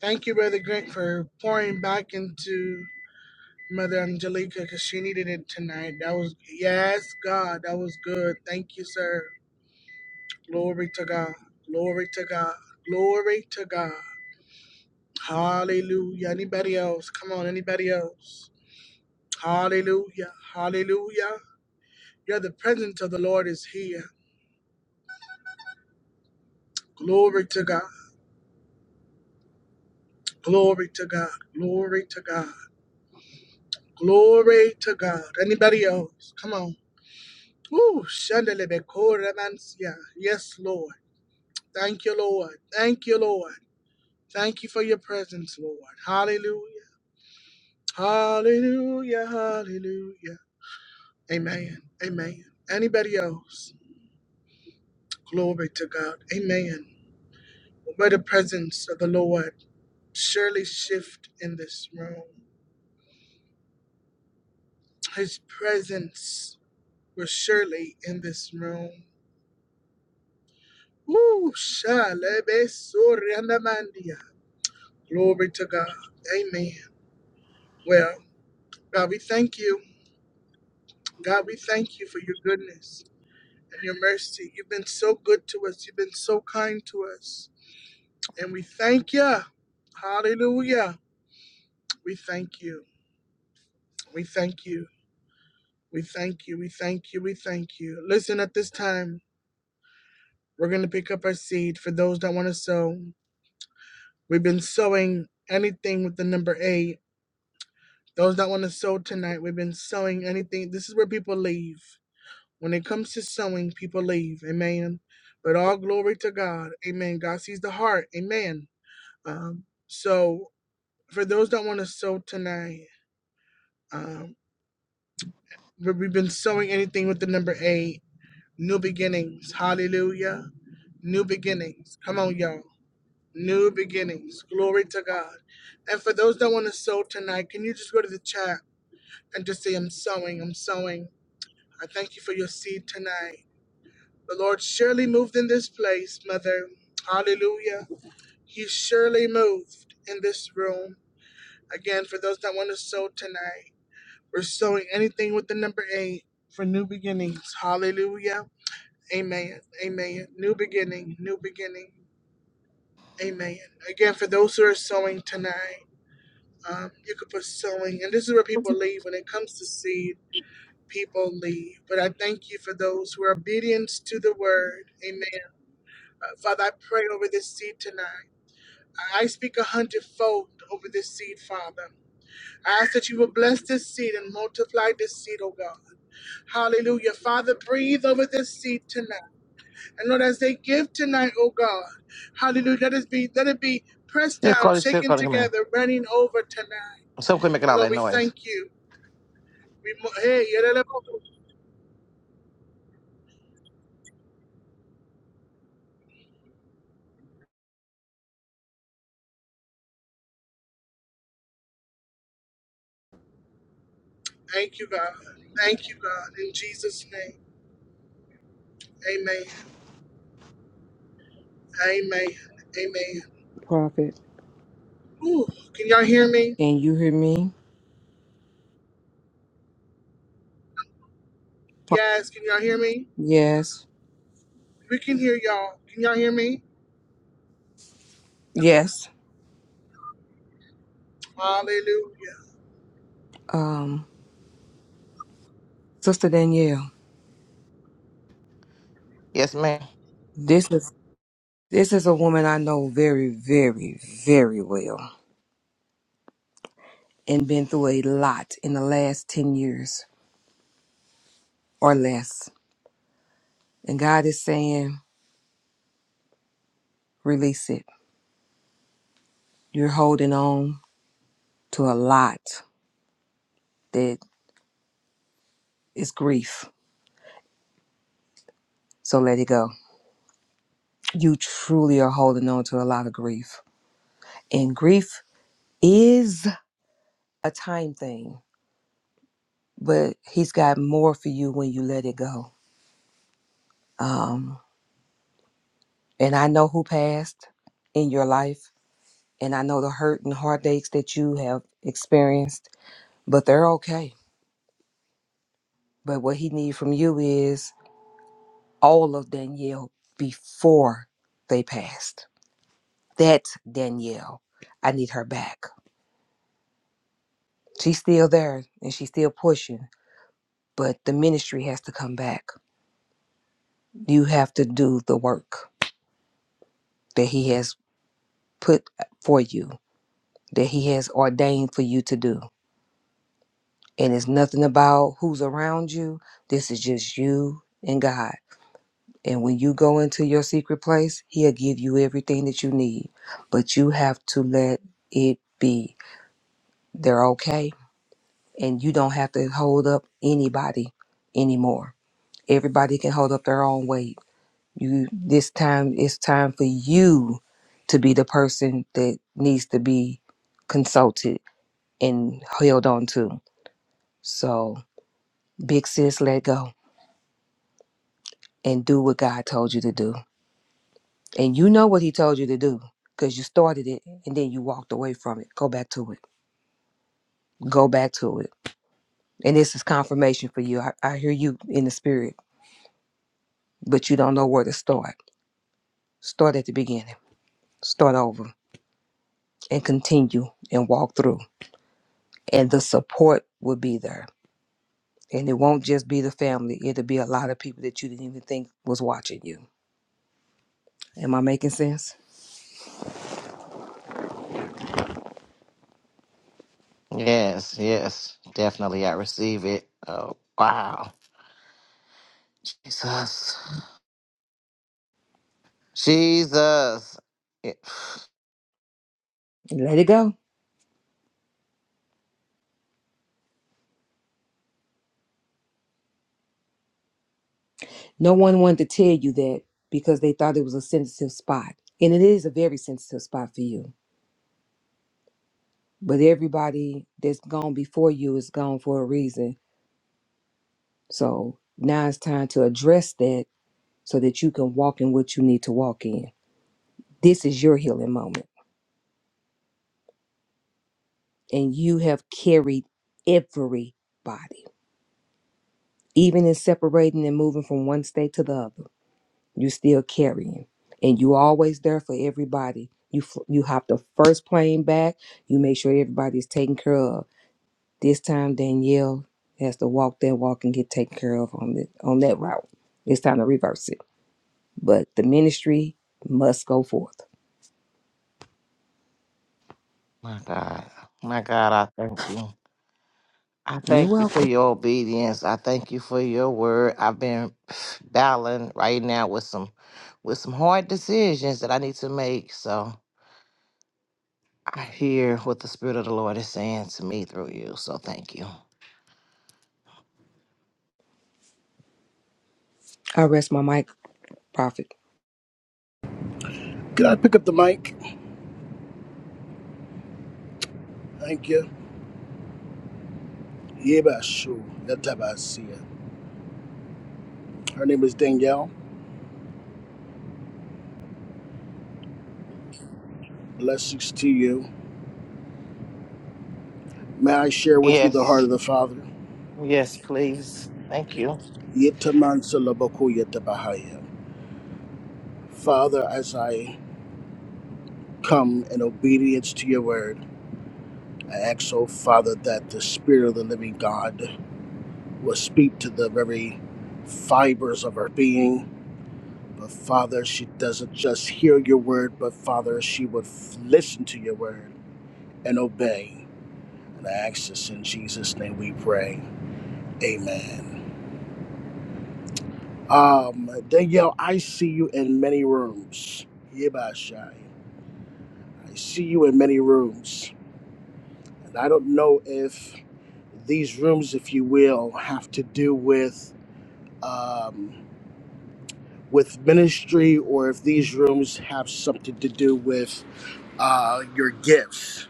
S1: Thank you, Brother Grant, for pouring back into Mother Angelica because she needed it tonight. That was, yes, God, that was good. Thank you, sir. Glory to God. Glory to God. Glory to God. Hallelujah. Anybody else? Come on, anybody else? Hallelujah. Hallelujah. Yeah, the presence of the Lord is here. Glory to God. Glory to God. Glory to God. Glory to God. Anybody else? Come on. Ooh, shandelebekoremancia. Yes, Lord. Thank you, Lord. Thank you, Lord. Thank you for your presence, Lord. Hallelujah. Hallelujah. Hallelujah. Amen. Amen. Anybody else? Glory to God. Amen. Where the presence of the Lord surely shift in this room. His presence was surely in this room. Woo, shalebe sorianamandia. Glory to God. Amen. Well, God, we thank you. God, we thank you for your goodness and your mercy. You've been so good to us. You've been so kind to us. And we thank you. Hallelujah. We thank you. We thank you. We thank you. We thank you. We thank you. Listen, at this time, we're going to pick up our seed for those that want to sow. We've been sowing anything with the number eight. Those that want to sow tonight, we've been sowing anything. This is where people leave. When it comes to sowing, people leave. Amen. But all glory to God. Amen. God sees the heart. Amen. Um, so for those that want to sow tonight, um, we- we've been sowing anything with the number eight, new beginnings. Hallelujah. New beginnings. Come on, y'all. New beginnings. Glory to God. And for those that want to sow tonight, can you just go to the chat and just say, I'm sowing, I'm sowing. I thank you for your seed tonight. The Lord surely moved in this place, Mother. Hallelujah. He surely moved in this room. Again, for those that want to sow tonight, we're sowing anything with the number eight for new beginnings. Hallelujah. Amen. Amen. New beginning. New beginning. Amen. Again, for those who are sowing tonight, um, you could put sowing. And this is where people leave. When it comes to seed, people leave. But I thank you for those who are obedient to the word. Amen. Uh, Father, I pray over this seed tonight. I speak a hundredfold over this seed, Father. I ask that you will bless this seed and multiply this seed, oh God. Hallelujah. Father, breathe over this seed tonight. And Lord, as they give tonight, oh God, hallelujah, let it be, let it be pressed
S12: Yeah,
S1: down,
S12: Carly, say,
S1: shaken
S12: Cardi, come here.
S1: together, running over tonight.
S12: Some quit making
S1: And
S12: all
S1: Lord,
S12: that
S1: we
S12: noise.
S1: thank you. We, mo- hey, yeah, that- that- thank you, God. Thank you, God. In Jesus' name. Amen. Amen. Amen.
S2: prophet.
S1: Ooh, can y'all hear me?
S2: Can you hear me? Pro-
S1: Yes, can y'all hear me?
S2: Yes,
S1: We can hear y'all. Can y'all hear me?
S2: yes.
S1: Hallelujah.
S2: Um, Sister Danielle,
S12: Yes, ma'am.
S2: this is this is a woman I know very, very, very well, and been through a lot in the last ten years or less. And God is saying, release it You're holding on to a lot that is grief. So let it go. You truly are holding on to a lot of grief. And grief is a time thing, but he's got more for you when you let it go. Um, and I know who passed in your life, and I know the hurt and heartaches that you have experienced, but they're okay. But what he needs from you is all of Danielle before they passed That's Danielle. I need her back. She's still there and she's still pushing, but the ministry has to come back. You have to do the work that He has put for you, that He has ordained for you to do. And it's nothing about who's around you. This is just you and God. And when you go into your secret place, He'll give you everything that you need. But you have to let it be. They're okay. And you don't have to hold up anybody anymore Everybody can hold up their own weight. You this time it's time for you to be the person that needs to be consulted and held on to. So big sis let go and do what God told you to do. And you know what he told you to do because you started it and then you walked away from it. Go back to it. Go back to it. And this is confirmation for you. I, I hear you in the spirit, but you don't know where to start. Start at the beginning. Start over and continue and walk through. and the support will be there. And it won't just be the family, it'll be a lot of people that you didn't even think was watching you. Am I making sense?
S12: Yes, yes, definitely. I receive it. Oh, wow. Jesus. Jesus. It-
S2: And Let it go. No one wanted to tell you that because they thought it was a sensitive spot. And it is a very sensitive spot for you. But everybody that's gone before you is gone for a reason. So now it's time to address that so that you can walk in what you need to walk in. This is your healing moment. And you have carried everybody. Even in separating and moving from one state to the other, you still carrying, and you always there for everybody. You fl- you hop the first plane back. You make sure everybody's taken care of. This time, Danielle has to walk that walk and get taken care of on the on that route. It's time to reverse it. But the ministry must go forth.
S12: my God. My God, I thank you. I
S2: You're
S12: thank you for
S2: welcome.
S12: your obedience. I thank you for your word. I've been battling right now with some with some hard decisions that I need to make. So I hear what the Spirit of the Lord is saying to me through you. So thank you.
S2: I rest my mic, Prophet.
S10: Can I pick up the mic? Thank you. Yebashu Yatabasia. Her name is Danielle. Blessings to you. May I share with you the
S12: Yes.
S10: heart of the Father?
S12: Yes, please. Thank you.
S10: Yetamansalabako Yetabahaya. Father, as I come in obedience to your word, I ask, O Father, that the Spirit of the living God will speak to the very fibers of her being. But Father, she doesn't just hear your word, but Father, she would f- listen to your word and obey. And I ask this in Jesus' name we pray. Amen. Um, Danielle, I see you in many rooms. Yebashai. I see you in many rooms. And I don't know if these rooms, if you will, have to do with um, with ministry or if these rooms have something to do with uh, your gifts.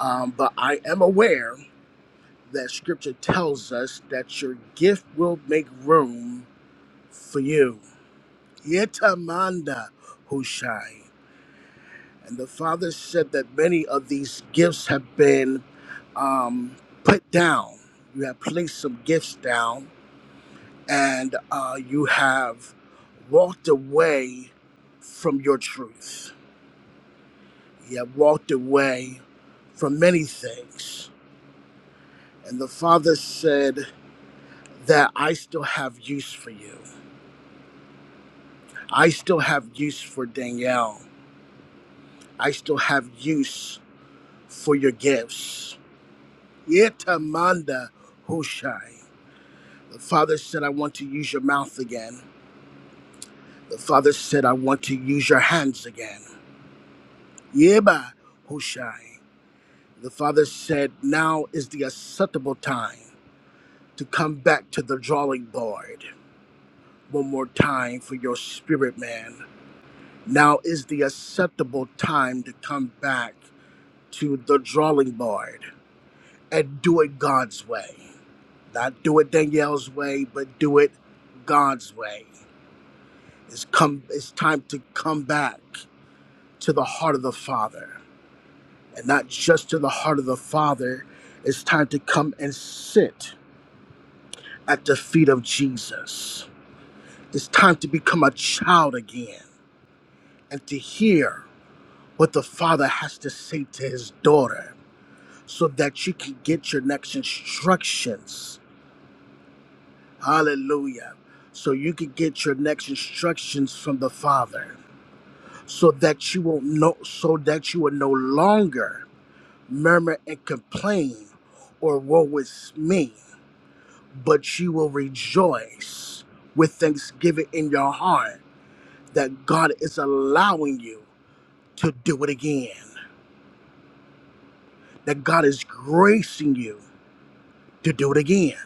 S10: Um, but I am aware that scripture tells us that your gift will make room for you. Yetamanda Hushai. And the father said that many of these gifts have been um, put down. You have placed some gifts down and uh, you have walked away from your truth. You have walked away from many things. And the father said that I still have use for you. I still have use for Danielle. I still have use for your gifts. Yetamanda Hushai. The Father said, I want to use your mouth again. The Father said, I want to use your hands again. Yeba Hushai. The Father said, Now is the acceptable time to come back to the drawing board one more time for your spirit man. Now is the acceptable time to come back to the drawing board and do it God's way. Not do it Danielle's way, but do it God's way. It's come it's time to come back. to the heart of the Father. And not just to the heart of the Father, it's time to come and sit at the feet of Jesus. It's time to become a child again and to hear what the Father has to say to his daughter so that you can get your next instructions. Hallelujah. So you can get your next instructions from the Father so that you will know so that you will no longer murmur and complain or woe is me, but you will rejoice with thanksgiving in your heart that God is allowing you to do it again, that God is gracing you to do it again,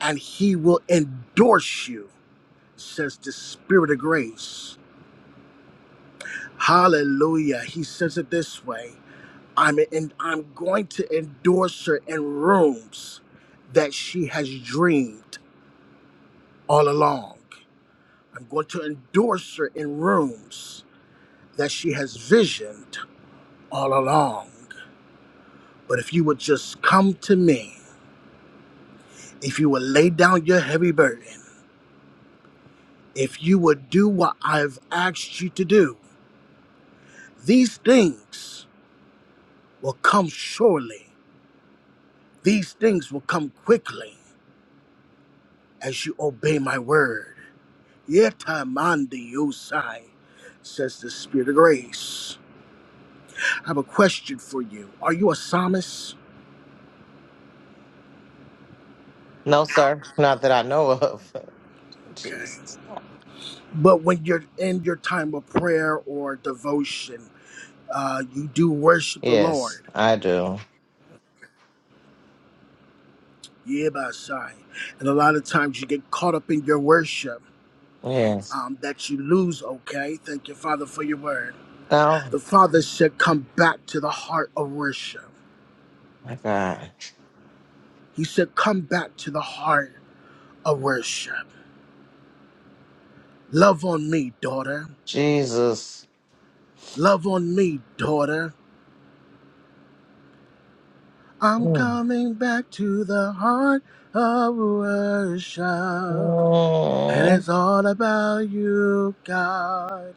S10: and He will endorse you, says the Spirit of grace. Hallelujah. He says it this way. I'm and I'm going to endorse her in rooms that she has dreamed. all along. I'm going to endorse her in rooms that she has visioned all along. But if you would just come to me, if you would lay down your heavy burden, if you would do what I've asked you to do, these things will come surely. These things will come quickly as you obey my word. Yet I'm Yosai, says the Spirit of Grace. I have a question for you. Are you a psalmist?
S12: No, sir. Not that I know of.
S10: Okay.
S12: Jesus.
S10: But when you're in your time of prayer or devotion, uh, you do worship the
S12: Yes,
S10: Lord.
S12: I do.
S10: Yeah, by sign. And a lot of times you get caught up in your worship
S12: Yes.
S10: um, that you lose, okay? Thank you, Father, for your word.
S12: Oh,
S10: The Father said, Come back to the heart of worship.
S12: my God.
S10: He said, Come back to the heart of worship. Love on me, daughter.
S12: Jesus.
S10: Love on me, daughter. I'm
S12: Mm.
S10: coming back to the heart of worship. And
S12: Mm.
S10: it's all about you, God.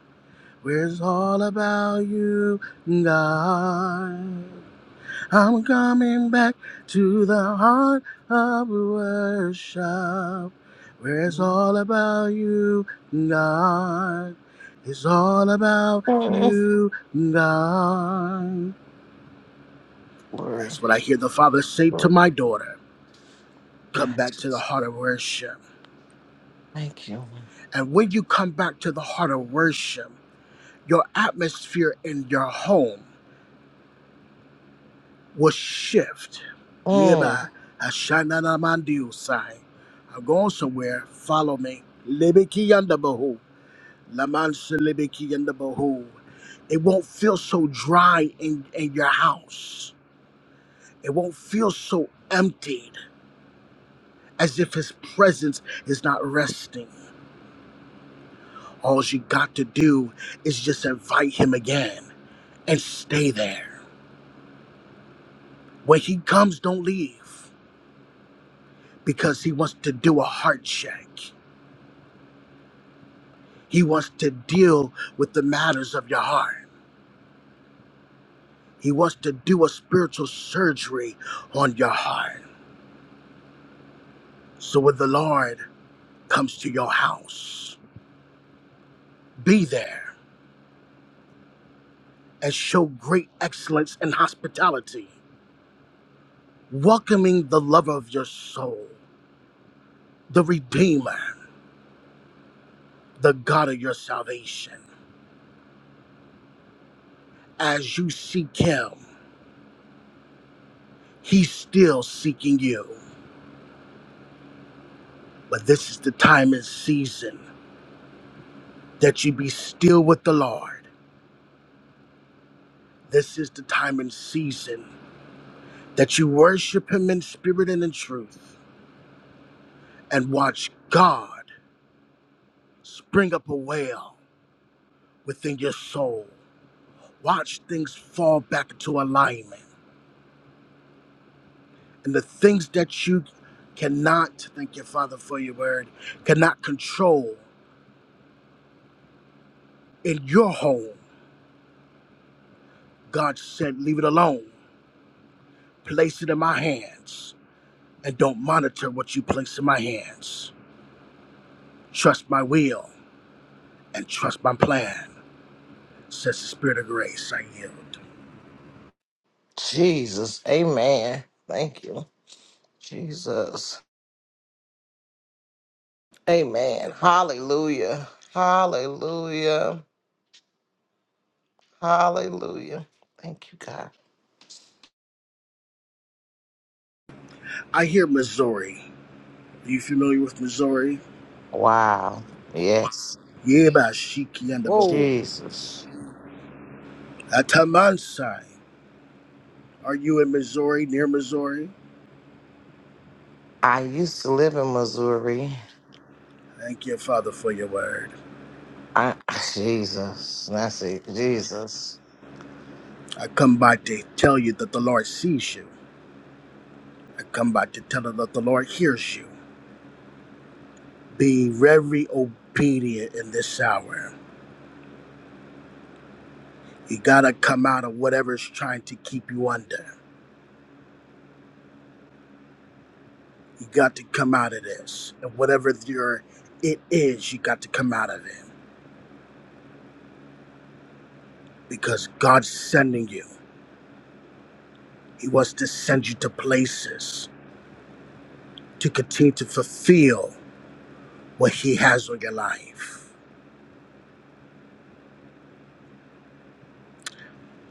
S10: Where it's all about you, God. I'm coming back to the heart of worship. Where it's all about you, God. It's all about
S12: Mm.
S10: you, God.
S12: Glory.
S10: That's what I hear the Father say to
S12: Glory.
S10: my daughter. Come
S12: Ah,
S10: back to the
S12: Jesus.
S10: heart of worship.
S12: Thank you.
S10: And when you come back to the heart of worship, your atmosphere in your home will shift.
S12: Mm.
S10: Yeba Ashananamandiusai. I'm going somewhere. Follow me. Libiki yandabahu. Lamansa libiki yandabahu. It won't feel so dry in, in your house. It won't feel so emptied as if his presence is not resting. All you got to do is just invite him again and stay there. When he comes, don't leave. because he wants to do a heart check. He wants to deal with the matters of your heart. He wants to do a spiritual surgery on your heart. So when the Lord comes to your house, be there and show great excellence and hospitality, welcoming the lover of your soul, the Redeemer, the God of your salvation. As you seek him, he's still seeking you. But this is the time and season that you be still with the Lord. This is the time and season that you worship Him in spirit and in truth and watch God spring up a well within your soul. Watch things fall back into alignment. And the things that you cannot, thank you, Father, for your word, cannot control in your home, God said, leave it alone. Place it in my hands and don't monitor what you place in my hands. Trust my will and trust my plan, says the Spirit of grace. I yield.
S12: Jesus. Amen. Thank you. Jesus. Amen. Hallelujah. Hallelujah. Hallelujah. Thank you, God.
S10: I hear Missouri. Are you familiar with Missouri?
S12: Wow. Yes.
S10: Yeba Shiki and the Bahu.
S2: Whoa.
S12: Jesus.
S10: Atamansai. Are you in Missouri, near Missouri?
S12: I used to live in Missouri.
S10: Thank you, Father, for your word.
S12: I Jesus. That's it. Jesus.
S10: I come by to tell you that the Lord sees you. I come by to tell you that the Lord hears you. Be very obedient in this hour. You gotta come out of whatever's trying to keep you under. You got to come out of this. And whatever your it is, you got to come out of it. Because God's sending you. He wants to send you to places to continue to fulfill what He has on your life.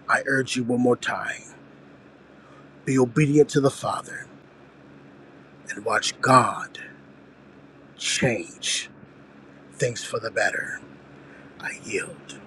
S10: I urge you one more time be obedient to the Father and watch God change things for the better. I yield.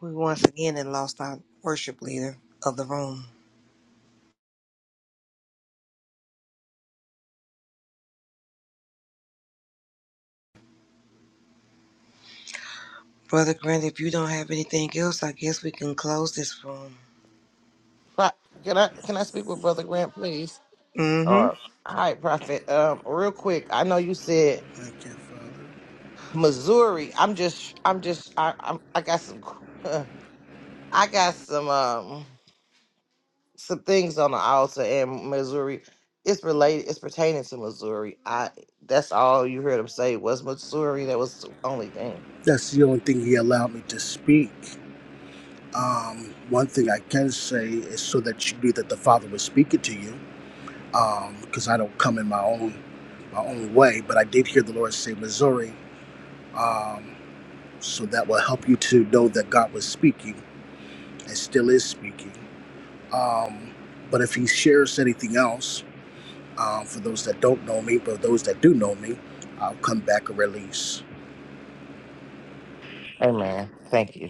S2: We once again then lost our worship leader of the room. Brother Grant, if you don't have anything else, I guess we can close this room.
S12: Pro- Can I can I speak with Brother Grant, please?
S2: Mm-hmm.
S12: Or hi, Prophet. Um, real quick. I know you said
S10: Thank you, Father.
S12: Missouri. I'm just I'm just I I'm, I got some I got some um some things on the altar in Missouri. It's related. It's pertaining to Missouri. I that's all you heard him say was Missouri. That was the only thing.
S10: That's the only thing He allowed me to speak. Um, one thing I can say is so that you knew that the Father was speaking to you, because I don't come in my own my own way, but I did hear the Lord say Missouri, um, so that will help you to know that God was speaking and still is speaking. Um, but if He shares anything else, um, for those that don't know me, but those that do know me, I'll come back and release.
S12: Amen. Thank you.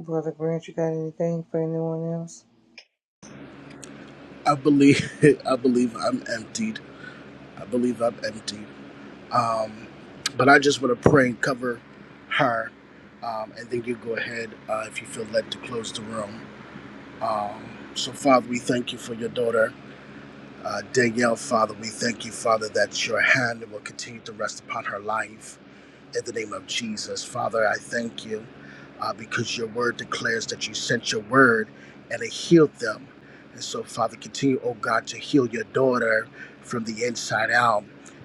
S2: Brother Grant, you got anything for anyone else?
S10: I believe I believe I'm emptied. I believe I'm emptied. Um, but I just want to pray and cover her, um, and then you go ahead uh, if you feel led to close the room. Um, so, Father, we thank you for your daughter, uh, Danielle. Father, we thank you, Father, that your hand will continue to rest upon her life in the name of Jesus. Father, I thank you uh, because your word declares that you sent your word and it healed them. And so, Father, continue, oh God, to heal your daughter from the inside out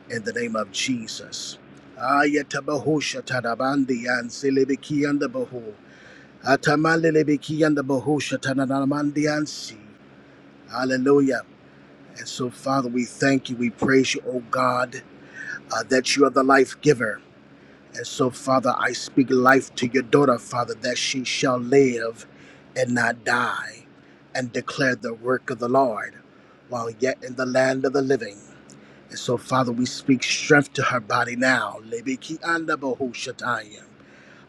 S10: in the name of Jesus. Ayatabahu shatarabandi and silibiki and the bahu. Atamalilibiki and the bahu shatananamandi and si. Hallelujah. And so, Father, we thank you. We praise you, oh God, uh, that you are the life giver and so, Father, I speak life to your daughter, Father, that she shall live and not die, and declare the work of the Lord while yet in the land of the living. And so, Father, we speak strength to her body now. Lebeki anda bohu shataya.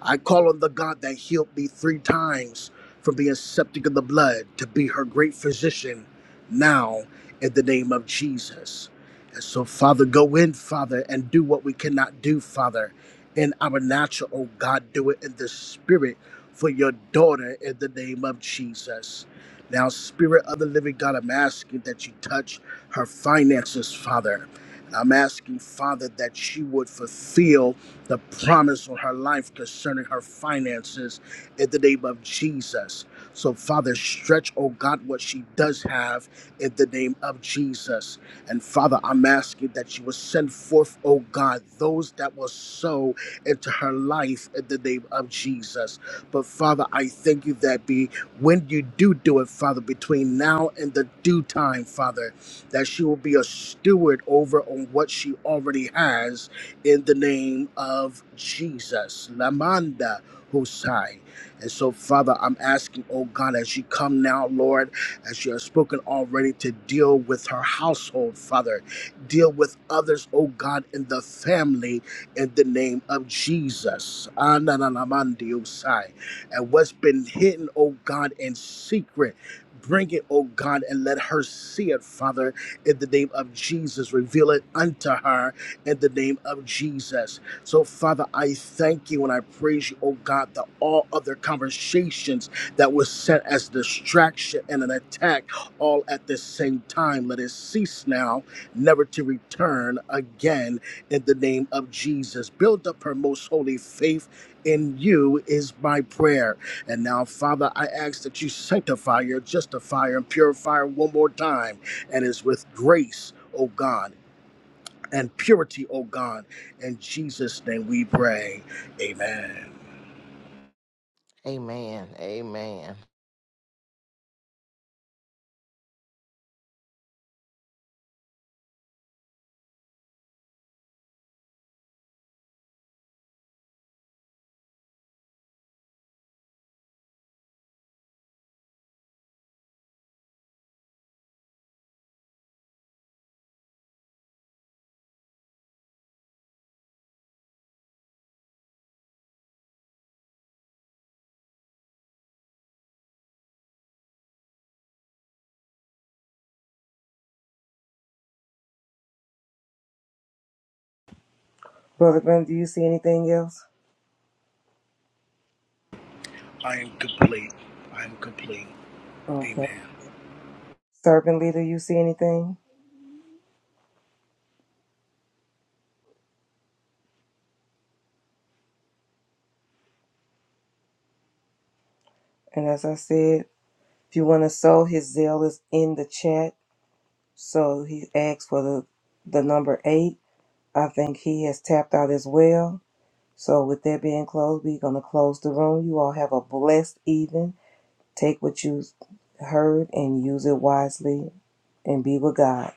S10: I call on the God that healed me three times from being septic in the blood to be her great physician now in the name of Jesus. And so, Father, go in, Father, and do what we cannot do, Father, in our natural. Oh, God, do it in the spirit for your daughter in the name of Jesus. Now, Spirit of the Living God, I'm asking that you touch her finances, Father. I'm asking, Father, that she would fulfill the promise on her life concerning her finances in the name of Jesus. So, Father, stretch, oh God, what she does have in the name of Jesus. And Father, I'm asking that you will send forth, oh God, those that will sow into her life in the name of Jesus. But Father, I thank you that be when you do do it, Father, between now and the due time, Father, that she will be a steward over on what she already has in the name of Jesus. Lamanda Hosai. And so, Father, I'm asking, oh God, as you come now, Lord, as you have spoken already to deal with her household, Father, deal with others, oh God, in the family in the name of Jesus. Ananalamandi Hosai. And what's been hidden, oh God, in secret. Bring it, oh God, and let her see it, Father, in the name of Jesus. Reveal it unto her in the name of Jesus. So, Father, I thank you and I praise you, oh God, that all other conversations that were set as distraction and an attack all at the same time, let it cease now, never to return again in the name of Jesus. Build up her most holy faith in you is my prayer. And now, Father, I ask that you sanctify her, justify her, and purify her one more time. And it's with grace, oh God and purity, oh God. In Jesus' name we pray. Amen.
S12: Amen. Amen.
S2: Brother Grant, do you see anything else?
S10: I am complete. I am complete.
S2: Okay.
S10: Amen.
S2: Servant leader, you see anything? And as I said, if you want to sow, his zeal is in the chat. So he asked for the the number eight. I think he has tapped out as well. So with that being closed, we're gonna close the room. You all have a blessed evening. Take what you heard and use it wisely and be with God.